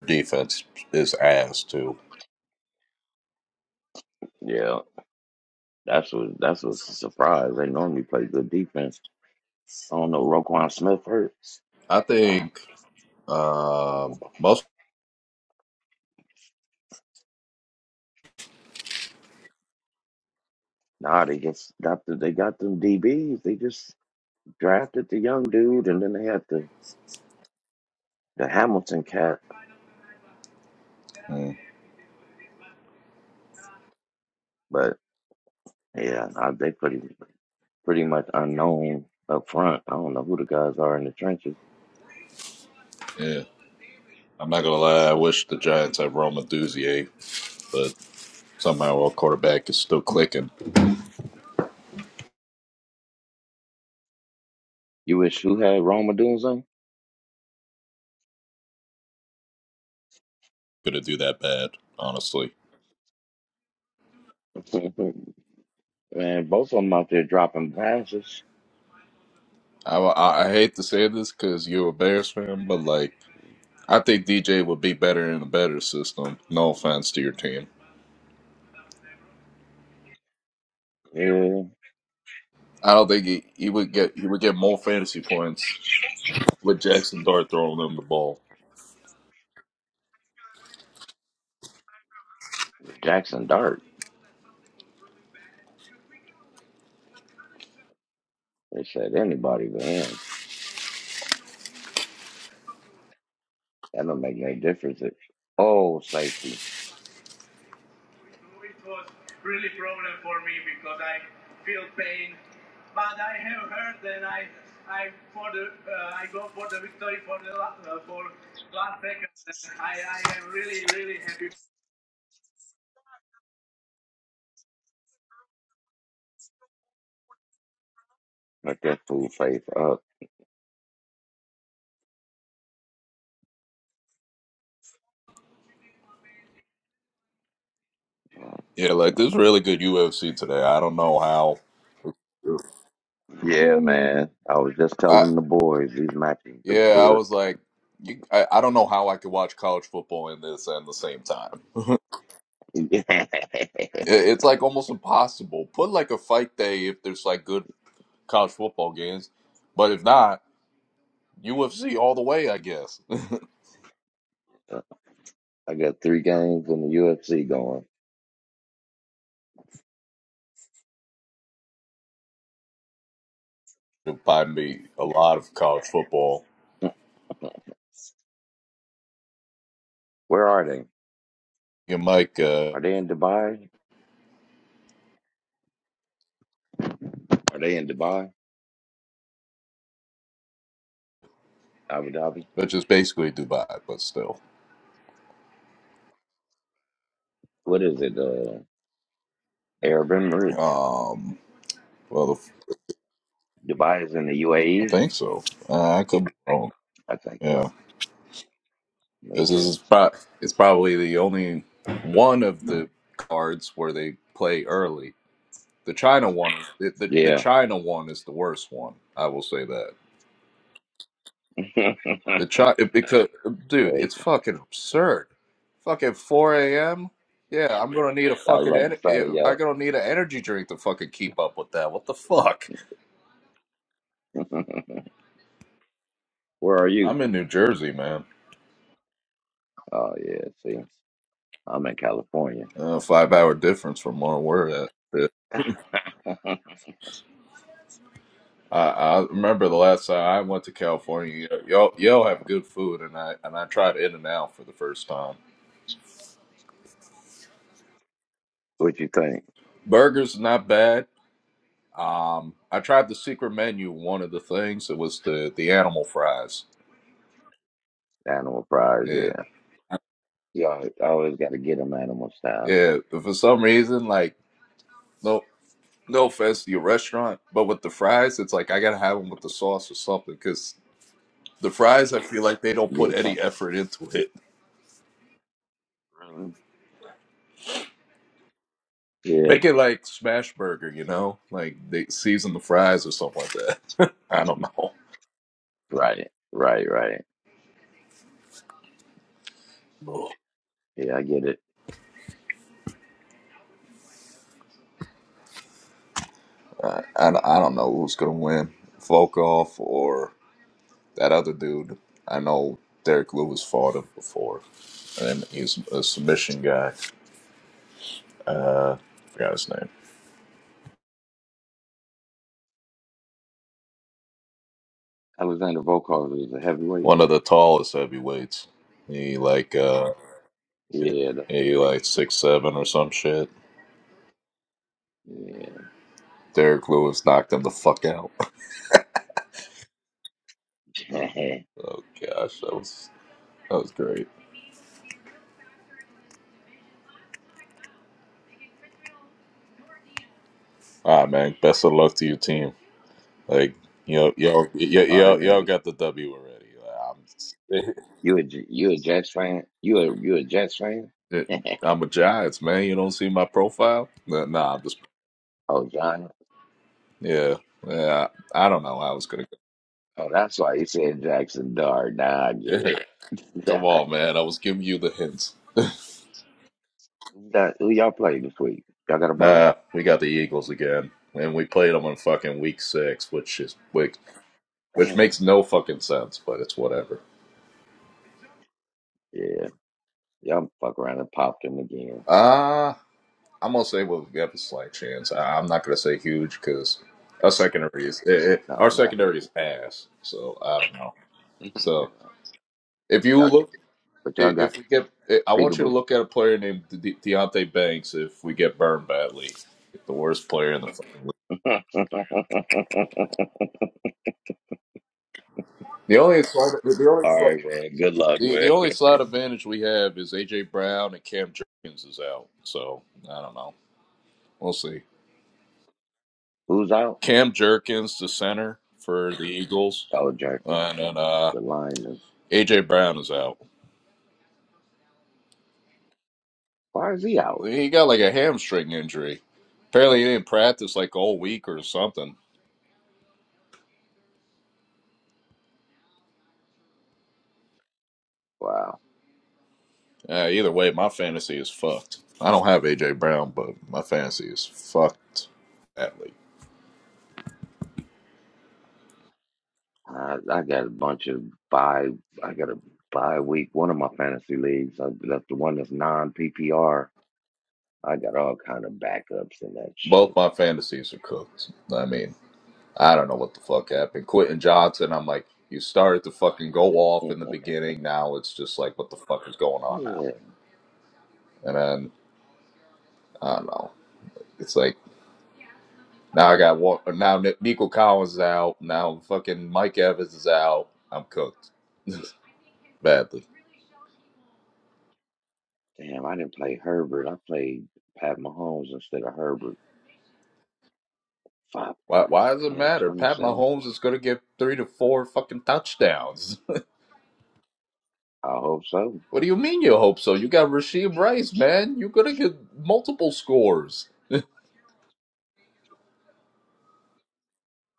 Speaker 6: Defense is ass too.
Speaker 4: Yeah, that's what that's what's a surprise. They normally play good defense. I don't know Roquan Smith hurt.
Speaker 6: I
Speaker 4: Ah,
Speaker 6: think um, most.
Speaker 4: Nah, they just got the they got them DBs. They just drafted the young dude, and then they had the the Hamilton cat.
Speaker 6: hmm,
Speaker 4: But yeah, nah, they pretty pretty much unknown up front. I don't know who the guys are in the trenches.
Speaker 6: Yeah, I'm not gonna lie. I wish the Giants had Roma Duzier, but somehow our quarterback is still clicking.
Speaker 4: You wish who had Roma doing something?
Speaker 6: Gonna do that bad, honestly.
Speaker 4: Man, both of them out there dropping passes.
Speaker 6: I, I I hate to say this because you're a Bears fan, but like I think DJ would be better in a better system. No offense to your team.
Speaker 4: Yeah,
Speaker 6: I don't think he, he would get he would get more fantasy points with Jackson Dart throwing him the ball.
Speaker 4: Jackson Dart. They said anybody but him. That don't make no difference. If, oh, safety.
Speaker 6: It was really problem for me because I feel pain, but I have heard and I I for the uh, I go for the victory for the la- uh, for last second. I I am really really happy.
Speaker 4: Let that fool face up.
Speaker 6: Yeah, like this really good UFC today. I don't know how.
Speaker 4: Yeah, Mm. man. I was just
Speaker 6: I.
Speaker 4: telling the boys these matches look
Speaker 6: Yeah, I
Speaker 4: good.
Speaker 6: was like, you, I, I don't know how I could watch college football and this at the same time. It- it's like almost impossible. Put like a fight day if there's like good college football games, but if not, UFC all the way, I guess.
Speaker 4: I got three games in the UFC going.
Speaker 6: Buy me a lot of college football.
Speaker 4: Where are they?
Speaker 6: You might, uh,
Speaker 4: Are they in Dubai? Are they in Dubai? Abu Dhabi?
Speaker 6: which is basically Dubai, but still.
Speaker 4: What is it? Uh, Arab Emirates?
Speaker 6: Um, well, the,
Speaker 4: Dubai is in the
Speaker 6: I
Speaker 4: UAE?
Speaker 6: think so. Uh, I could be wrong.
Speaker 4: I think
Speaker 6: Yeah.
Speaker 4: so. Me
Speaker 6: This
Speaker 4: too.
Speaker 6: is pro- it's probably the only one of the cards where they play early. The China one, the, the, the
Speaker 4: Yeah.
Speaker 6: China one is the worst one. I will say that
Speaker 4: I
Speaker 6: the China because uh, dude,
Speaker 4: was
Speaker 6: it's fucking absurd. Fucking four a.m. Yeah, I'm gonna need a fucking
Speaker 4: about to say,
Speaker 6: en- I'm
Speaker 4: yo.
Speaker 6: gonna need an energy drink to fucking keep up with that. What the fuck?
Speaker 4: Where are you?
Speaker 6: I'm in New Jersey, man.
Speaker 4: Oh, yeah. See? I'm in California.
Speaker 6: Uh, five hour difference from where we're at. I, I remember the last time I went to California, y- y'all y'all
Speaker 4: Yeah.
Speaker 6: have good food, and I and I tried In n Out for the first time.
Speaker 4: What you think?
Speaker 6: Burgers not bad. Um, I tried the secret menu. One of the things it was the the animal fries.
Speaker 4: Animal prize,
Speaker 6: Yeah,
Speaker 4: yeah. You always, always got to get them animal style.
Speaker 6: yeah. But for some reason, like no no offense to your restaurant, but with the fries, it's like I gotta have them with the sauce or something because the fries I feel like they don't
Speaker 4: Yeah.
Speaker 6: put any effort into it.
Speaker 4: Really? Yeah.
Speaker 6: Make it like smash burger, you know, like they season the fries or something like that. I don't know.
Speaker 4: Right. Right. Right.
Speaker 6: I,
Speaker 4: Yeah, I get it.
Speaker 6: I don't know who's going to win, Volkov or that other dude. I know Derek Lewis fought him before, and he's a submission guy. Uh, forgot his name.
Speaker 4: Alexander Volkov is a heavyweight.
Speaker 6: One of the tallest heavyweights. He like uh,
Speaker 4: Yeah, that's the
Speaker 6: he
Speaker 4: big.
Speaker 6: like six seven or some shit.
Speaker 4: Yeah.
Speaker 6: Derek Lewis knocked him the fuck out. Oh gosh, that was that was great. All right, man. Best of luck to your team. Like you know, y'all, y'all,
Speaker 4: All right,
Speaker 6: y'all y'all
Speaker 4: man.
Speaker 6: got the W already. Like, I'm.
Speaker 4: You a J- you a Jets fan? You a you a Jets fan?
Speaker 6: It, I'm a Giants man. You don't see my profile? Nah, nah I'm just
Speaker 4: oh, John.
Speaker 6: yeah. Yeah, I, I don't know. I was gonna.
Speaker 4: Oh, that's why he said Jackson Dart. Now I get
Speaker 6: Yeah,
Speaker 4: it.
Speaker 6: come on, man. I was giving you the hints.
Speaker 4: That- who y'all play this week? Y'all got a bye?
Speaker 6: Nah, we got the Eagles again, and we played them in fucking week six, which is which, which
Speaker 4: Man.
Speaker 6: makes no fucking sense, but it's whatever.
Speaker 4: Yeah, y'all fuck around and popped him again.
Speaker 6: Uh I'm gonna say we'll have a slight chance. I, I'm not gonna say huge because our secondary is eh, eh, our
Speaker 4: No, not
Speaker 6: secondary
Speaker 4: here.
Speaker 6: is ass. So I don't know.
Speaker 4: yeah.
Speaker 6: So if you
Speaker 4: y'all,
Speaker 6: look
Speaker 4: but y'all
Speaker 6: i-
Speaker 4: got
Speaker 6: if we get, I I want you to
Speaker 4: pickable.
Speaker 6: look at a player named De- Deontay Banks. If we get burned badly, the worst player in the fucking league. The only slight, the only
Speaker 4: All
Speaker 6: slight-
Speaker 4: right, man. Good luck,
Speaker 6: the, the
Speaker 4: man.
Speaker 6: only slight advantage we have is AJ Brown and Cam Jerkins is out. So I don't know. We'll see.
Speaker 4: Who's out?
Speaker 6: Cam Jerkins the center for the Eagles,
Speaker 4: Oh, Jerk,
Speaker 6: uh, and then uh,
Speaker 4: the lineman.
Speaker 6: AJ Brown is out.
Speaker 4: Why is he out?
Speaker 6: He got like a hamstring injury. Apparently, he didn't practice like all week or something.
Speaker 4: Wow.
Speaker 6: Yeah, either way, my fantasy is fucked. I don't have AJ Brown, but my fantasy is fucked. Badly.
Speaker 4: I, I got a bunch of buy. I got a bye week. One of my fantasy leagues. I left the one that's non PPR. I got all kind of backups and that
Speaker 6: Both
Speaker 4: shit.
Speaker 6: my fantasies are cooked. I mean, I don't know what the fuck happened. Quentin Johnson, I'm like, you started to fucking go off in the beginning. Now it's just like, what the fuck is going on now?
Speaker 4: Yeah,
Speaker 6: And then I don't know. It's like now I got one. Now Ni- Nico Collins is out. Now fucking Mike Evans is out. I'm cooked badly.
Speaker 4: Damn, I didn't play Herbert. I played Pat Mahomes instead of Herbert. Fuck,
Speaker 6: Why? Why does it
Speaker 4: yeah,
Speaker 6: matter? Pat
Speaker 4: 27.
Speaker 6: Mahomes is gonna get three to four fucking touchdowns.
Speaker 4: I hope so.
Speaker 6: What do you mean you hope so? You got Rasheed Rice, man. You're gonna get multiple scores.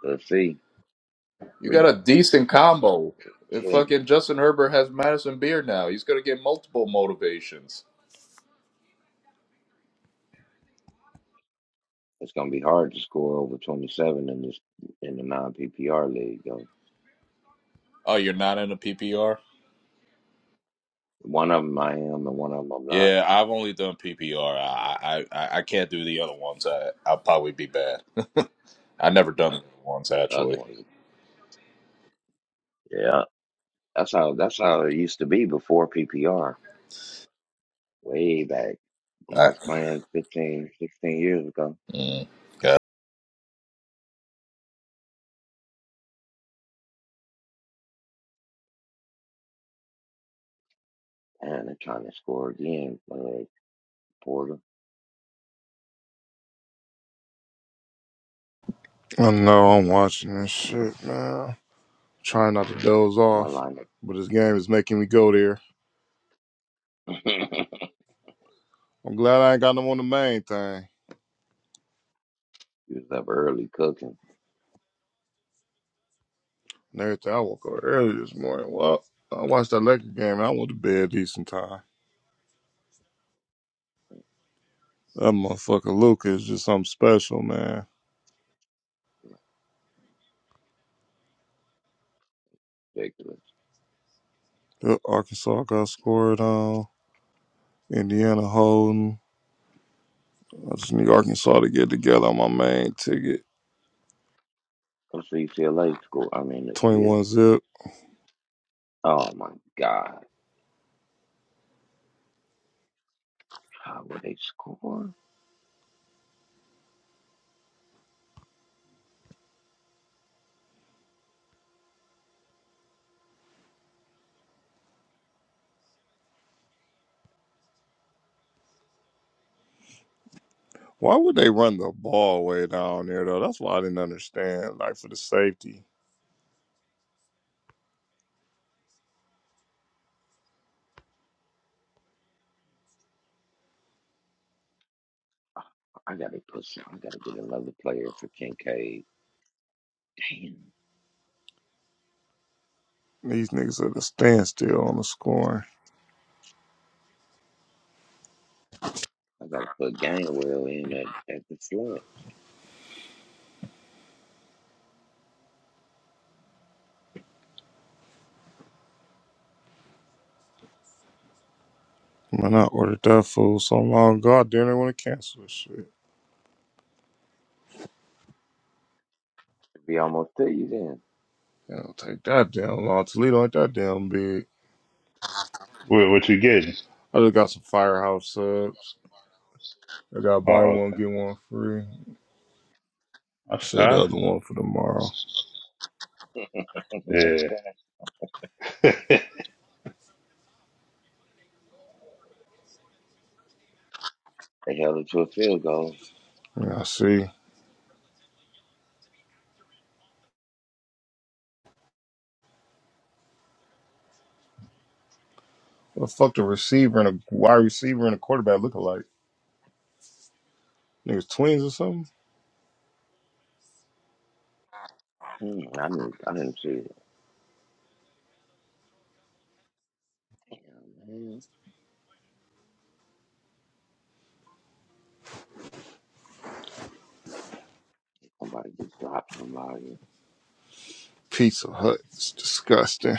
Speaker 4: Let's see.
Speaker 6: You got
Speaker 4: Re-
Speaker 6: a decent combo. And
Speaker 4: Shit,
Speaker 6: fucking Justin Herbert has Madison Beer now. He's gonna get multiple motivations.
Speaker 4: it's gonna be hard to score over 27 in this in the non PPR league. Though.
Speaker 6: Oh, you're not in a PPR?
Speaker 4: One of them I am, and one of them I'm not.
Speaker 6: Yeah, I've only done PPR. I I, I I can't do the other ones. I I'll probably be bad. I never done the other ones
Speaker 4: The other
Speaker 6: actually.
Speaker 4: ones, yeah. That's how that's how it used to be before PPR, way back when I
Speaker 6: I,
Speaker 4: was playing fifteen, sixteen years ago.
Speaker 6: mm, okay.
Speaker 4: And they're trying to score again. Uh, Porter,
Speaker 2: I know I'm watching this shit, man. Trying not to doze
Speaker 4: my
Speaker 2: off,
Speaker 4: lineup.
Speaker 2: but this game is making me go there. I'm glad I ain't got no on the main thing.
Speaker 4: He was up early cooking.
Speaker 2: And everything, I woke up early this morning. Well, I watched that Lakers game and I went to bed decent time. That motherfucker Luca is just something special, man.
Speaker 4: Ridiculous.
Speaker 2: The Arkansas got scored on. Indiana holding. I just need Arkansas to get together on my main ticket.
Speaker 4: Come see UCLA score. I mean, yeah.
Speaker 2: 21 zip.
Speaker 4: Oh my God. How would they score?
Speaker 2: Why would they run the ball way down there though? That's why I didn't understand. Like for the safety,
Speaker 4: I gotta put some. I gotta get another player for Kincaid. Damn.
Speaker 2: these niggas at a standstill on the scoring.
Speaker 4: I gotta put Gainwell in at, at the flat.
Speaker 2: Man, I ordered that food so long ago. I didn't want to cancel this shit.
Speaker 4: It'd be almost to you then.
Speaker 2: It don't take that damn long. Toledo ain't that damn big.
Speaker 3: What, what you getting?
Speaker 2: I just got some firehouse subs. I got buy
Speaker 3: Oh,
Speaker 2: one
Speaker 3: okay.
Speaker 2: get one free.
Speaker 3: That's
Speaker 2: Say the
Speaker 3: high.
Speaker 2: other one for tomorrow.
Speaker 4: That's right.
Speaker 3: Yeah.
Speaker 4: They held it to a field goal.
Speaker 2: Yeah, I see. What the fuck the receiver and a wide receiver and a quarterback look alike? Niggas twins or something?
Speaker 4: Hmm, I didn't. I didn't see it. Damn, man. Somebody just dropped somebody.
Speaker 2: Pizza Hut. It's disgusting.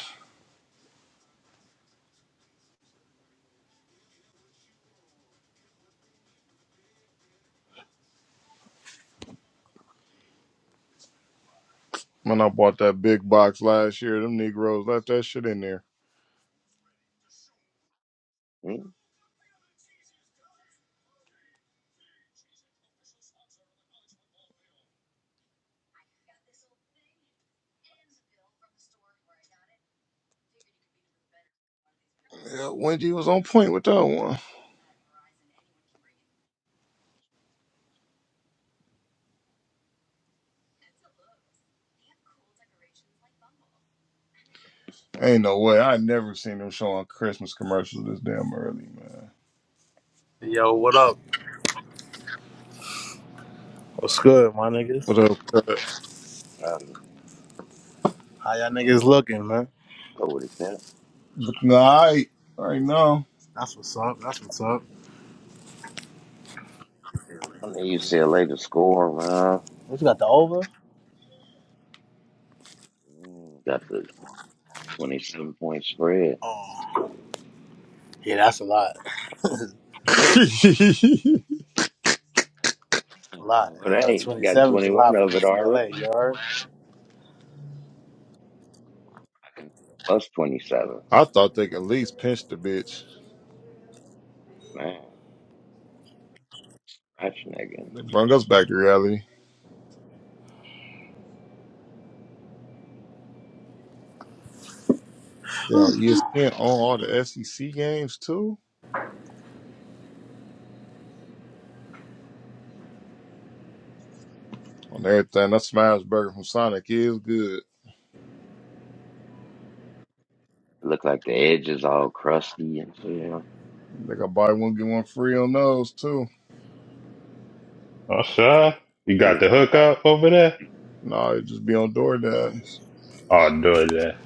Speaker 2: When I bought that big box last year, them Negroes left that shit in there.
Speaker 4: Hmm.
Speaker 2: Yeah, Wendy was on point with that one. Ain't no way. I never seen them showing Christmas commercials this damn early, man.
Speaker 1: Yo, what up? What's good, my niggas?
Speaker 2: What up? cut?
Speaker 4: Um,
Speaker 1: How y'all niggas looking, man?
Speaker 4: go with it.
Speaker 2: But nah, I, I know.
Speaker 1: That's what's up. That's what's up.
Speaker 4: I need UCLA to score, around.
Speaker 1: What you got the over?
Speaker 4: Mm, Got the 27 point spread.
Speaker 1: Oh, yeah, that's a lot.
Speaker 2: I
Speaker 4: And
Speaker 1: It's a lot. Yeah,
Speaker 4: It
Speaker 1: huh,
Speaker 4: ain't. got
Speaker 1: 27 is a
Speaker 4: 21
Speaker 1: lot for
Speaker 4: of it already.
Speaker 1: UCLA. You heard?
Speaker 4: Plus 27.
Speaker 2: thought they could at least pinch the bitch.
Speaker 4: Man, that's nigga.
Speaker 2: They brung us back to reality. Damn, ESPN on all the SEC games too? On everything. That smash burger from Sonic is good.
Speaker 4: look like the edge is all crusty and shit.
Speaker 2: They got buy one, get one free on those too.
Speaker 3: Oh, sure. You
Speaker 4: They
Speaker 3: got
Speaker 4: just
Speaker 3: the
Speaker 4: don't have,
Speaker 3: hookup over there?
Speaker 2: Nah, it just be on DoorDash.
Speaker 3: I'll do that.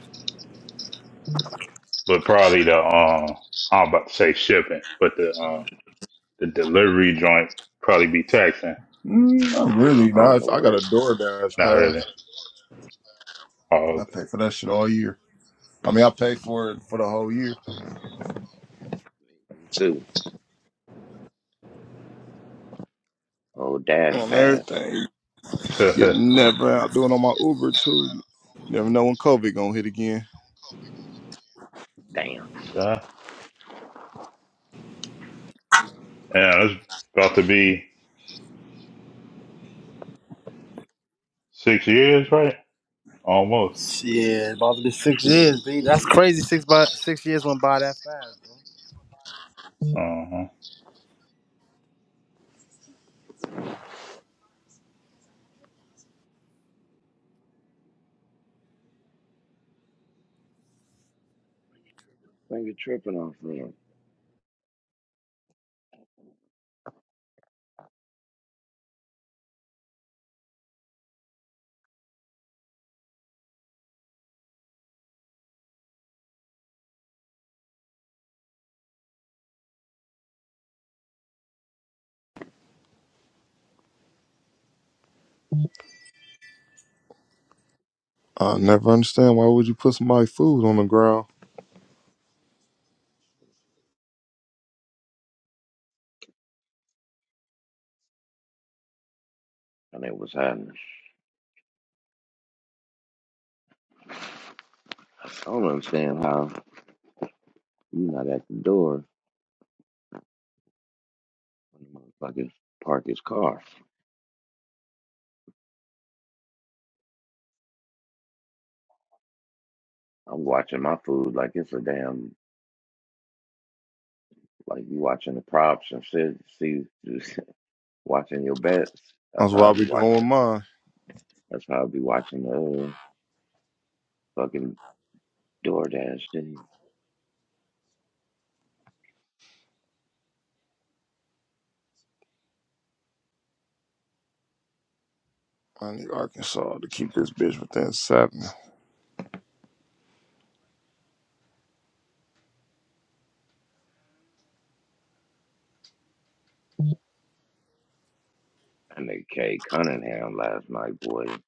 Speaker 3: But probably the um, I'm about to say shipping, but the um, the delivery joint probably be taxing.
Speaker 2: Mm, not really.
Speaker 4: I
Speaker 2: Nah,
Speaker 4: don't know
Speaker 2: if I
Speaker 4: where
Speaker 2: got a DoorDash
Speaker 3: Not really.
Speaker 2: pass.
Speaker 3: Oh,
Speaker 2: I pay for that shit all year. I mean, I pay for it for the whole year
Speaker 4: it's to. Oh, dash
Speaker 2: on
Speaker 4: pass.
Speaker 2: everything. You
Speaker 3: okay.
Speaker 2: never out doing on my Uber too. You never know when COVID gonna hit again.
Speaker 4: Damn.
Speaker 3: sure. Yeah, it's about to be six years, right? Almost.
Speaker 1: Shit, about to be six years, B. That's crazy. Six by six years went by that fast, bro.
Speaker 3: Uh huh.
Speaker 4: Nigga tripping off them.
Speaker 2: I never understand why would you put somebody's food on the ground.
Speaker 4: And it was happening. I don't understand how you not at the door when the motherfuckers park his car. I'm watching my food like it's a damn, like you watching the props and shit. See, watching your bets. That's
Speaker 2: That's
Speaker 4: how
Speaker 2: what
Speaker 4: I
Speaker 2: I be
Speaker 4: be
Speaker 2: doing with
Speaker 4: watching.
Speaker 2: mine.
Speaker 4: That's how I be watching the uh, fucking DoorDash video.
Speaker 2: I need Arkansas to keep this bitch within seven.
Speaker 4: And the K Cunningham last night, boy.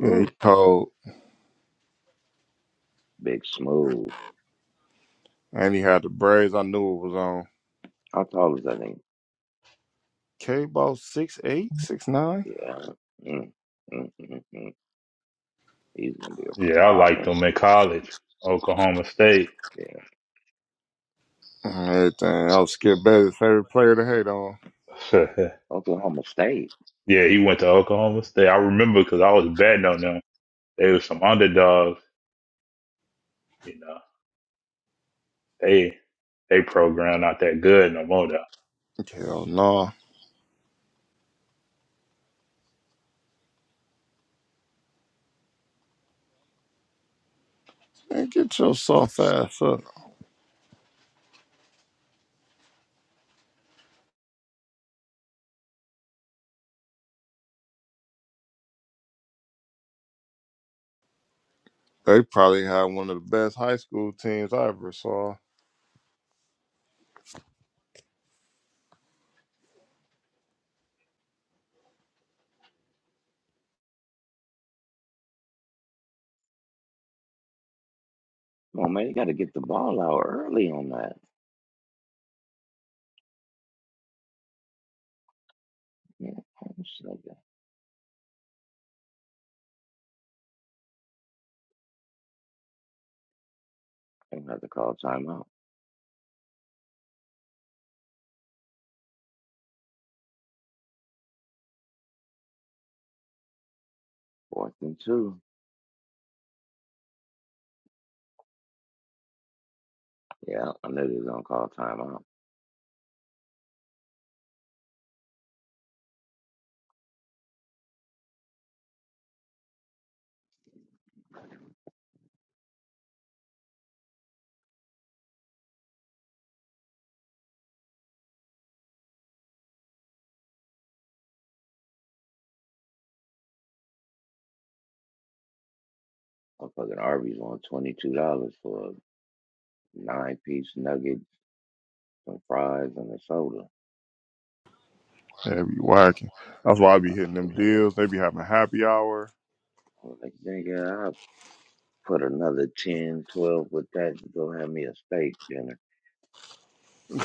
Speaker 2: Yeah, he
Speaker 4: Ooh,
Speaker 2: cold
Speaker 4: big smooth.
Speaker 2: and he had the braids. I knew it was on.
Speaker 4: How tall is that thing?
Speaker 2: K ball six eight six nine.
Speaker 4: Yeah. Mm, mm, mm, mm. He's gonna be
Speaker 3: Yeah,
Speaker 4: a
Speaker 3: I liked
Speaker 4: problem.
Speaker 3: him in college, Oklahoma State.
Speaker 4: Yeah.
Speaker 2: Mm, Everything. I was Skip Bayless' favorite player to hate on.
Speaker 3: yeah,
Speaker 4: Oklahoma State.
Speaker 3: he went to Oklahoma State. I remember because I was betting on them. They were some underdogs, you know. They they program not that good no more though.
Speaker 2: Hell no. Man, get your soft ass up. They probably had one of the best high school teams I ever saw.
Speaker 4: Come on, man, you gotta get the ball out early on that. Yeah, I'm just like that. I'm gonna have to call timeout. Fourth and two. Yeah, I know they're gonna call timeout. Motherfucking Arby's on $22 for a nine piece nuggets, some fries, and a soda.
Speaker 2: They be whacking. That's why I
Speaker 4: I
Speaker 2: be hitting
Speaker 4: said,
Speaker 2: them
Speaker 4: nigga,
Speaker 2: deals. They be having happy hour
Speaker 4: I was like, nigga, I'll put another 10, 12 with that to go have me a steak dinner.
Speaker 2: on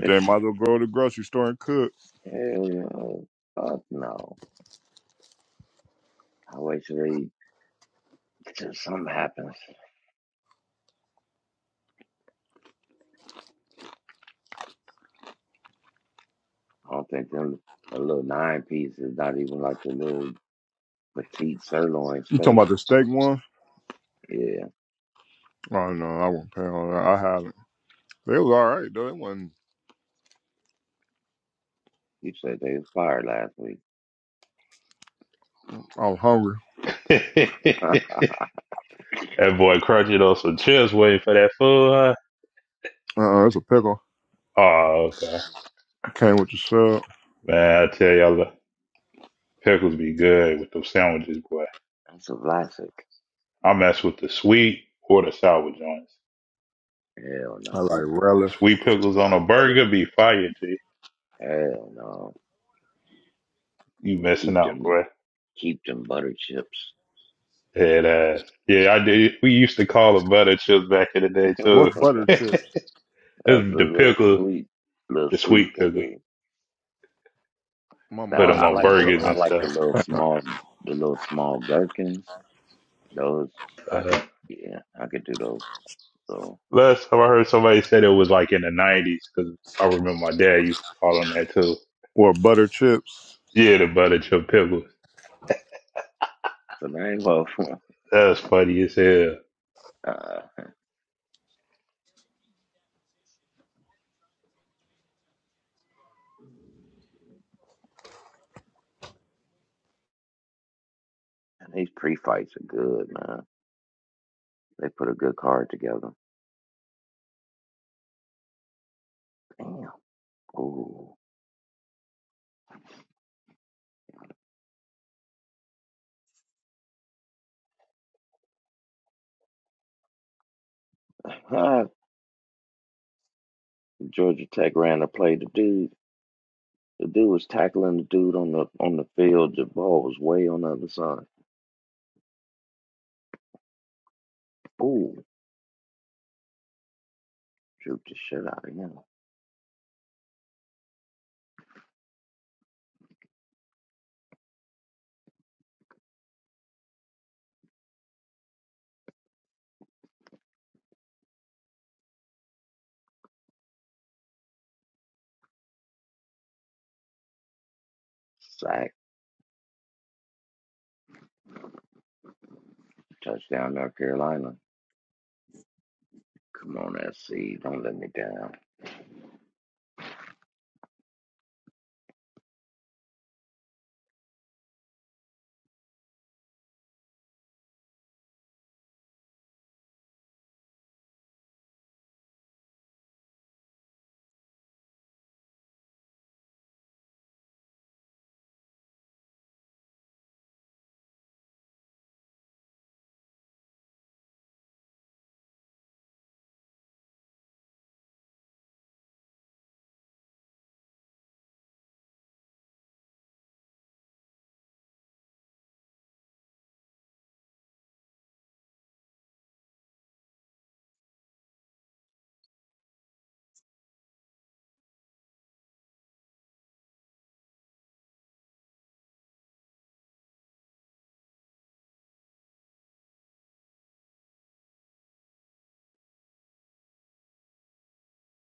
Speaker 4: It's,
Speaker 2: Might as well go to the grocery store and cook.
Speaker 4: hell no. Fuck no. I wait till they, till something happens. I don't think them, a little nine piece is not even like a little petite sirloin
Speaker 2: You talking
Speaker 4: steak.
Speaker 2: about the steak one?
Speaker 4: Yeah.
Speaker 2: Oh no, I won't pay on that. I had it. They was all right though. They wasn't.
Speaker 4: You said they was fired last week.
Speaker 2: I was hungry.
Speaker 3: that boy crunching on some chips waiting for that food. Huh?
Speaker 2: Uh, uh it's a pickle.
Speaker 3: Oh okay,
Speaker 2: Came with the sub.
Speaker 3: man. I tell y'all, the pickles be
Speaker 4: So,
Speaker 3: good with those sandwiches, boy.
Speaker 4: That's a classic.
Speaker 3: I mess with the sweet or the sour joints.
Speaker 4: Hell
Speaker 2: I like
Speaker 4: no.
Speaker 2: relish.
Speaker 3: Sweet pickles on a burger be fire, G.
Speaker 4: Hell no.
Speaker 3: You
Speaker 4: You
Speaker 3: messing
Speaker 4: Keep
Speaker 3: out,
Speaker 4: them,
Speaker 3: boy.
Speaker 4: keep them butter chips.
Speaker 3: Head ass. Yeah, I did. We used to call them butter chips back in the day
Speaker 4: That's
Speaker 3: too.
Speaker 2: What's butter chips?
Speaker 4: a
Speaker 3: It's the
Speaker 4: little
Speaker 3: pickle,
Speaker 4: sweet, little
Speaker 3: the
Speaker 4: sweet
Speaker 3: sweet pickle.
Speaker 4: pickle.
Speaker 2: My
Speaker 4: Now
Speaker 3: Put them
Speaker 2: mind.
Speaker 4: I
Speaker 3: on
Speaker 4: like
Speaker 2: is
Speaker 4: the
Speaker 3: burgers
Speaker 4: I
Speaker 3: and
Speaker 2: eating,
Speaker 4: like the
Speaker 3: stuff.
Speaker 4: little
Speaker 2: uh,
Speaker 4: small, the little small gherkins. Those I
Speaker 3: Uh,
Speaker 4: could, yeah, I could do those. So
Speaker 3: Last time I heard somebody said it was like in the nineties, because I remember my dad used to call on that too.
Speaker 2: Or butter chips.
Speaker 3: Yeah, the butter chip pickles.
Speaker 4: so man, well,
Speaker 3: That's funny as hell.
Speaker 4: uh, these pre-fights are good, man. They put a good card together. Damn. Ooh. Georgia Tech ran a play. The dude, the dude was tackling the dude on the on the field. The ball was way on the other side. Ooh. Droop the shit out of him. Sack. Touchdown, North Carolina. Come on, SC. Don't let me down.